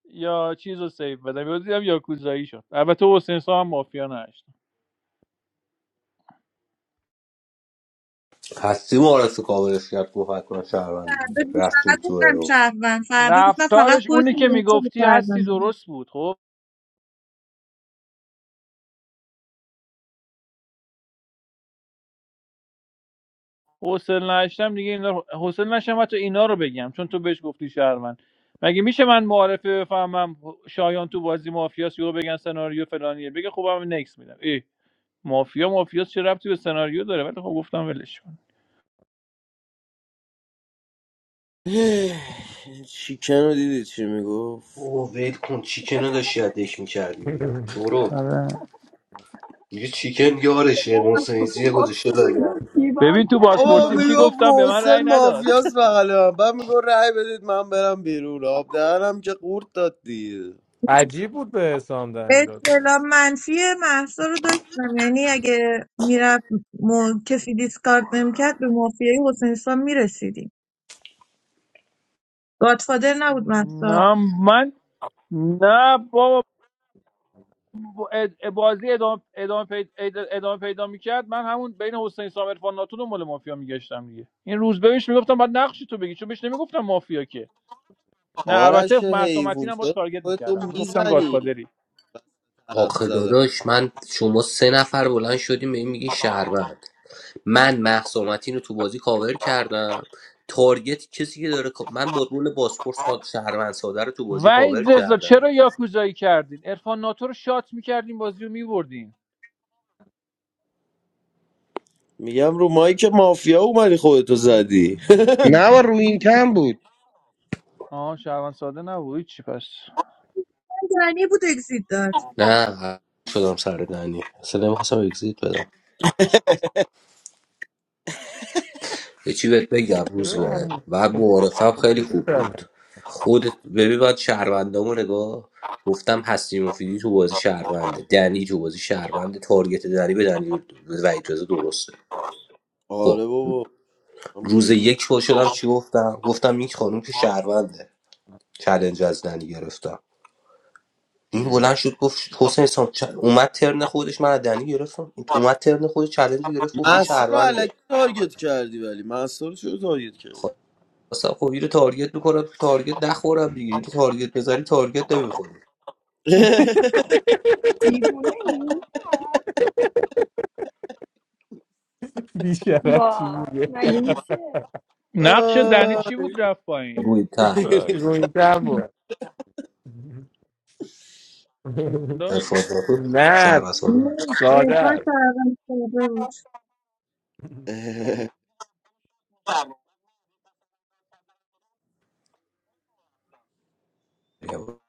S11: یا چیز رو سیو بدم یا دیدم یا کوزایی شد البته حسین سام هم مافیا نشد
S3: هستی معرفی کاورش کرد گفت حتما شهروند
S5: فردا بهش
S3: رفتیم تو ارور.
S5: نگفتم شهروند فردا گفتم فقط
S11: رفتارش اونی
S5: خودتون
S11: که
S5: محسن
S11: میگفتی
S5: شهروند
S11: هستی
S5: دارید.
S11: درست بود خب حوصله نشتم دیگه اینا رو- حوصله نشم حتی اینا رو بگم چون تو بهش گفتی شهروند مگه میشه من معارفه بفهمم شایان تو بازی مافیاس یهو بگن سناریو فلانیه بگه خب هم نکس میدم ای مافیا مافیاس چه ربطی به سناریو داره ولی خب گفتم ولش کن
S13: چیکن رو دیدی چی میگفت
S3: اوه ول کن چیکن رو داشتی از دک میکردی بیرون برو
S11: آره
S3: دیگه چیکن یارشه محسنیزی گذاشته
S12: محسن
S3: لاگر
S12: میگفت گیباب
S11: ببین تو
S12: کرد
S13: بابا
S11: بازپرسی
S12: با
S11: چی
S12: کی
S13: میگو
S11: گفتم به من
S13: محسن
S11: رأی نداد
S13: مافیاس بغل من بعد میگو رأی بدید من برم بیرون آب دهنم که قورت داد دیگه
S8: عجیب بود به حسام دنگ داد
S5: اطلاع
S8: راست.
S5: منفی محسا رو داشتم یعنی اگه میرفت م... کسی دیسکارد نمیکرد به مافیای حسین سام میرسیدیم گادفادر نبود محسا
S11: نه من نه بابا اد- بازی ادامه ادامه پیدا, ادامه پیدا میکرد من همون بین حسین سام عرفان ناتو دنبال مافیا میگشتم دیگه این روز بهش میگفتم بعد نقش تو بگی چون بهش نمیگفتم مافیا که نه
S13: آرش
S11: البته مهسا
S13: حیوون
S11: متین هم با
S13: چرا
S11: تارگت میکردم
S13: خودتو
S11: میگفتم
S13: میزنی
S11: گادفادری
S13: حرف
S3: آخه
S13: زدم
S3: داداش من شما سه نفر بلند شدیم به این میگین شهروند من محسومتین رو تو بازی کاور کردم تارگت کسی که داره کا- من با رول باسپورس خان شهروند ساده رو تو بازی کاور
S11: وحید رضا
S3: کردم
S11: چرا یاکوزایی کردین عرفان ناتو رو شات میکردین بازی رو میبردین
S13: میگم رو مایی که مافیا اومدی خودتو زدی
S10: نه و روی این کم بود
S11: آها شهروند ساده نبود چی پس
S5: دنی بود اگزیت داد
S3: نه شدم سر دنی اصلا نمیخواستم اگزیت بدم یه چی بهت بگم روز
S8: چرا
S3: به
S8: آمون؟
S3: و معارفم
S8: خب
S3: خیلی
S8: بگو
S3: خوب بود
S8: دارم.
S3: خودت ببین من شهروندامو نگاه گفتم هستی مفیدی تو بازی شهرونده دنی تو بازی شهرونده تارگت دنی به دنی و اجازه درسته خب
S13: آره بابا من
S3: روز
S13: بودیم
S3: یک پا شدم چی گفتم گفتم این خانم که شهرونده چلنج از دنی گرفتم این بلند شد گفت حسین سام چ- اومد ترن خودش من از دنی گرفتم اومد ترن خودش چلنج رو گرفت گفت این
S13: محصا رو
S3: شهرونده
S13: علکی تارگت کردی ولی محصا رو چرا تارگت
S3: خب،
S13: کردی
S3: اصلا خب اینو تارگت میکنم تارگت نخورم دیگه اینو تارگت بزنی تارگت نمیخوری
S12: دیوونه ای؟
S8: بیشرف چی
S12: وا
S8: میگه
S12: مگه میشه
S11: نقش دنی
S13: آه.
S11: چی بود رفت پایین
S3: روی تن
S8: رو این تم بود
S3: ارفان شهر
S8: نه
S3: و ساله
S5: نه،
S8: ساده
S5: ریحان شهروند ساده بود
S8: است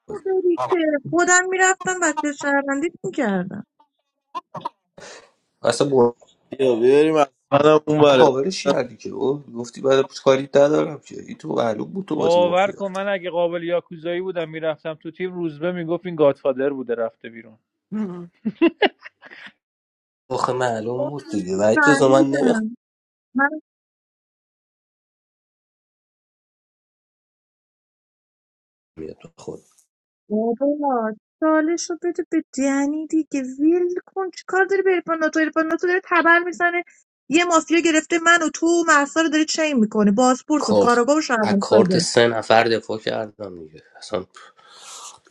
S5: خب بری که خودم میرفتم بچه شهروندیت میکردم
S3: اصلا مورد
S13: بیا بیاریم از منم اون بره
S3: کاورش کردی که او گفتی بعد کاری ندارم که این تو معلوم بود تو بازی
S11: باور
S3: مافیا
S11: کن من اگه قابل یاکوزایی بودم میرفتم تو تیم روزبه میگفت این گادفادر بوده رفته بیرون
S3: آخه معلوم بود دیگه و این جزا من نمیخوام
S5: فهمیدم
S3: تو خود
S5: بابا چالش رو بده به دنی دیگه ویل کن چی کار داری به عرفان ناتو عرفان ناتو داره تبر میزنه یه مافیا گرفته من و تو و محسا رو داره چین میکنه بازپرس و
S3: کارت
S5: کاراگاه و
S3: از
S5: شهروند
S3: کارت سه نفر دفاع کردم دیگه اصلا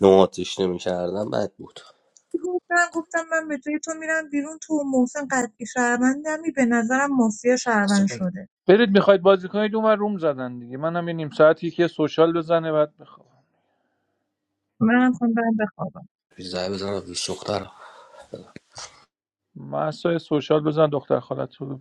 S3: نواتش نمیکردم بد بود
S5: گفتم گفتم من به جای تو میرم بیرون تو و محسن قطعی شهروندمی به نظرم مافیا
S3: اصلا
S5: شهروند شده
S11: برید میخواید بازی کنید اون ور روم زدن دیگه منم یه نیم ساعت یکی سوشال بزنه بعد بخوام
S5: منم خوندم بخوابم
S3: بگی زنگ بزنم دوست دخترم
S11: مسای سوشال بزن دختر خالت رو